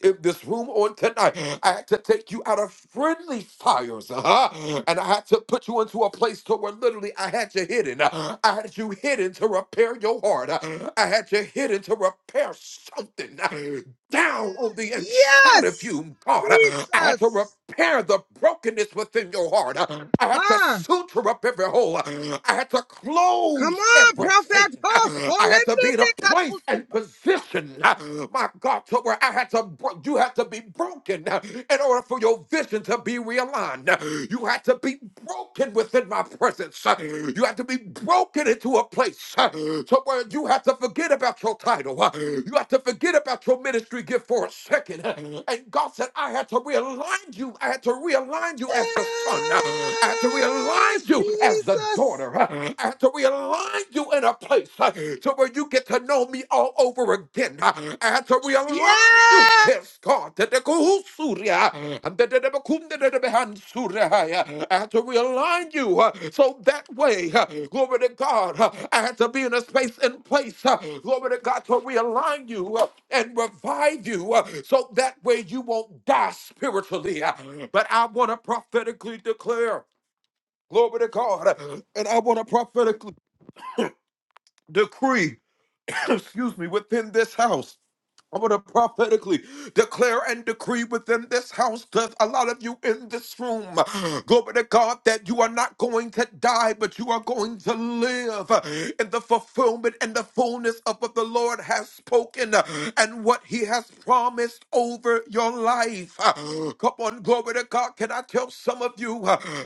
Speaker 23: in this room on tonight. I had to take you out of friendly fires. Uh-huh. And I had to put you into a place to where literally I had you hidden. I had you hidden to repair your heart. I had you hidden to repair something down on the inside of
Speaker 13: Yes,
Speaker 23: you, God. I had to
Speaker 13: Jesus.
Speaker 23: repair the brokenness within your heart. I had to
Speaker 13: Ha.
Speaker 23: suture up every hole. I had to
Speaker 13: Come
Speaker 23: close
Speaker 13: on,
Speaker 23: everything.
Speaker 13: prophet. Oh, call him
Speaker 23: I had to be in a place and position, my God, to where I had to, bro- you had to be broken in order for your vision to be realigned. You had to be broken within was in my presence. Uh, You have to be broken into a place uh, to where you have to forget about your title. Uh, You have to forget about your ministry gift for a second. Uh, And God said, I had to realign you. I had to realign you as the son. Uh, I had to
Speaker 13: Yes,
Speaker 23: realign you as the
Speaker 13: Jesus.
Speaker 23: daughter. Uh, I had to realign you in a place uh, to where you get to know me all over again. huh? after we align
Speaker 13: Yes.
Speaker 23: yourselves, God, that the Kuhusuria and the Debekunda de Behansuria, after we align you, uh, so that way, uh, glory to God, uh, I had to be in a space and place, uh, glory to God, to realign you uh, and revive you, uh, so that way you won't die spiritually. uh, But I want to prophetically declare, glory to God, uh, and I want to prophetically decree, excuse me, within this house. I'm going to prophetically declare and decree within this house because a lot of you in this room, glory to God, that you are not going to die, but you are going to live in the fulfillment and the fullness of what the Lord has spoken and what He has promised over your life. Come on, glory to God. Can I tell some of you?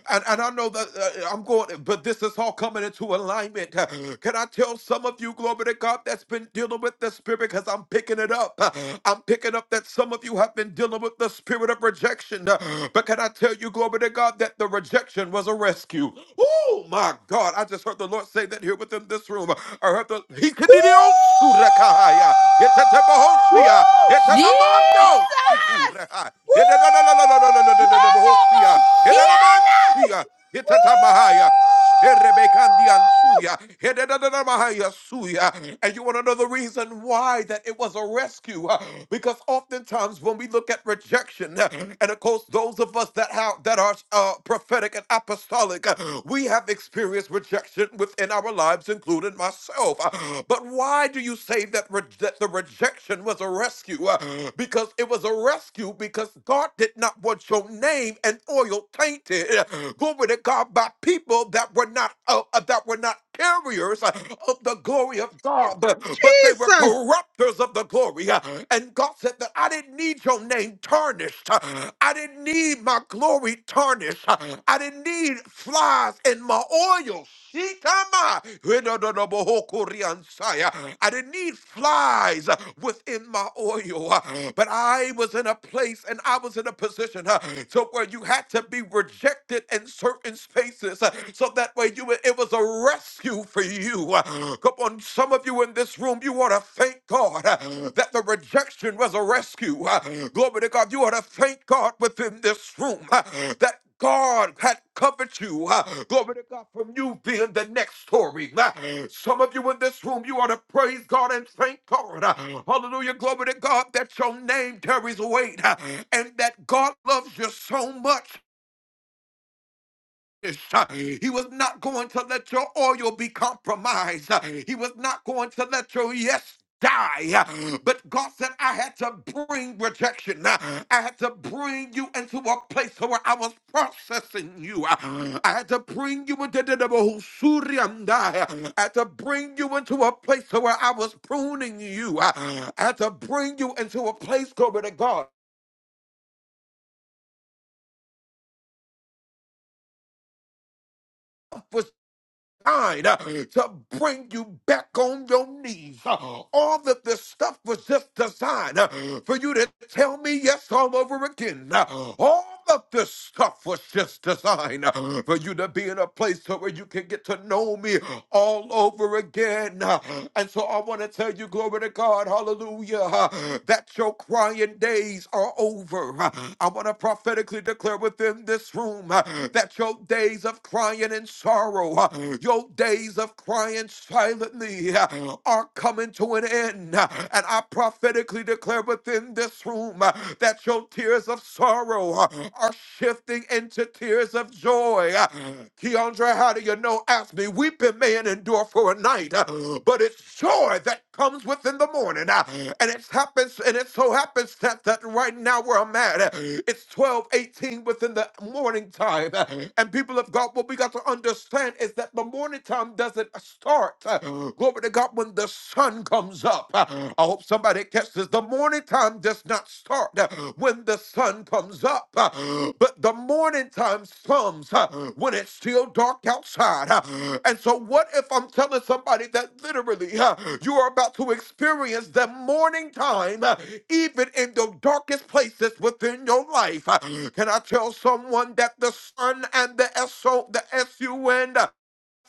Speaker 23: And, and I know that uh, I'm going, but this is all coming into alignment alignment. Can I tell some of you, glory to God, that's been dealing with the spirit because I'm picking it up. I'm picking up that some of you have been dealing with the spirit of rejection. But can I tell you, glory to God, that the rejection was a rescue? Oh my God, I just heard the Lord say that here within this room. I heard the He could do
Speaker 13: Woo!
Speaker 23: the Surakahaya.
Speaker 7: Woo!
Speaker 23: Hitatebahosia.
Speaker 7: Jesus!
Speaker 23: Hitanamando. Shikureha.
Speaker 13: Woo!
Speaker 23: And you want
Speaker 7: Mama, she-
Speaker 13: Woo!
Speaker 23: to know the reason why that it was a rescue? uh, Because oftentimes when we look at rejection, uh, and of course those of us that have that are uh, prophetic and apostolic, uh, we have experienced rejection within our lives, including myself. But why do you say that, re- that the rejection was a rescue? Uh, Because it was a rescue because God did not want your name and oil tainted glory to God, by people that were not uh, uh, that were not carriers uh, of the glory of God, but, but they were
Speaker 13: Jesus!
Speaker 23: corrupters of the glory. uh, And God said that I didn't need your name tarnished. uh, I didn't need my glory tarnished. uh, I didn't need flies in my oil. Shitama. Hidododobokoriansaya. I didn't need flies uh, within my oil, uh, but I was in a place and I was in a position uh, to where you had to be rejected in certain spaces uh, so that way you were- it was a rescue for you. Uh, Come on, some of you in this room, you ought to thank God uh, that the rejection was a rescue. Uh, Glory to God, you ought to thank God within this room uh, that God had covered you. uh, Glory to God from you being the next story. Uh, Some of you in this room, you ought to praise God and thank God. uh, Hallelujah. Glory to God that your name carries weight uh, and that God loves you so much. He was not going to let your oil be compromised. He was not going to let your yes die. But God said, I had to bring rejection. I had to bring you into a place where I was processing you. I had to bring you into the I had to bring you into a place where I was pruning you. I had to bring you into a place, glory to God Kind uh, to bring you back on your knees. Uh, All that this stuff was just designed uh, for you to tell me yes all over again. Uh, All of this stuff was just designed uh, for you to be in a place to where you can get to know me all over again. Uh, And so I want to tell you, glory to God, hallelujah, uh, that your crying days are over. Uh, I want to prophetically declare within this room uh, that your days of crying and sorrow, uh, your days of crying silently uh, are coming to an end. Uh, And I prophetically declare within this room uh, that your tears of sorrow uh, are shifting into tears of joy. Uh, Keandra, how do you know? Ask me. Weeping may endure for a night, uh, but it's joy that comes within the morning. Uh, And it happens, and it so happens that, that right now where I'm at, uh, it's 12:18 within the morning time. Uh, And people of God, what we got to understand is that is that the morning time doesn't start. uh, Glory to God when the sun comes up. Uh, I hope somebody catches the morning time does not start uh, when the sun comes up, uh, but the morning time comes uh, when it's still dark outside. uh, And so, what if I'm telling somebody that literally uh, you are about to experience the morning time, uh, even in the darkest places within your life? Uh, Can I tell someone that the sun and the S O the S U N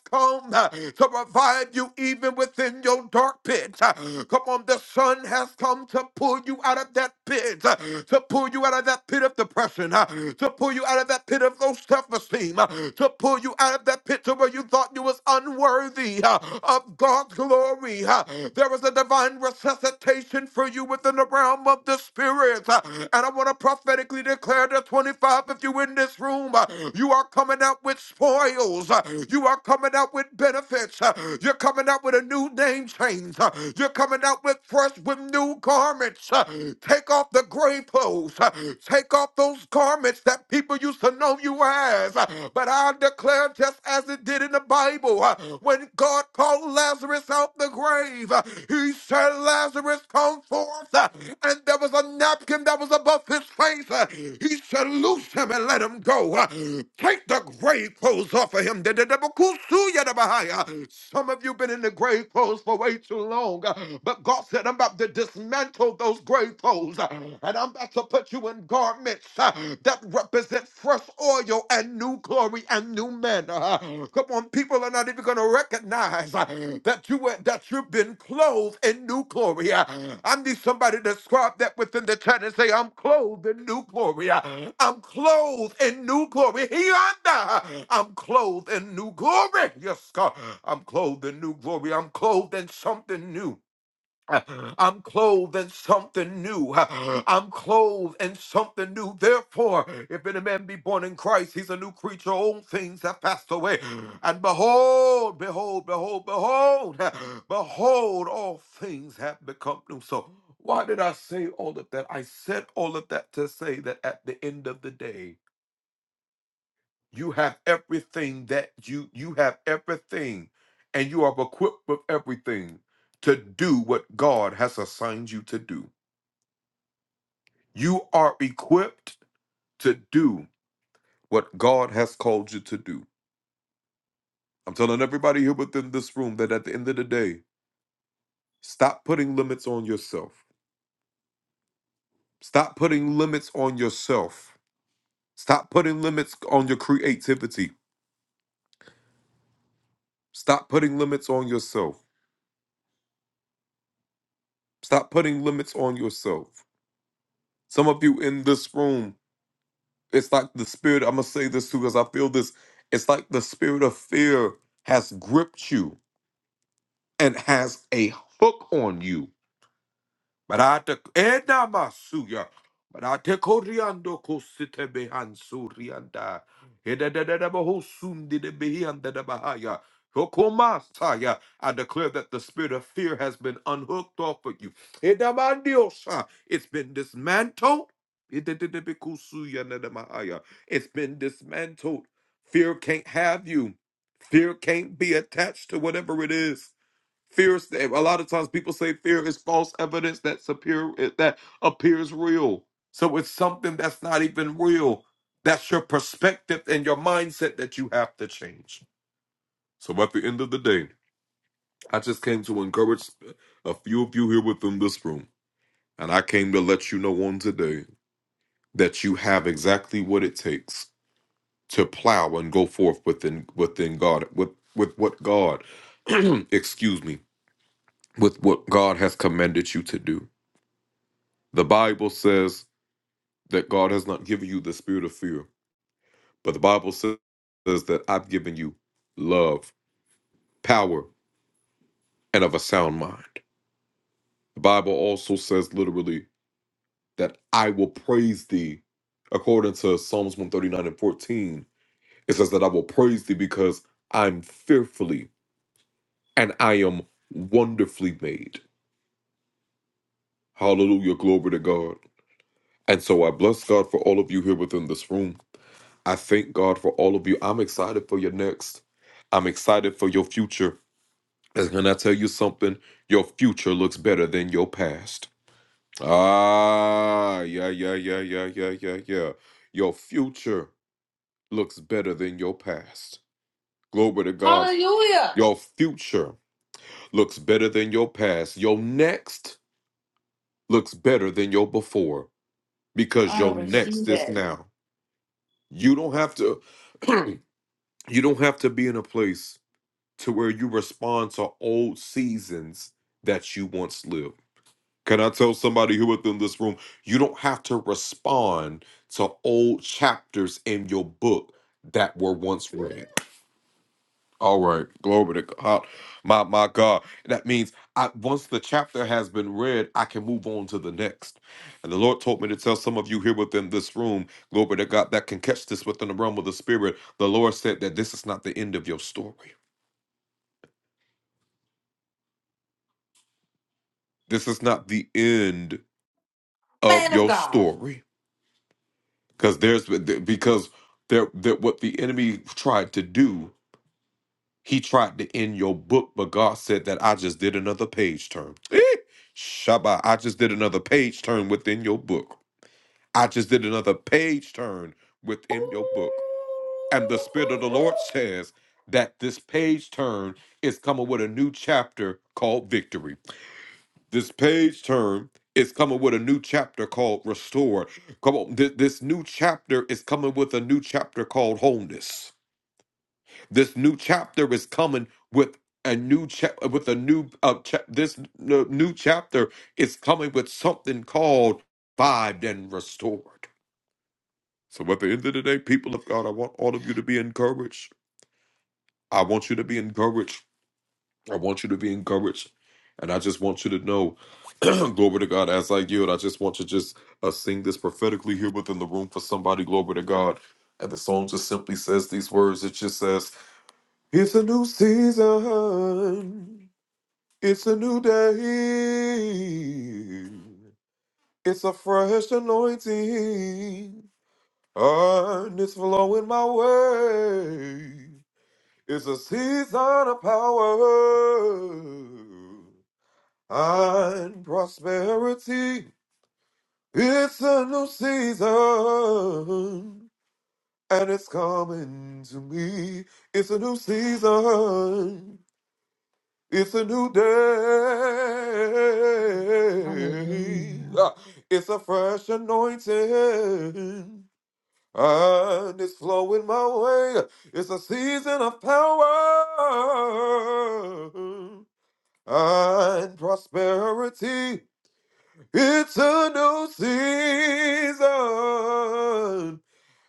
Speaker 23: come uh, to revive you even within your dark pit. Uh, Come on, the sun has come to pull you out of that pit, uh, to pull you out of that pit of depression, uh, to pull you out of that pit of low self-esteem, uh, to pull you out of that pit to where you thought you was unworthy uh, of God's glory. uh. There is a divine resuscitation for you within the realm of the spirit. uh, And I want to prophetically declare to 25 if you in this room, uh, you are coming out with spoil oils. Uh, You are coming out with benefits. Uh, You're coming out with a new name change. Uh, You're coming out with fresh, with new garments. Uh, Take off the gray clothes. Uh, Take off those garments that people used to know you as. Uh, But I declare, just as it did in the Bible, uh, when God called Lazarus out the grave, uh, he said, Lazarus, come forth. Uh, And there was a napkin that was above his face. Uh, He said, Loose him and let him go. Uh, Take the grave clothes off of him. Some of you been in the grave clothes for way too long. uh, But God said, I'm about to dismantle those grave clothes. uh, And I'm about to put you in garments uh, that represent fresh oil and new glory and new manner. Come on, people are not even going to recognize uh, that you were- that you've been clothed in new glory. Uh, I need somebody to describe that within the chat and say, "I'm clothed in new glory. Uh, I'm clothed in new glory. Yonder, I'm clothed in new glory. Yes, God, I'm clothed in new glory. I'm clothed in something new." I'm clothed in something new. I'm clothed in something new. Therefore, if any man be born in Christ, he's a new creature. Old things have passed away. And behold, behold, behold, behold, behold, all things have become new. So, why did I say all of that? I said all of that to say that at the end of the day, you have everything that you you have everything and you are equipped with everything to do what God has assigned you to do. You are equipped to do what God has called you to do. I'm telling everybody here within this room that at the end of the day, stop putting limits on yourself. Stop putting limits on yourself. Stop putting limits on your creativity. Stop putting limits on yourself. Stop putting limits on yourself. Some of you in this room it's like the spirit. I'm gonna say this too because I feel this. It's like the spirit of fear has gripped you and has a hook on you Barata ena masuya. Barate koriando kosite behan surianda. Heda da da da baho sumdi de behianda da bahaya. Hokoma saya. I declare that the spirit of fear has been unhooked off of you. Heda mandiosa. It's been dismantled. Heda da da bekusuya na da mahaya. It's been dismantled. Fear can't have you. Fear can't be attached to whatever it is. Fear is a lot of times people say fear is false evidence that superior eh, that appears real. So it's something that's not even real. That's your perspective and your mindset that you have to change. So at the end of the day, I just came to encourage a few of you here within this room. And I came to let you know on today that you have exactly what it takes to plow and go forth within within God, with with what God excuse me, with what God has commanded you to do. The Bible says that God has not given you the spirit of fear, but the Bible says that I've given you love, power, and of a sound mind. The Bible also says literally that I will praise thee. According to Psalms 139 and 14, it says that I will praise thee because I'm fearfully and I am wonderfully made. Hallelujah, glory to God. And so I bless God for all of you here within this room. I thank God for all of you. I'm excited for your next. I'm excited for your future. And can I tell you something? Your future looks better than your past. Ah, yeah, yeah, yeah, yeah, yeah, yeah, yeah. Your future looks better than your past. Glory to God.
Speaker 7: Hallelujah.
Speaker 23: Your future looks better than your past. Your next looks better than your before because
Speaker 7: I
Speaker 23: your next
Speaker 7: receive
Speaker 23: is
Speaker 7: it.
Speaker 23: now. You don't have to you don't have to be in a place to where you respond to old seasons that you once lived. Can I tell somebody who within this room, you don't have to respond to old chapters in your book that were once read. All right, glory to God. My my God. That means I once the chapter has been read, I can move on to the next. And the Lord told me to tell some of you here within this room, glory to God, that can catch this within the realm of the spirit. The Lord said that this is not the end of your story. This is not the end
Speaker 7: Man
Speaker 23: of
Speaker 7: of
Speaker 23: your
Speaker 7: God.
Speaker 23: story because there's because there that what the enemy tried to do he tried to end your book but god said that i just did another page turn Eh, shabbat i just did another page turn within your book i just did another page turn within your book and the spirit of the lord says that this page turn is coming with a new chapter called victory This page turn is coming with a new chapter called Restore. Come on, th- this new chapter is coming with a new chapter called Wholeness. This new chapter is coming with a new chapter with a new uh, chap this n- new chapter is coming with something called Vived and Restored. So at the end of the day, people of God, I want all of you to be encouraged. I want you to be encouraged. I want you to be encouraged. And I just want you to know, glory to God, as I yield, I just want to just uh, sing this prophetically here within the room for somebody, glory to God. And the song just simply says these words. It just says, It's a new season. It's a new day. It's a fresh anointing. And it's flowing my way. It's a season of power and prosperity. It's a new season, and it's coming to me. It's a new season. It's a new day.
Speaker 22: Hallelujah.
Speaker 23: Ah, It's a fresh anointing, and it's flowing my way. It's a season of power and prosperity. It's a new season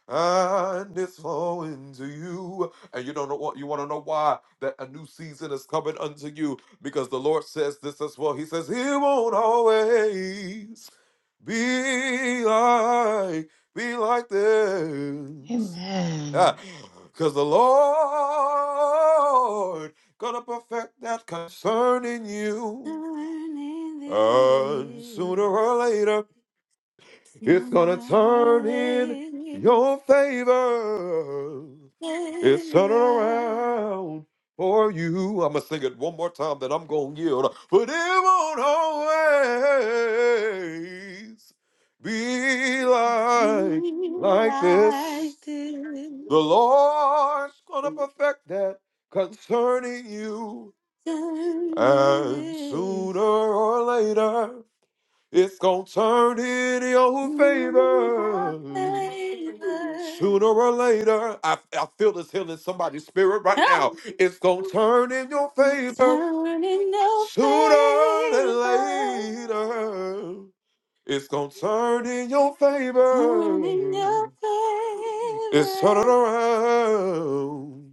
Speaker 23: and it's flowing to you. And you don't know what you want to know why that a new season is coming unto you because the Lord says this as well. He says, He won't always be like, be like this.
Speaker 22: Amen.
Speaker 23: Because the Lord gonna perfect that concerning you. And sooner or
Speaker 7: Yes.
Speaker 23: later. It's
Speaker 7: Sooner
Speaker 23: gonna turn in your favor.
Speaker 7: I'll
Speaker 23: It's turning
Speaker 7: never
Speaker 23: around for you. I'm gonna sing it one more time, then I'm gonna yield. But it won't always be like
Speaker 7: be
Speaker 23: like
Speaker 7: like
Speaker 23: this.
Speaker 7: this.
Speaker 23: The Lord's gonna perfect that concerning you,
Speaker 7: Done
Speaker 23: and
Speaker 7: it
Speaker 23: sooner
Speaker 7: is.
Speaker 23: or later, it's gonna turn in your
Speaker 7: Sooner or
Speaker 23: favor.
Speaker 7: later,
Speaker 23: Sooner or later, I, I feel this healing somebody's spirit right now.
Speaker 7: Help.
Speaker 23: It's gonna turn in your favor.
Speaker 7: turn it.
Speaker 23: Sooner than later, it's gonna turn in your favor. It's turning around.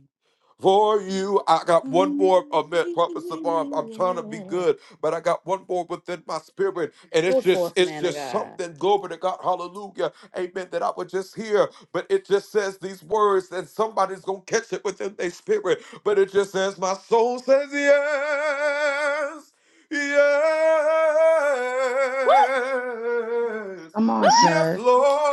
Speaker 23: For you, I got one more Amen. Prophet Savant. I'm trying to be
Speaker 7: around.
Speaker 23: good, but I got one more within my spirit, and
Speaker 7: Go
Speaker 23: it's just,
Speaker 7: forth,
Speaker 23: it's
Speaker 7: man of
Speaker 23: just
Speaker 7: God.
Speaker 23: something. Glory to God, Hallelujah, Amen. That I would just hear, but it just says these words, and somebody's gonna catch it within their spirit. But it just says, my soul says yes, yes.
Speaker 22: Come on,
Speaker 23: Yes,
Speaker 22: sir.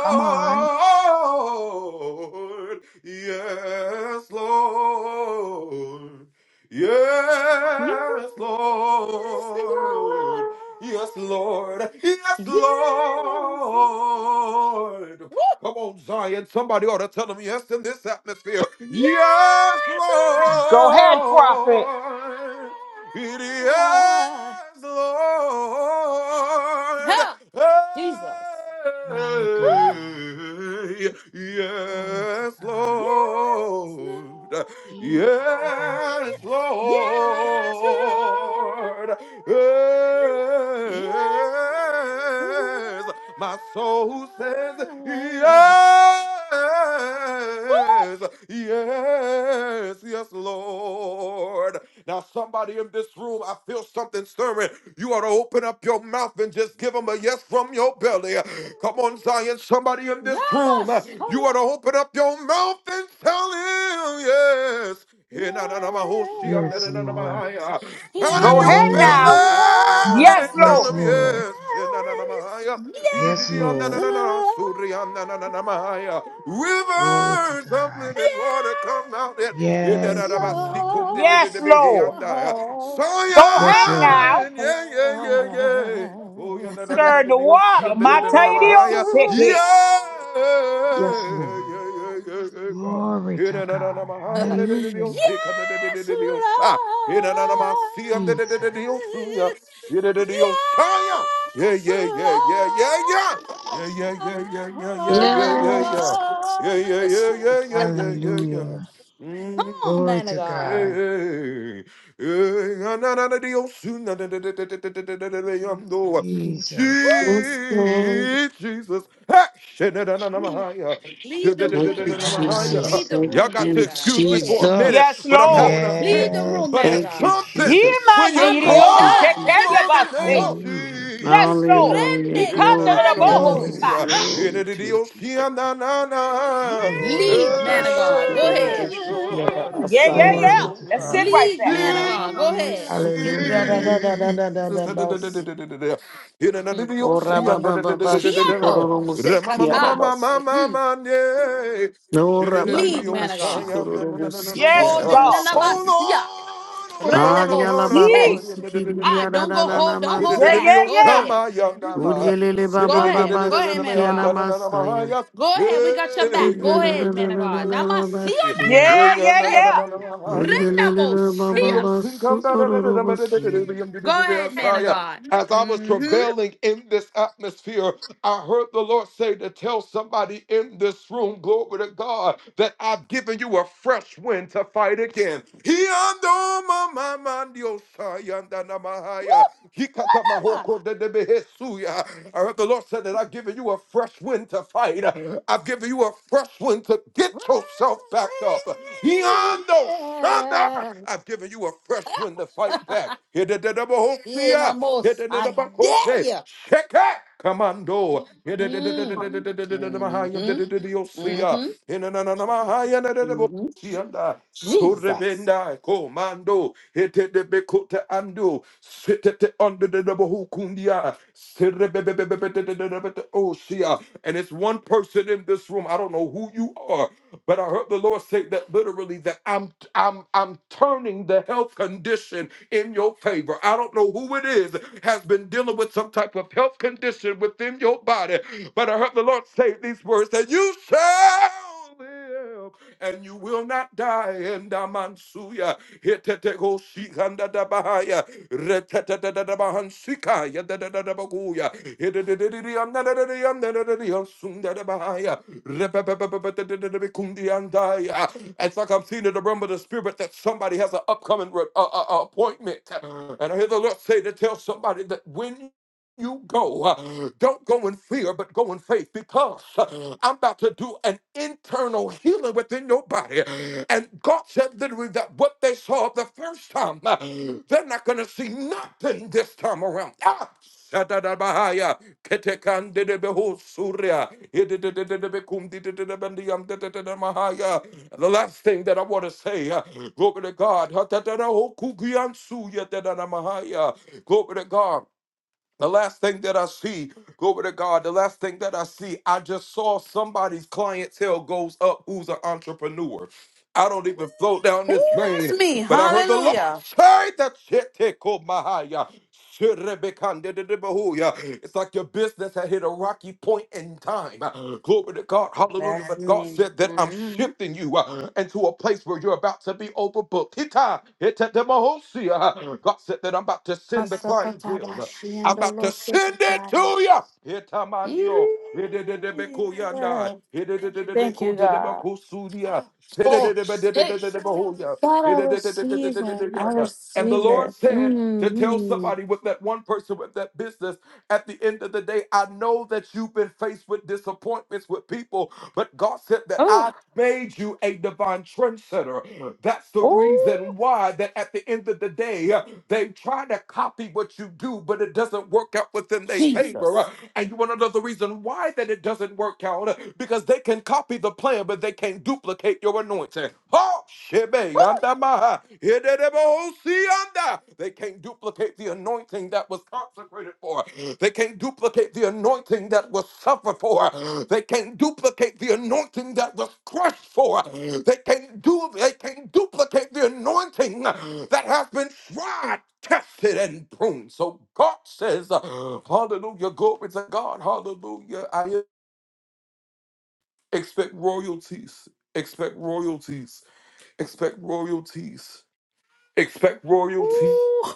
Speaker 22: Come on.
Speaker 23: Yes, Lord.
Speaker 7: Yes,
Speaker 23: Yes, Lord.
Speaker 7: Lord.
Speaker 23: Yes, Lord. Yes,
Speaker 7: Yes. Lord.
Speaker 23: Lord. Come
Speaker 7: Woo!
Speaker 23: on, Zion. Somebody ought to tell them yes in this atmosphere. Yes,
Speaker 7: Yes,
Speaker 21: Go ahead, prophet.
Speaker 23: Lord. It
Speaker 7: Lord.
Speaker 23: is Lord.
Speaker 7: Help, Jesus.
Speaker 22: My God.
Speaker 23: Hey,
Speaker 22: Glory to
Speaker 23: yes,
Speaker 22: God.
Speaker 7: Yes, Lord.
Speaker 23: Lord.
Speaker 22: Itakabashi.
Speaker 23: Yes,
Speaker 7: Yes, Lord.
Speaker 23: Lord.
Speaker 7: Yes, Lord.
Speaker 23: Yes. My soul says yes.
Speaker 7: Woo!
Speaker 23: Yes, yes, Lord. Now, somebody in this room, I feel something stirring. You ought to open up your mouth and just give them a yes from your belly. Come on, Zion. Somebody in this room, you ought
Speaker 7: Namasaya.
Speaker 23: to open up your mouth and tell him yes. Here, na, na, na, my whole she, I'm
Speaker 22: Yes,
Speaker 23: my
Speaker 22: Lord.
Speaker 23: high,
Speaker 7: Yes,
Speaker 23: uh, Out of
Speaker 21: Go
Speaker 23: your
Speaker 21: ahead
Speaker 7: yes,
Speaker 22: Hallelujah.
Speaker 21: now.
Speaker 4: Yes, Lord.
Speaker 7: Lord.
Speaker 23: belly,
Speaker 21: Yes,
Speaker 4: Yes,
Speaker 23: tell
Speaker 22: Yes,
Speaker 23: him
Speaker 21: Lord.
Speaker 4: Lord.
Speaker 22: Lord.
Speaker 23: yes. Here, na, na, na, my high, uh, ee, dee,
Speaker 22: Yes,
Speaker 23: um, na,
Speaker 7: Yes,
Speaker 23: na,
Speaker 22: Lord.
Speaker 23: na, na,
Speaker 7: Lord.
Speaker 23: so, um, na, na, na, my high, uh,
Speaker 22: Glory to
Speaker 23: Rivers of
Speaker 22: God.
Speaker 23: living water come out.
Speaker 7: Yes,
Speaker 22: Yes, Lord.
Speaker 23: Yedarabasikum de- de-
Speaker 7: Lord.
Speaker 23: de-
Speaker 7: Yes,
Speaker 21: Yes,
Speaker 23: de-
Speaker 21: Lord.
Speaker 23: behianda.
Speaker 21: Go
Speaker 22: Yes,
Speaker 21: ahead
Speaker 22: Lord.
Speaker 21: now.
Speaker 23: Zion, yeah, yeah, yeah, yeah. Oh, yeah, na-
Speaker 21: Stir
Speaker 23: na- na- na- na-
Speaker 21: the
Speaker 23: the
Speaker 21: water.
Speaker 23: ocean, da- da-
Speaker 21: My
Speaker 23: da- da-
Speaker 21: tell
Speaker 23: da-
Speaker 21: you the old
Speaker 23: Mahaya.
Speaker 21: sick
Speaker 23: yeah, yeah,
Speaker 22: Yes, Lord.
Speaker 23: yeah, yeah,
Speaker 7: Lord.
Speaker 23: yeah, God.
Speaker 22: Glory
Speaker 23: Yeah,
Speaker 22: to
Speaker 23: na- na- na- na-
Speaker 22: God.
Speaker 7: yes,
Speaker 23: Mahaya, da- da- da- the
Speaker 22: Hallelujah.
Speaker 23: ocean, da- da- da- da- da- the ocean. Yeah,
Speaker 7: Lord.
Speaker 23: na- na- na- Masiam, da- da- da-
Speaker 22: Jesus.
Speaker 23: da- the ocean, yeah. Yeah, da- da- the ocean, yeah,
Speaker 7: Yes,
Speaker 23: yeah, yeah, yeah, yeah,
Speaker 7: Lord.
Speaker 23: yeah. Yeah, yeah, yeah, yeah, yeah, yeah, yeah, yeah, yeah.
Speaker 24: Yes.
Speaker 23: Yeah, yeah, yeah, yeah, yeah, yeah, yeah, yeah.
Speaker 22: Hallelujah.
Speaker 7: Come
Speaker 23: Jesus.
Speaker 7: on,
Speaker 22: Glory
Speaker 7: man of
Speaker 22: to God.
Speaker 7: God.
Speaker 22: Jesus
Speaker 7: Woo.
Speaker 24: Yes, Lord.
Speaker 23: Ah,
Speaker 7: Mm.
Speaker 23: shadadadadamahaya,
Speaker 7: Lead the
Speaker 24: Thank
Speaker 7: room,
Speaker 24: you,
Speaker 7: man of God.
Speaker 24: Jesus.
Speaker 23: shadadadadadamahaya.
Speaker 7: Lead
Speaker 22: Christ.
Speaker 7: the
Speaker 24: Thank
Speaker 23: Y'all
Speaker 7: room,
Speaker 23: got
Speaker 7: man
Speaker 23: to
Speaker 7: of
Speaker 24: you,
Speaker 7: God.
Speaker 23: excuse
Speaker 7: Go
Speaker 23: me for a
Speaker 7: ahead.
Speaker 23: minute,
Speaker 21: Yes,
Speaker 24: Jesus.
Speaker 23: but I'm having a
Speaker 21: Lord.
Speaker 7: Lead
Speaker 23: fit.
Speaker 7: the room,
Speaker 22: Yes.
Speaker 23: But
Speaker 7: man
Speaker 22: God.
Speaker 7: of
Speaker 23: it's
Speaker 24: Thank you,
Speaker 7: God.
Speaker 23: something
Speaker 21: Ye
Speaker 24: Jesus.
Speaker 23: when
Speaker 21: man
Speaker 23: you
Speaker 21: the
Speaker 7: Humble,
Speaker 24: Thank
Speaker 21: old
Speaker 24: you,
Speaker 23: call
Speaker 7: yeah.
Speaker 21: sick it, you
Speaker 24: Jesus.
Speaker 23: on the
Speaker 21: bust
Speaker 23: name
Speaker 21: it.
Speaker 23: of
Speaker 7: So,
Speaker 22: Hallelujah.
Speaker 23: Jesus.
Speaker 21: Yes, Lord.
Speaker 24: Hallelujah.
Speaker 21: He
Speaker 7: rende
Speaker 23: Yeah, na
Speaker 21: can
Speaker 23: na
Speaker 21: do
Speaker 24: Glory
Speaker 23: na na
Speaker 21: the
Speaker 24: to
Speaker 23: na na,
Speaker 24: your
Speaker 23: oh,
Speaker 21: boho
Speaker 22: Glory
Speaker 23: soon,
Speaker 24: name.
Speaker 22: to
Speaker 7: candalos.
Speaker 23: yeah.
Speaker 21: side.
Speaker 22: God.
Speaker 23: Yeah, na
Speaker 24: Glory
Speaker 23: na
Speaker 24: to
Speaker 23: na
Speaker 24: your
Speaker 23: oh,
Speaker 24: name.
Speaker 23: yeah, na, na
Speaker 21: Mm.
Speaker 23: na.
Speaker 24: Ora
Speaker 7: Lead,
Speaker 22: Jesus.
Speaker 24: baba
Speaker 7: man of God. Go
Speaker 24: shikorolo
Speaker 7: ahead.
Speaker 24: de
Speaker 23: Hey,
Speaker 24: shikiara
Speaker 23: God.
Speaker 21: Yeah, yeah,
Speaker 24: basaya.
Speaker 21: yeah.
Speaker 22: Glory to
Speaker 21: That's it
Speaker 22: God.
Speaker 21: right
Speaker 7: Lead
Speaker 21: there.
Speaker 7: man of
Speaker 24: Ora
Speaker 23: Jesus.
Speaker 7: God.
Speaker 24: baba
Speaker 7: Go ahead.
Speaker 24: masukiara
Speaker 22: Hallelujah.
Speaker 7: Mhm.
Speaker 24: da da da da da da basi.
Speaker 7: Mhm. Ooh.
Speaker 24: Ora baba baba
Speaker 7: Shiando
Speaker 24: shikorolo musikiara
Speaker 7: sekata. Mm.
Speaker 24: No rababa
Speaker 7: Lead man of God.
Speaker 24: shikororo siki
Speaker 7: For
Speaker 21: Yes, God.
Speaker 23: Oh
Speaker 24: arabasai.
Speaker 23: Lord,
Speaker 7: nanamasia.
Speaker 23: oh Lord,
Speaker 24: Ari
Speaker 23: oh
Speaker 7: Rendebo
Speaker 23: Lord, oh
Speaker 24: alaba
Speaker 7: se.
Speaker 21: He.
Speaker 23: Lord.
Speaker 24: kusiki
Speaker 7: Ah, don't go hold, don't
Speaker 23: It
Speaker 7: hold
Speaker 24: diararararabasi.
Speaker 21: Yeah,
Speaker 23: is
Speaker 7: back.
Speaker 21: yeah,
Speaker 23: your
Speaker 7: Go
Speaker 21: yeah.
Speaker 7: ahead.
Speaker 23: summer,
Speaker 7: Mhm.
Speaker 24: Urielele
Speaker 7: Go
Speaker 24: baba
Speaker 7: ahead.
Speaker 24: baba
Speaker 7: Go ahead, man
Speaker 24: siki
Speaker 7: of God.
Speaker 24: anamasaya.
Speaker 23: young
Speaker 7: Go
Speaker 23: yeah,
Speaker 7: ahead. We got
Speaker 23: yeah,
Speaker 7: your
Speaker 23: yeah,
Speaker 7: back. Go ahead, man
Speaker 23: yeah,
Speaker 7: of God. Namasia
Speaker 23: yeah.
Speaker 24: Uriarararararabashia.
Speaker 23: Yeah,
Speaker 21: Yeah,
Speaker 23: yeah,
Speaker 21: yeah,
Speaker 23: na, na,
Speaker 7: nanamase.
Speaker 23: na,
Speaker 21: yeah.
Speaker 23: na, na, na, yeah.
Speaker 24: Urielele
Speaker 7: Rendebo
Speaker 24: baba
Speaker 23: As I
Speaker 7: sia.
Speaker 24: baba sukororo bosi.
Speaker 7: Go ahead, man of God.
Speaker 23: was
Speaker 7: Mm-hmm.
Speaker 23: travailing in this atmosphere, I heard the Lord say to tell somebody in this room, glory to God, that I've given you a fresh wind to fight again. He ando ma- ma- ma- ndio He kata
Speaker 7: Woo.
Speaker 23: mahoko de de behesuya. I heard the Lord said that I've given you a fresh wind to fight. I've given you a fresh wind to
Speaker 7: Yeah.
Speaker 23: get yourself back up. He ando I've given you a fresh wind to fight back. Here, the double O C
Speaker 7: yeah, no
Speaker 23: A,
Speaker 7: more.
Speaker 23: here the
Speaker 7: I
Speaker 23: double
Speaker 7: dare
Speaker 23: C.
Speaker 7: you.
Speaker 23: Check it, commando. Here, the
Speaker 7: Mm.
Speaker 17: Right.
Speaker 7: Mm-hmm.
Speaker 23: double O C A,
Speaker 7: Mm-hmm.
Speaker 23: here the double O
Speaker 7: Mm-hmm.
Speaker 23: C A.
Speaker 7: Jesus.
Speaker 23: Surrender, commando. Here, the double C A, and it's one person in this room. I don't know who you are. But I heard the Lord say that literally that I'm I'm I'm turning the health condition in your favor. I don't know who it is has been dealing with some type of health condition within your body, but I heard the Lord say these words that you shall live and you will not die in Damansuya. Hetetego shikanda bahaya. Retetete da bahaya. It's like I'm seeing in the realm of the spirit that somebody has an upcoming re- uh, uh, uh, appointment. And I hear the Lord say to tell somebody that when you go, uh, don't go in fear, but go in faith because uh, I'm about to do an internal healing within your body. And God said literally that what they saw the first time, uh, they're not going to see nothing this time around. Ah! ketekande de beho surya the last thing that I want to say uh, glory to God Ha, ho, ku, ki, glory to God the last thing that I see, glory to God, the last thing that I see, I just saw somebody's clientele goes up who's an entrepreneur. I don't even float down this lane, but I heard the Lord
Speaker 7: Yeah.
Speaker 23: say that shit take over my higher. It's like your business had hit a rocky point in time. Glory to God. Hallelujah.
Speaker 7: That's
Speaker 23: But God
Speaker 7: me.
Speaker 23: said that I'm
Speaker 7: Mm-hmm.
Speaker 23: shifting you uh, into a place where you're about to be overbooked. Hita, hita demohosia. God said that I'm about to send the clientele. I'm about to send it to
Speaker 7: Masakatabashiandolosokitlaya.
Speaker 23: you. Itamandio. Idididibikuyanda.
Speaker 7: Yeah. Thank you, God.
Speaker 23: Ididididibikudidibakusudia.
Speaker 7: Oh, shit.
Speaker 23: Idididibidididididibikuya.
Speaker 7: God, I receive it. I
Speaker 23: Ididididididididididiyanda. And the
Speaker 7: receive
Speaker 23: Lord
Speaker 7: it.
Speaker 23: said to tell
Speaker 7: Mm-hmm.
Speaker 23: somebody with that one person with that business at the end of the day, I know that you've been faced with disappointments with people, but God said that
Speaker 7: Oh,
Speaker 23: I made you a divine trendsetter. That's the
Speaker 7: oh,
Speaker 23: reason why that at the end of the day, uh, they try to copy what you do, but it doesn't work out within their favor.
Speaker 7: Jesus.
Speaker 23: Uh, And you want to know the reason why that it doesn't work out? Uh, Because they can copy the plan, but they can't duplicate your anointing. Oh, shebe, andamaha, ededebo, sianda. They can't duplicate the anointing that was consecrated for. They can't duplicate the anointing that was suffered for. They can't duplicate the anointing that was crushed for. They can't do they can't duplicate the anointing that has been tried, tested, and pruned. So God says, Hallelujah, glory to God, hallelujah. I expect royalties. Expect royalties. Expect royalties. Expect royalties.
Speaker 7: Ooh.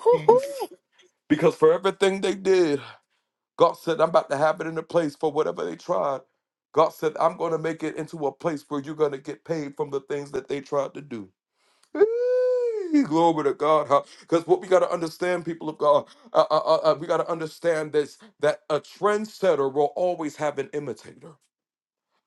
Speaker 23: Because for everything they did. God said, I'm about to have it in a place for whatever they tried. God said, I'm going to make it into a place where you're going to get paid from the things that they tried to do. Eee, Glory to God. Because what we got to understand, people of God, uh, uh, uh, uh, we got to understand this that a trendsetter will always have an imitator.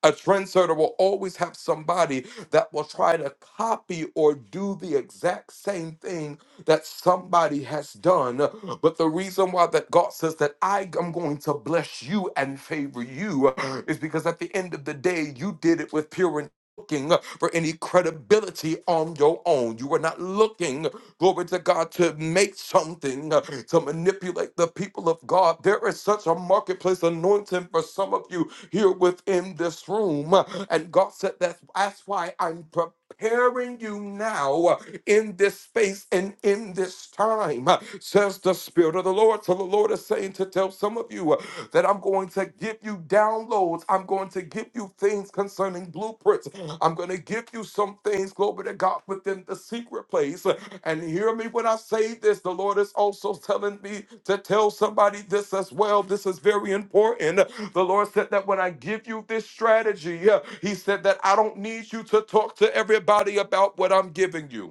Speaker 23: A trendsetter will always have somebody that will try to copy or do the exact same thing that somebody has done. But the reason why that God says that I am going to bless you and favor you is because at the end of the day, you did it with pure intent. Looking for any credibility on your own. You were not looking, glory to God, to make something, uh, to manipulate the people of God. There is such a marketplace anointing for some of you here within this room. And God said, That's, that's why I'm preparing you now live in this space and in this time, uh, says the Spirit of the Lord. So the Lord is saying to tell some of you uh, that I'm going to give you downloads. I'm going to give you things concerning blueprints. I'm going to give you some things, glory to God, within the secret place. Uh, And hear me when I say this. The Lord is also telling me to tell somebody this as well. This is very important. The Lord said that when I give you this strategy, uh, He said that I don't need you to talk to everybody about what I'm giving you.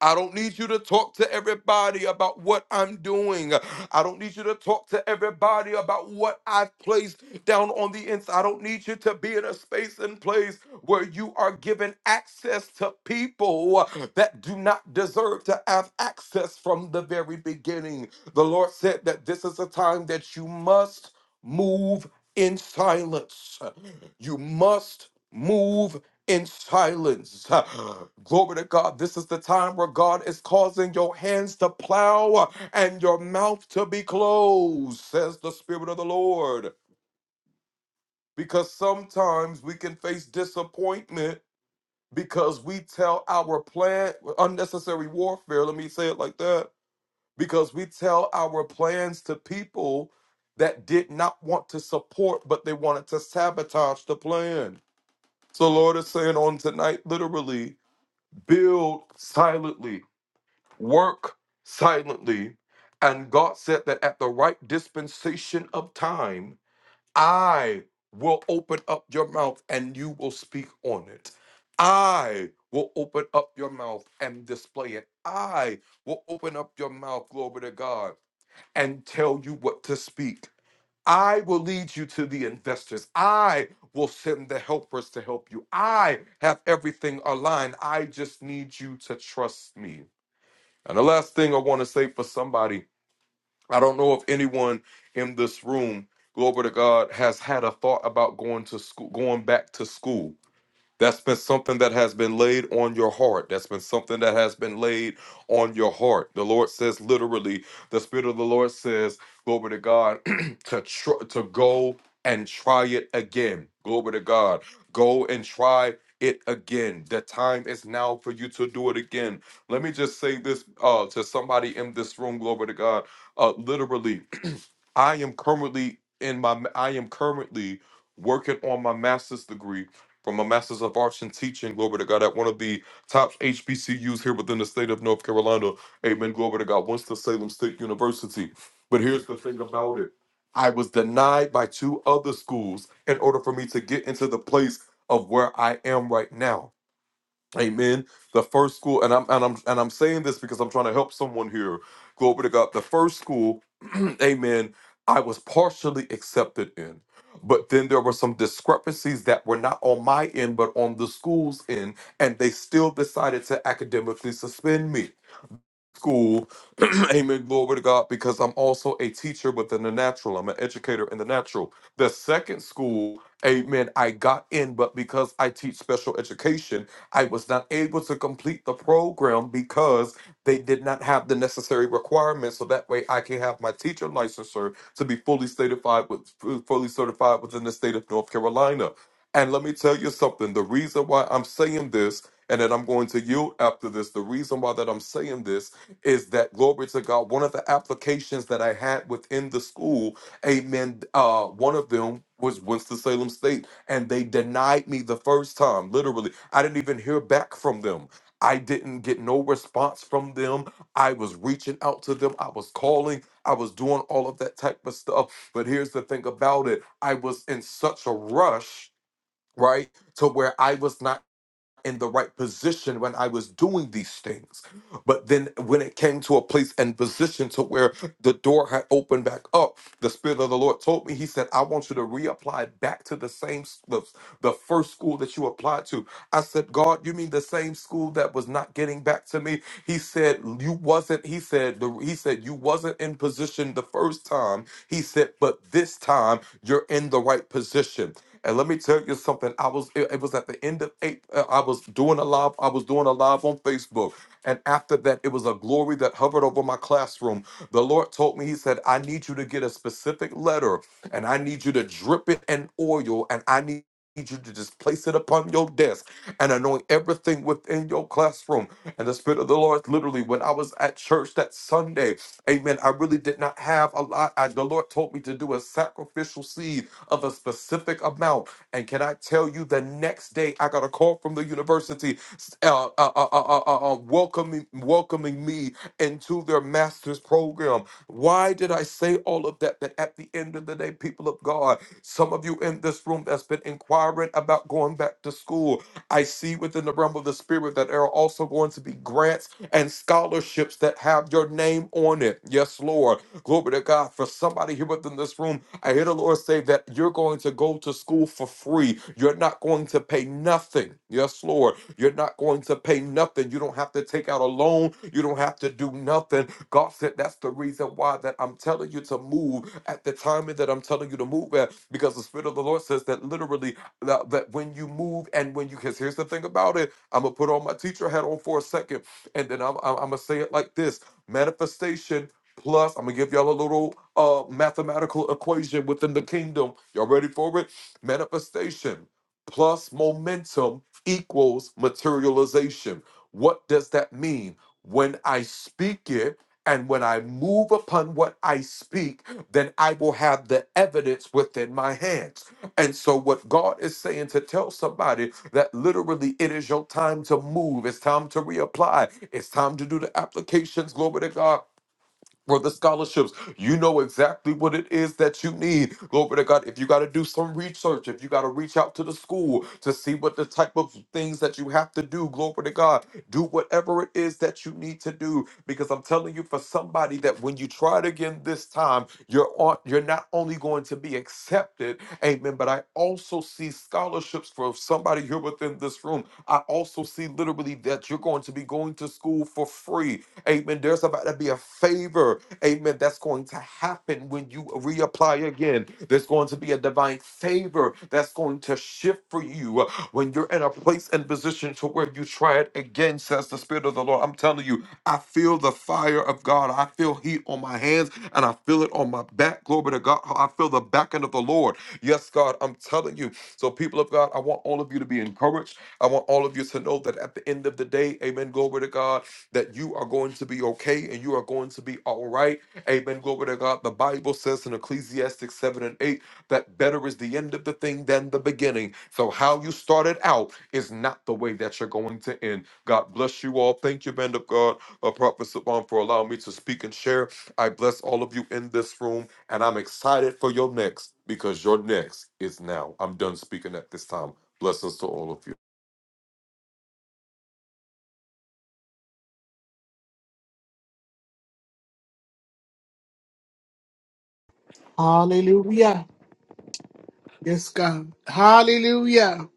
Speaker 23: I don't need you to talk to everybody about what I'm doing. I don't need you to talk to everybody about what I've placed down on the inside. I don't need you to be in a space and place where you are given access to people that do not deserve to have access from the very beginning. The Lord said that this is a time that you must move in silence. You must move in silence. Glory to God. This is the time where God is causing your hands to plow and your mouth to be closed, says the Spirit of the Lord. Because sometimes we can face disappointment because we tell our plan unnecessary warfare. Let me say it like that. Because we tell our plans to people that did not want to support, but they wanted to sabotage the plan. So, Lord is saying on tonight, literally, build silently, work silently. And God said that at the right dispensation of time, I will open up your mouth and you will speak on it. I will open up your mouth and display it. I will open up your mouth, glory to God, and tell you what to speak. I will lead you to the investors. I will send the helpers to help you. I have everything aligned. I just need you to trust me. And the last thing I want to say for somebody, I don't know if anyone in this room, glory to God, has had a thought about going to school, going back to school. That's been something that has been laid on your heart. That's been something that has been laid on your heart. The Lord says, literally, the Spirit of the Lord says, glory to God, to tr- to go and try it again. Glory to God. Go and try it again. The time is now for you to do it again. Let me just say this uh, to somebody in this room, glory to God. Uh, literally, I am currently in my I am currently working on my master's degree from a master's of arts in teaching. Glory to God at one of the top HBCUs here within the state of North Carolina. Amen. Glory to God. Winston Salem State University. But here's the thing about it. I was denied by two other schools in order for me to get into the place of where I am right now. Amen. The first school, and I'm and I'm and I'm saying this because I'm trying to help someone here. Glory to God. The first school, amen, I was partially accepted in. But then there were some discrepancies that were not on my end, but on the school's end, and they still decided to academically suspend me school. Amen. Glory to God. Because I'm also a teacher within the natural. I'm an educator in the natural. The second school, amen, I got in, but because I teach special education, I was not able to complete the program because they did not have the necessary requirements. So that way I can have my teacher licensure to be fully certified with fully certified within the state of North Carolina. And let me tell you something. The reason why I'm saying this, and then I'm going to yield after this. The reason why that I'm saying this is that glory to God. One of the applications that I had within the school, amen. Uh, one of them was Winston-Salem State, and they denied me the first time. Literally, I didn't even hear back from them. I didn't get no response from them. I was reaching out to them. I was calling. I was doing all of that type of stuff. But here's the thing about it I was in such a rush, right? To where I was not in the right position when I was doing these things. But then when it came to a place and position to where the door had opened back up, the Spirit of the Lord told me, He said, I want you to reapply back to the same, s- the, the first school that you applied to. I said, God, you mean the same school that was not getting back to me? He said, you wasn't, he said, the, he said, you wasn't in position the first time. He said, but this time you're in the right position. And let me tell you something. I was it, it was at the end of eight. uh, I was doing a live. I was doing a live on Facebook, and after that, it was a glory that hovered over my classroom. The Lord told me, He said, "I need you to get a specific letter, and I need you to drip it in oil, and I need." need you to just place it upon your desk and anoint everything within your classroom. And the Spirit of the Lord, literally, when I was at church that Sunday, amen, I really did not have a lot. I, the Lord told me to do a sacrificial seed of a specific amount. And can I tell you, the next day I got a call from the university uh, uh, uh, uh, uh, uh, uh, uh, welcoming welcoming me into their master's program. Why did I say all of that? That at the end of the day, people of God, some of you in this room that's been inquiring about going back to school, I see within the realm of the spirit that there are also going to be grants and scholarships that have your name on it. Yes, Lord. Glory to God. For somebody here within this room, I hear the Lord say that you're going to go to school for free. You're not going to pay nothing. Yes, Lord. You're not going to pay nothing. You don't have to take out a loan. You don't have to do nothing. God said that's the reason why that I'm telling you to move at the timing that I'm telling you to move at. Because the Spirit of the Lord says that literally that, that when you move and when you because here's the thing about it. I'm gonna put on my teacher hat on for a second, and then I'm I'm, I'm gonna say it like this: manifestation Plus, I'm gonna give y'all a little uh mathematical equation within the kingdom. Y'all ready for it? Manifestation plus momentum equals materialization. What does that mean? When I speak it and when I move upon what I speak, then I will have the evidence within my hands. And so, what God is saying to tell somebody that literally it is your time to move, it's time to reapply, it's time to do the applications. Glory to God for the scholarships. You know exactly what it is that you need. Glory to God. If you got to do some research, if you got to reach out to the school to see what the type of things that you have to do, glory to God. Do whatever it is that you need to do. Because I'm telling you, for somebody that when you try it again this time, you're on you're not only going to be accepted, amen, but I also see scholarships for somebody here within this room. I also see literally that you're going to be going to school for free Amen. There's about to be a favor. Amen. That's going to happen when you reapply again. There's going to be a divine favor that's going to shift for you uh, when you're in a place and position to where you try it again, says the Spirit of the Lord. I'm telling you, I feel the fire of God. I feel heat on my hands and I feel it on my back. Glory to God. I feel the back end of the Lord. Yes, God, I'm telling you. So, people of God, I want all of you to be encouraged. I want all of you to know that at the end of the day, amen, glory to God that you are going to be okay and you are going to be all right. Amen. Glory to God. The Bible says in Ecclesiastes 7 and 8 that better is the end of the thing than the beginning. So, how you started out is not the way that you're going to end. God bless you all. Thank you, man of God, uh, Prophet Saban, for allowing me to speak and share. I bless all of you in this room, and I'm excited for your next because your next is now. I'm done speaking at this time. Blessings to all of you.
Speaker 1: Hallelujah. Yes, God. Hallelujah.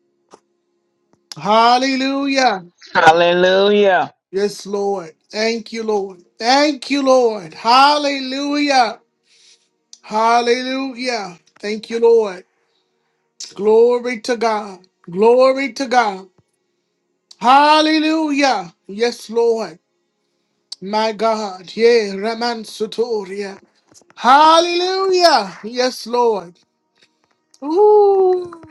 Speaker 1: Hallelujah.
Speaker 9: Hallelujah.
Speaker 1: Yes, Lord. Thank you, Lord. Thank you, Lord. Hallelujah. Hallelujah. Thank you, Lord. Glory to God. Glory to God. Hallelujah. Yes, Lord. My God. Yeah, Raman Sotoria. Hallelujah. Yes, Lord. Ooh,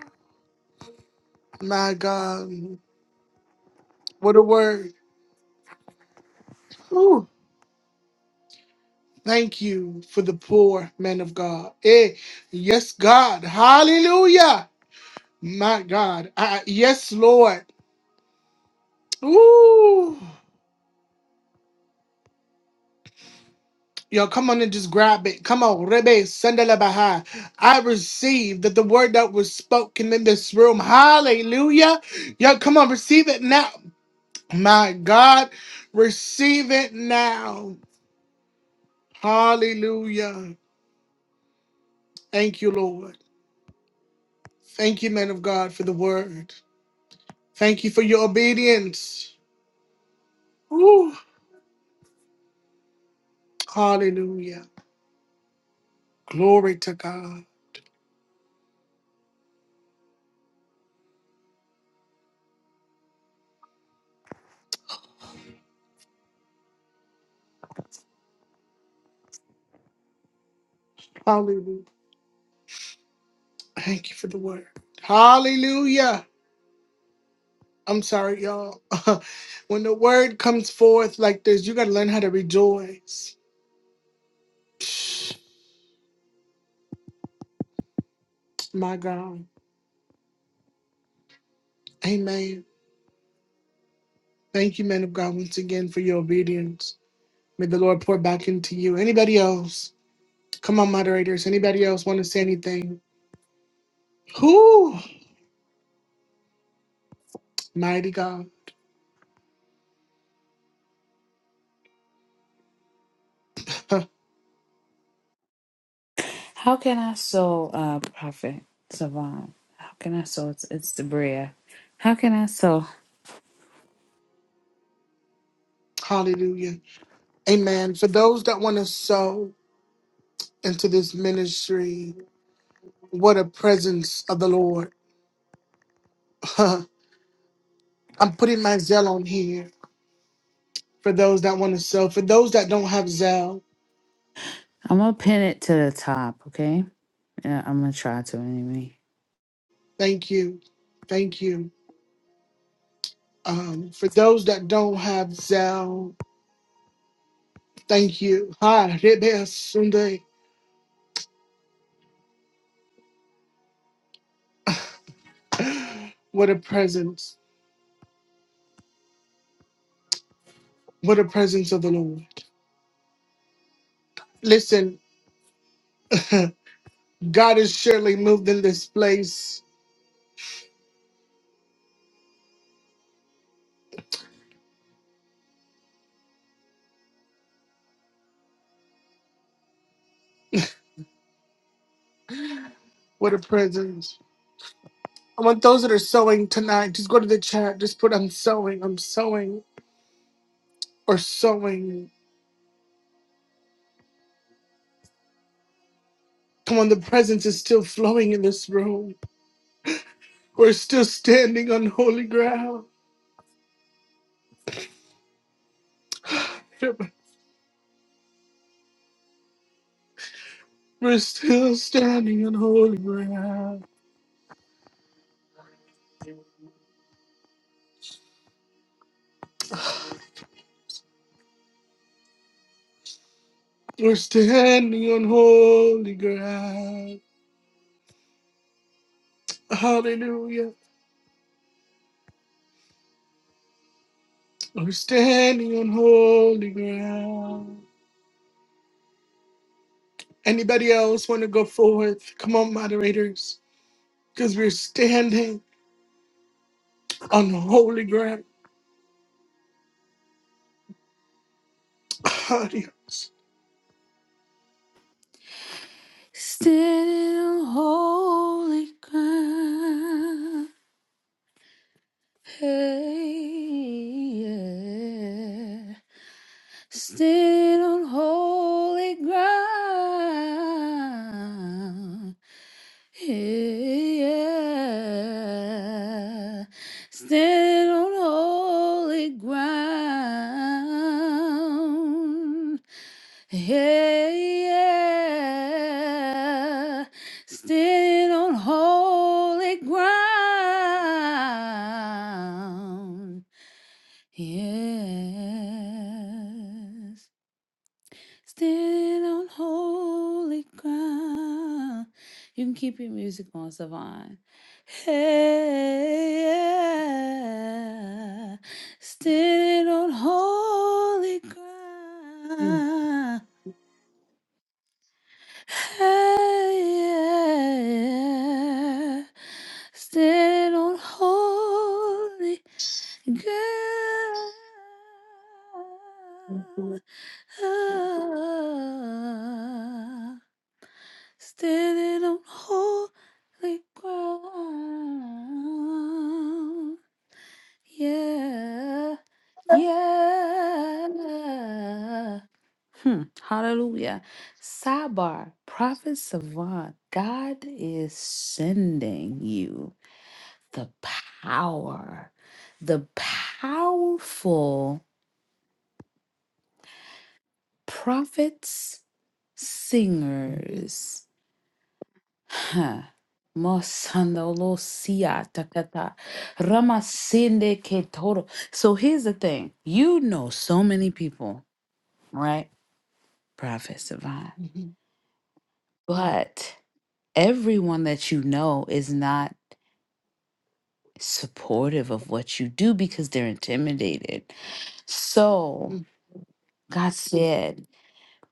Speaker 1: my God. What a word. Whew. Thank you for the poor men of God. Eh, yes, God. Hallelujah. My God. I, yes, Lord. Ooh. Y'all come on and just grab it. Come on, Rebe Sandala Baha. I receive that the word that was spoken in this room. Hallelujah. Y'all come on, receive it now. My God, receive it now. Hallelujah. Thank you, Lord. Thank you, men of God, for the word. Thank you for your obedience. Ooh, Hallelujah. Glory to God. Hallelujah. Thank you for the word. Hallelujah. I'm sorry, y'all. when the word comes forth like this, you got to learn how to rejoice. My God. Amen. Thank you, men of God, once again for your obedience. May the Lord pour back into you. Anybody else? Come on, moderators. Anybody else want to say anything? Whoo, mighty God.
Speaker 7: How can I sow, uh, Prophet Savant? How can I sow? It's, it's the Bria. How can I sow?
Speaker 1: Hallelujah. Amen. For those that want to sow into this ministry, what a presence of the Lord. I'm putting my Zell on here for those that want to sow. For those that don't have Zell,
Speaker 7: I'm gonna pin it to the top, okay? Yeah, I'm gonna try to anyway.
Speaker 1: thank you. Thank you. Um, for those that don't have Zell, thank you. Hi, Rebbe Sunday. What a presence. What a presence of the Lord. Listen, God is surely moved in this place. What a presence. I want those that are sewing tonight. Just go to the chat. Just put I'm sewing. I'm sewing or sewing. Come on, the presence is still flowing in this room. We're still standing on holy ground. We're still standing on holy ground. We're standing on holy ground. Hallelujah. We're standing on holy ground. Anybody else want to go forward? Come on, moderators. Because we're standing on holy ground. Adios.
Speaker 7: Standing on holy ground, hey, yeah. Standing on holy ground. Hey, Yeah, stand on holy ground. Hey, yeah, stand on holy ground. Yes. Standing on holy ground. You can keep your music on, Savon. Hey, standing on holy
Speaker 1: Mhm,
Speaker 7: ground. Hey, standing on holy ground. Standing on holy ground. Yeah. Yeah. Hmm. Hallelujah. Sabar, Prophet Savant, God is sending you the power, the powerful prophets, singers Ha. Mosandolo siya takata. Ramasinde ketoro. So here's the thing. You know so many people, right? Prophet Savant.
Speaker 1: mhm,
Speaker 7: But everyone that you know is not supportive of what you do because they're intimidated. So
Speaker 1: mhm,
Speaker 7: God said,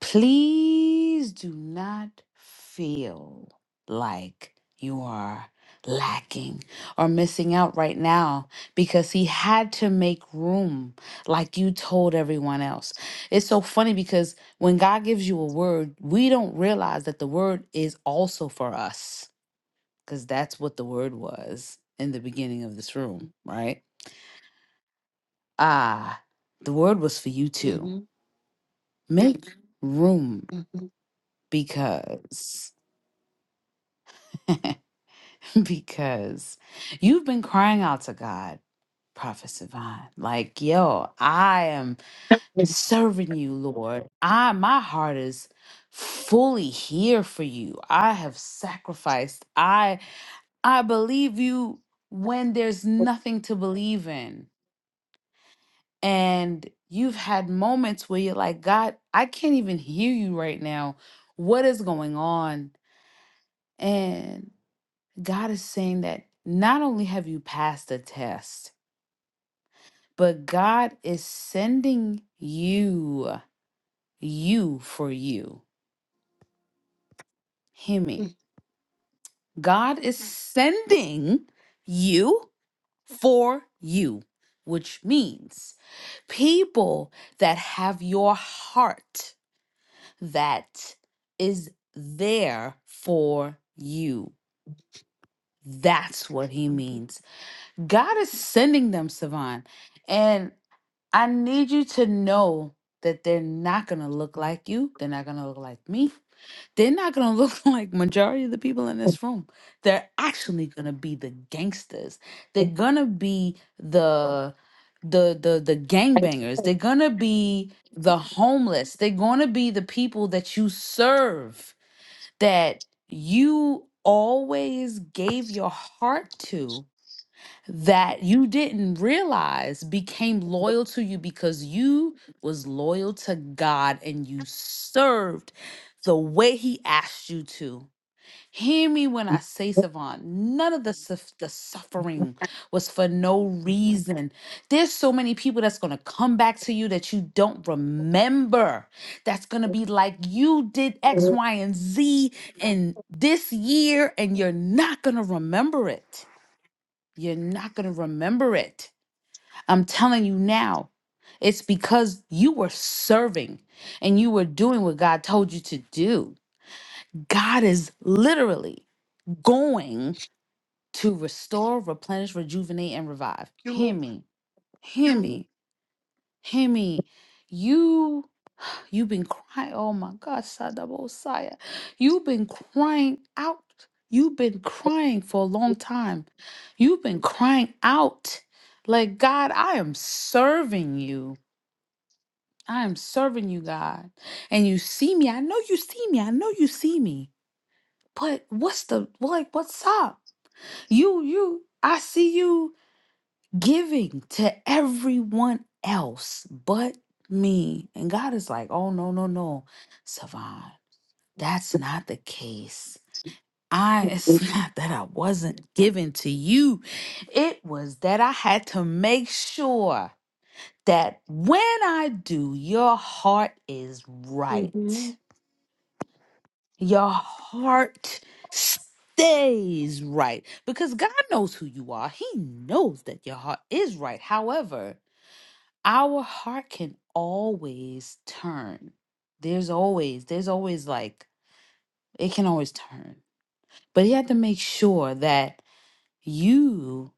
Speaker 7: Please do not feel like you are lacking or missing out right now because he had to make room like you told everyone else. It's so funny because when God gives you a word, we don't realize that the word is also for us because that's what the word was in the beginning of this room, right? Ah, the word was for you too.
Speaker 1: mhm,
Speaker 7: Make room
Speaker 1: mhm,
Speaker 7: because. because you've been crying out to God, Prophet Sivan. Like, yo, I am serving you, Lord. I my heart is fully here for you. I have sacrificed. I I believe you when there's nothing to believe in. And you've had moments where you're like, God, I can't even hear you right now. What is going on? And God is saying that not only have you passed the test, but God is sending you, you for you. Hear me. God is Mhm. sending you for you, which means people that have your heart that is there for you. That's what he means. God is sending them, Savan. And I need you to know that they're not gonna look like you. They're not gonna look like me. They're not gonna look like majority of the people in this room. They're actually gonna be the gangsters. They're gonna be the the the the gangbangers. They're gonna be the homeless. They're gonna be the people that you serve that you always gave your heart to that you didn't realize became loyal to you because you was loyal to God and you served the way he asked you to. Hear me when I say, Savant, none of the, suf- the suffering was for no reason. There's so many people that's going to come back to you that you don't remember. That's going to be like, you did X, Y, and Z in this year, and you're not going to remember it. You're not going to remember it. I'm telling you now. It's because you were serving and you were doing what God told you to do. God is literally going to restore, replenish, rejuvenate, and revive.
Speaker 1: Thank you,
Speaker 7: Hear
Speaker 1: Lord.
Speaker 7: me. Hear me. Hear me. You You've been crying. Oh my God, Sadabosaya. You've been crying out. You've been crying for a long time. You've been crying out. Like, God, I am serving you. I am serving you, God. And you see me. I know you see me. I know you see me. But what's the like what's up? You you I see you giving to everyone else but me. And God is like, oh no, no, no. Savan. That's not the case. I it's not that I wasn't given to you. It was that I had to make sure that when I do, your heart is
Speaker 1: mhm,
Speaker 7: right. Your heart stays right because God knows who you are. He knows that your heart is right. However, our heart can always turn. There's always there's always like it can always turn But you have to make sure that you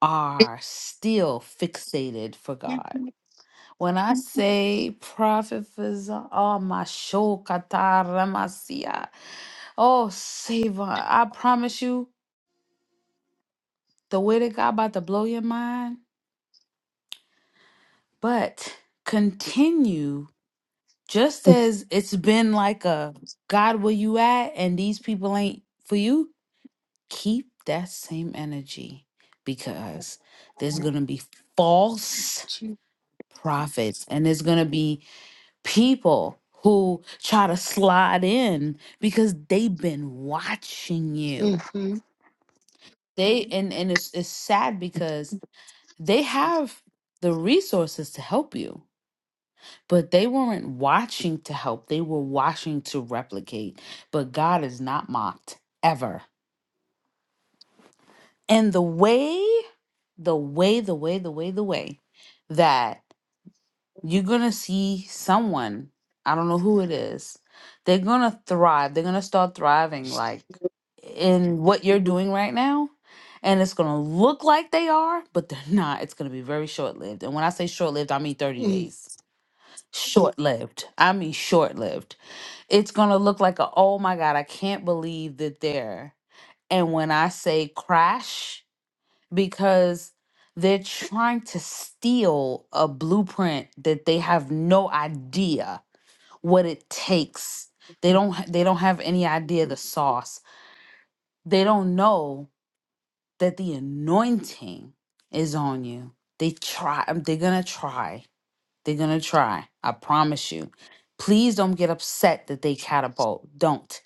Speaker 7: are still fixated for God. When I Mhm. say prophet Faza- oh my shokataramasiya, oh Savor, I promise you the word of God about to blow your mind. But continue just as it's been like a God where you at and these people ain't for you Keep that same energy because there's going to be false
Speaker 1: mhm,
Speaker 7: prophets and there's going to be people who try to slide in because they've been watching you.
Speaker 1: mhm.
Speaker 7: They and and it's it's sad because they have the resources to help you but they weren't watching to help they were watching to replicate but god is not mocked ever And the way, the way, the way, the way, the way that you're going to see someone, I don't know who it is, they're going to thrive. They're going to start thriving like in what you're doing right now. And it's going to look like they are, but they're not. It's going to be very short lived. And when I say short lived, I mean 30 days. Short lived. I mean short lived. It's going to look like a, oh my God, I can't believe that they're. And when I say crash, because they're trying to steal a blueprint that they have no idea what it takes. They don't ha- they don't have any idea the sauce. They don't know that the anointing is on you. They try um, they're going to try. They're going to try. I promise you. Please don't get upset that they catapult. Don't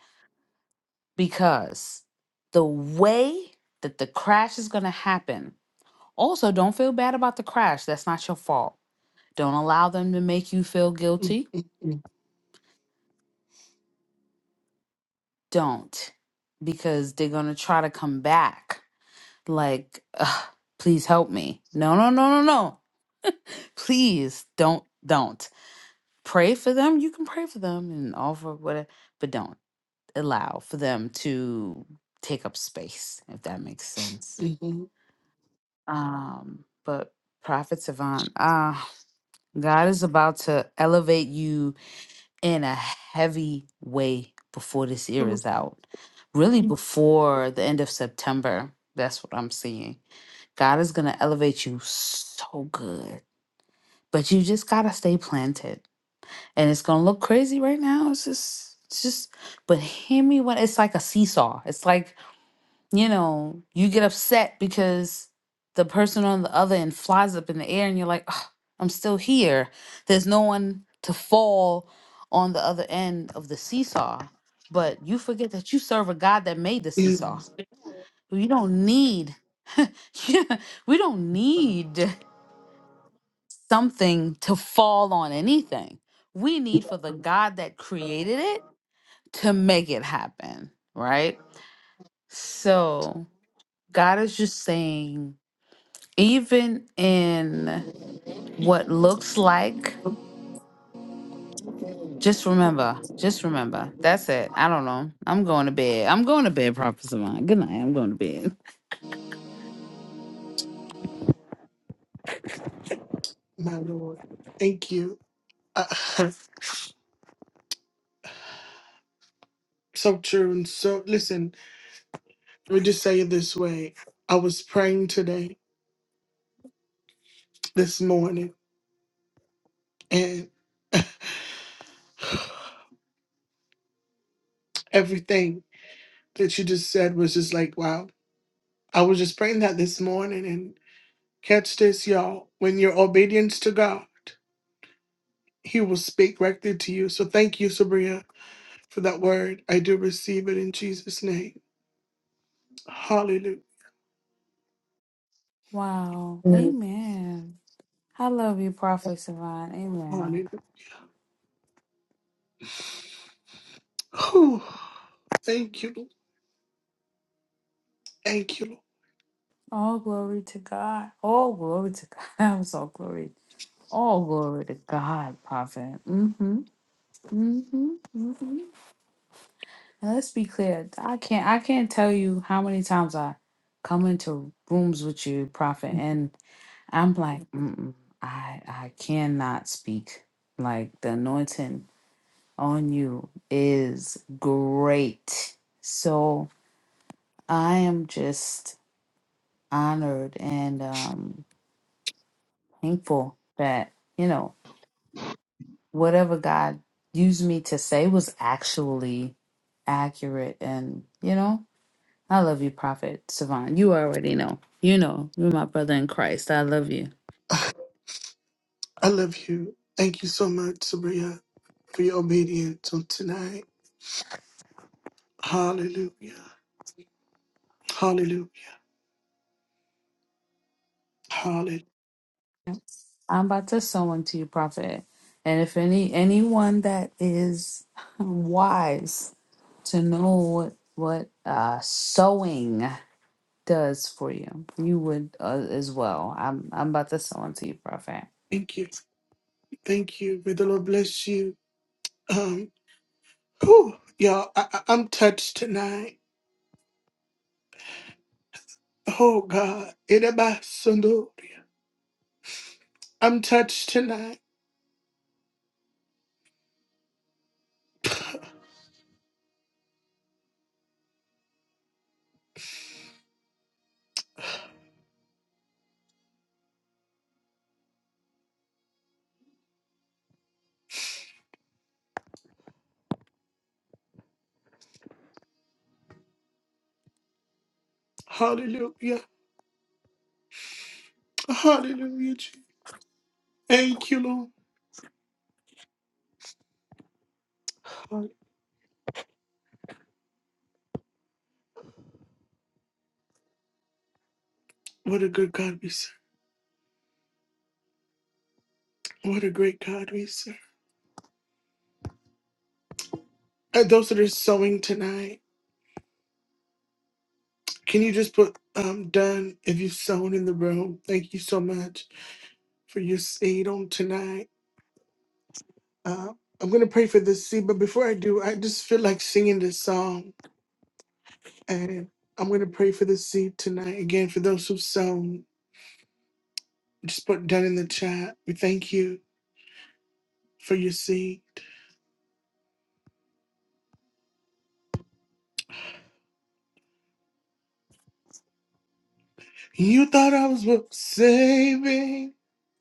Speaker 7: because the way that the crash is going to happen Also, don't feel bad about the crash. That's not your fault. Don't allow them to make you feel
Speaker 1: Mm,
Speaker 7: guilty. Don't, because they're going to try to come back like, "Ugh, please help me. No, no, no, no, no. Please don't, don't. Pray for them. You can pray for them and offer whatever, but don't allow for them to take up space, if that makes sense.
Speaker 1: mm, mhm.
Speaker 7: Um, but Prophet Savant, ah, God is about to elevate you in a heavy way before this year
Speaker 1: Mm,
Speaker 7: is out. Really, Mm. before the end of September, that's what I'm seeing. God is going to elevate you so good, but you just got to stay planted. And it's going to look crazy right now. It's just, it's just, but hear me when it's like a seesaw. It's like you know, you get upset because the person on the other end flies up in the air and you're like, "Ugh, I'm still here. There's no one to fall on the other end of the seesaw. But you forget that you serve a God that made the seesaw.
Speaker 1: Yes,
Speaker 7: You don't need, Yeah, we don't need something to fall on anything. We need for the God that created it to make it happen, right? So God is just saying even in what looks like just remember just remember that's it i don't know i'm going to bed i'm going to bed prophet savant good night i'm going to bed
Speaker 1: my Lord. Thank you. Uh, so true and so listen. Let me just say it this way. I was praying today, this morning, and everything that you just said was just like, wow. I was just praying that this morning, and catch this, y'all. When your obedience to God, He will speak directly to you. So thank you, Sabria, for that word. I do receive it in Jesus' name. Hallelujah.
Speaker 7: Wow. Amen. I love you, Prophet Savant.
Speaker 1: Hallelujah.
Speaker 7: Amen.
Speaker 1: Whew. Thank you. Lord. Thank you. Lord.
Speaker 7: All glory to God. All glory to God. I'm so glory. All glory to God, Prophet. Mm-hmm. Mm-hmm. Mm-hmm. And let's be clear. I can't I can't tell you how many times I come into rooms with you, Prophet, and I'm like, Mm-mm, I I cannot speak. Like the anointing on you is great. So I am just honored and um, thankful that you know whatever God used me to say was actually accurate. And you know, I love you, Prophet Savant. You already know. You know, you're my brother in Christ. I love you.
Speaker 1: I love you. Thank you so much, Sabria, for your obedience on tonight. Hallelujah. Hallelujah. Hallelujah.
Speaker 7: I'm about to sow unto you, prophet. And if any anyone that is wise to know what what uh, sowing does for you, you would uh, as well. I'm I'm about to sow unto you, prophet.
Speaker 1: Thank you. Thank you. May the Lord bless you. Um, whew, y'all, I, I, I'm touched tonight. Oh God. Erebasundoria. I'm touched tonight. Hallelujah. Hallelujah. Jesus. Thank you, Lord. Hall- What a good God we serve. What a great God we serve. And those that are sowing tonight, can you just put um done if you've sown in the room? Thank you so much for your seed on tonight. Uh, I'm going to pray for this seed, but before I do, I just feel like singing this song. And I'm going to pray for this seed tonight. Again, for those who've sown, just put down in the chat. We thank you for your seed. You thought I was worth saving.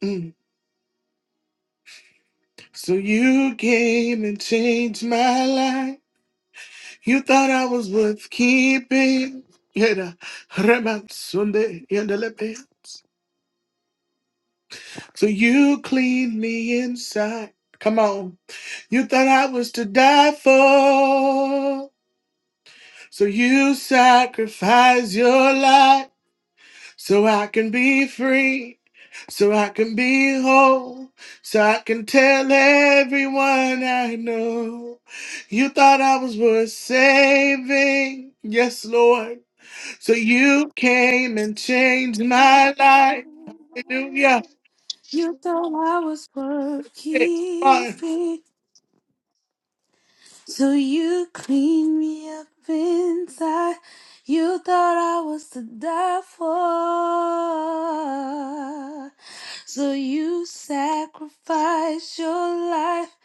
Speaker 1: mm, So you came and changed my life. You thought I was worth keeping. Yeah, Sunday, yada, lepe. So you cleaned me inside. Come on. You thought I was to die for. So you sacrificed your life so I can be free, so I can be whole, so I can tell everyone I know. You thought I was worth saving. Yes, Lord. So you came and changed my life. Hallelujah.
Speaker 7: You thought I was worth
Speaker 1: It's fun.
Speaker 7: keeping, so you cleaned me up inside. You thought I was to die for. So you sacrificed your life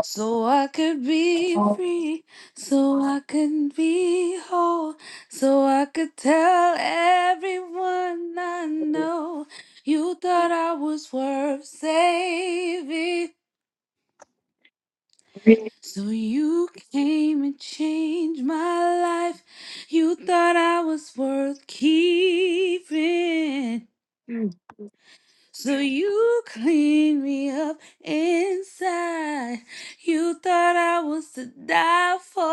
Speaker 7: so I could be free, so I could be whole, so I could tell everyone I know you thought I was worth saving. So you came and changed my life. You thought I was worth keeping. So you clean me up inside. You thought I was to die for.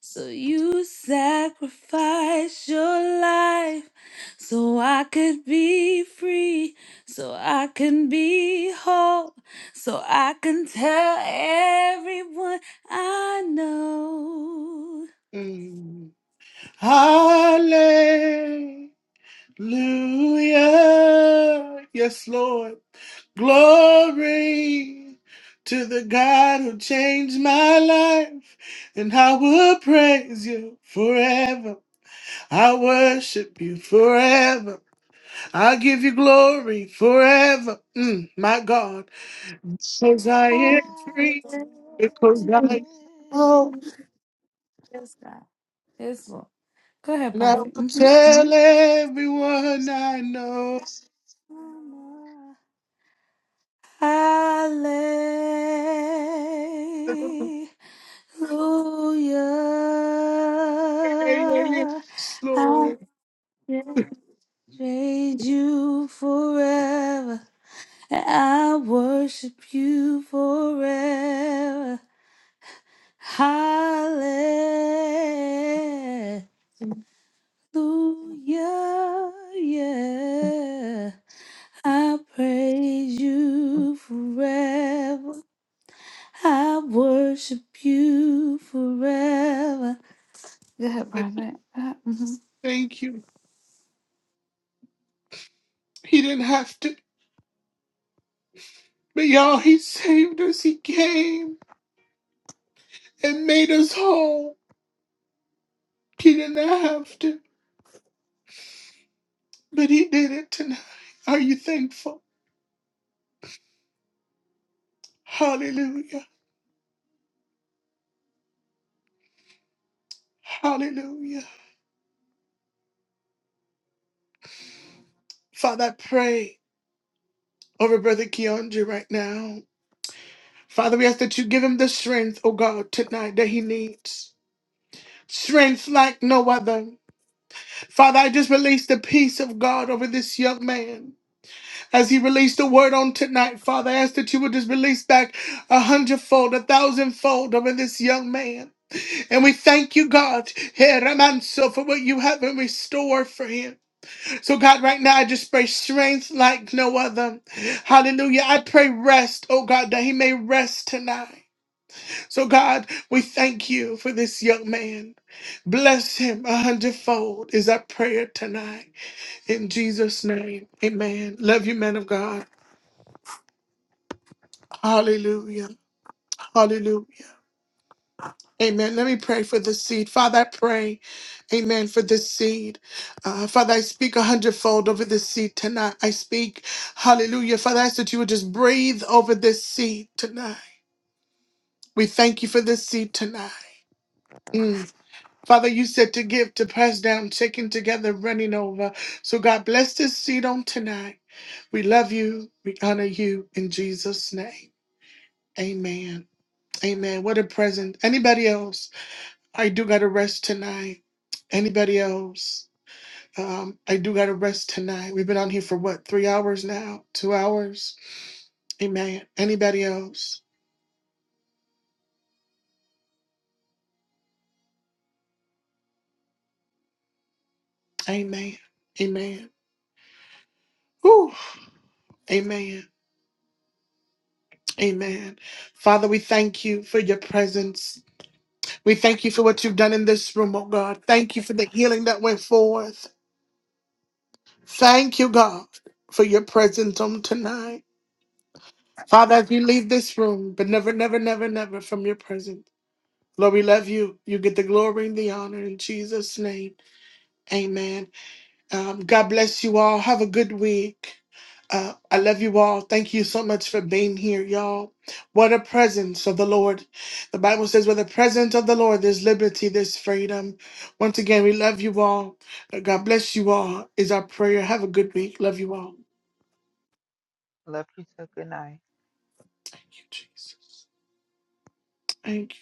Speaker 7: So you sacrificed your life so I could be free, so I can be whole, so I can tell everyone I know.
Speaker 1: Mm. Hallelujah. Hallelujah. Yes, Lord. Glory to the God who changed my life. And I will praise you forever. I worship you forever. I give you glory forever. Mm, my God. Because I am free. Because I am whole.
Speaker 7: I Yes, God. Yes, Lord. Go ahead,
Speaker 1: And I will
Speaker 7: prophet. Mm-hmm. Mm-hmm.
Speaker 1: tell everyone I know.
Speaker 7: Hallelujah.
Speaker 1: Yes,
Speaker 7: I'll
Speaker 1: Lord.
Speaker 7: praise you forever. and I worship you forever. Hallelujah. Yeah. I praise you forever. I worship you forever. Go ahead, Private.
Speaker 1: Thank you. He didn't have to. But y'all, he saved us. He came and made us whole. He didn't have to. But he did it tonight. Are you thankful? Hallelujah. Hallelujah. Father, I pray over Brother Keandre right now. Father, we ask that you give him the strength, oh God, tonight that he needs. Strength like no other. Father, I just release the peace of God over this young man. As he released the word on tonight, Father, I ask that you would just release back a hundredfold, a thousandfold over this young man. And we thank you, God, here, Ramanso, for what you have in restore for him. So, God, right now, I just pray strength like no other. Hallelujah. I pray rest, oh God, that he may rest tonight. So, God, we thank you for this young man. Bless him a hundredfold is our prayer tonight. In Jesus' name, amen. Love you, man of God. Hallelujah. Hallelujah. Amen. Let me pray for this seed. Father, I pray, amen, for this seed. Uh, Father, I speak a hundredfold over this seed tonight. I speak, hallelujah. Father, I ask that you would just breathe over this seed tonight. We thank you for this seed tonight. Mm. Father, you said to give, to press down, shaking together, running over. So God bless this seed on tonight. We love you. We honor you in Jesus' name. Amen. Amen. What a present. Anybody else? I do gotta rest tonight. Anybody else? Um, I do gotta rest tonight. We've been on here for what, three hours now? Two hours? Amen. Anybody else? Amen. Amen. Whew. Amen. Amen. Father, we thank you for your presence. We thank you for what you've done in this room, oh God. Thank you for the healing that went forth. Thank you, God, for your presence on tonight. Father, as we leave this room, but never, never, never, never from your presence. Lord, we love you. You get the glory and the honor in Jesus' name. Amen. Um, God bless you all. Have a good week. Uh, I love you all. Thank you so much for being here, y'all. What a presence of the Lord. The Bible says, with the presence of the Lord, there's liberty, there's freedom. Once again, we love you all. Uh, God bless you all, is our prayer. Have a good week. Love you all.
Speaker 9: Love you too. Good night.
Speaker 1: Thank you, Jesus. Thank you.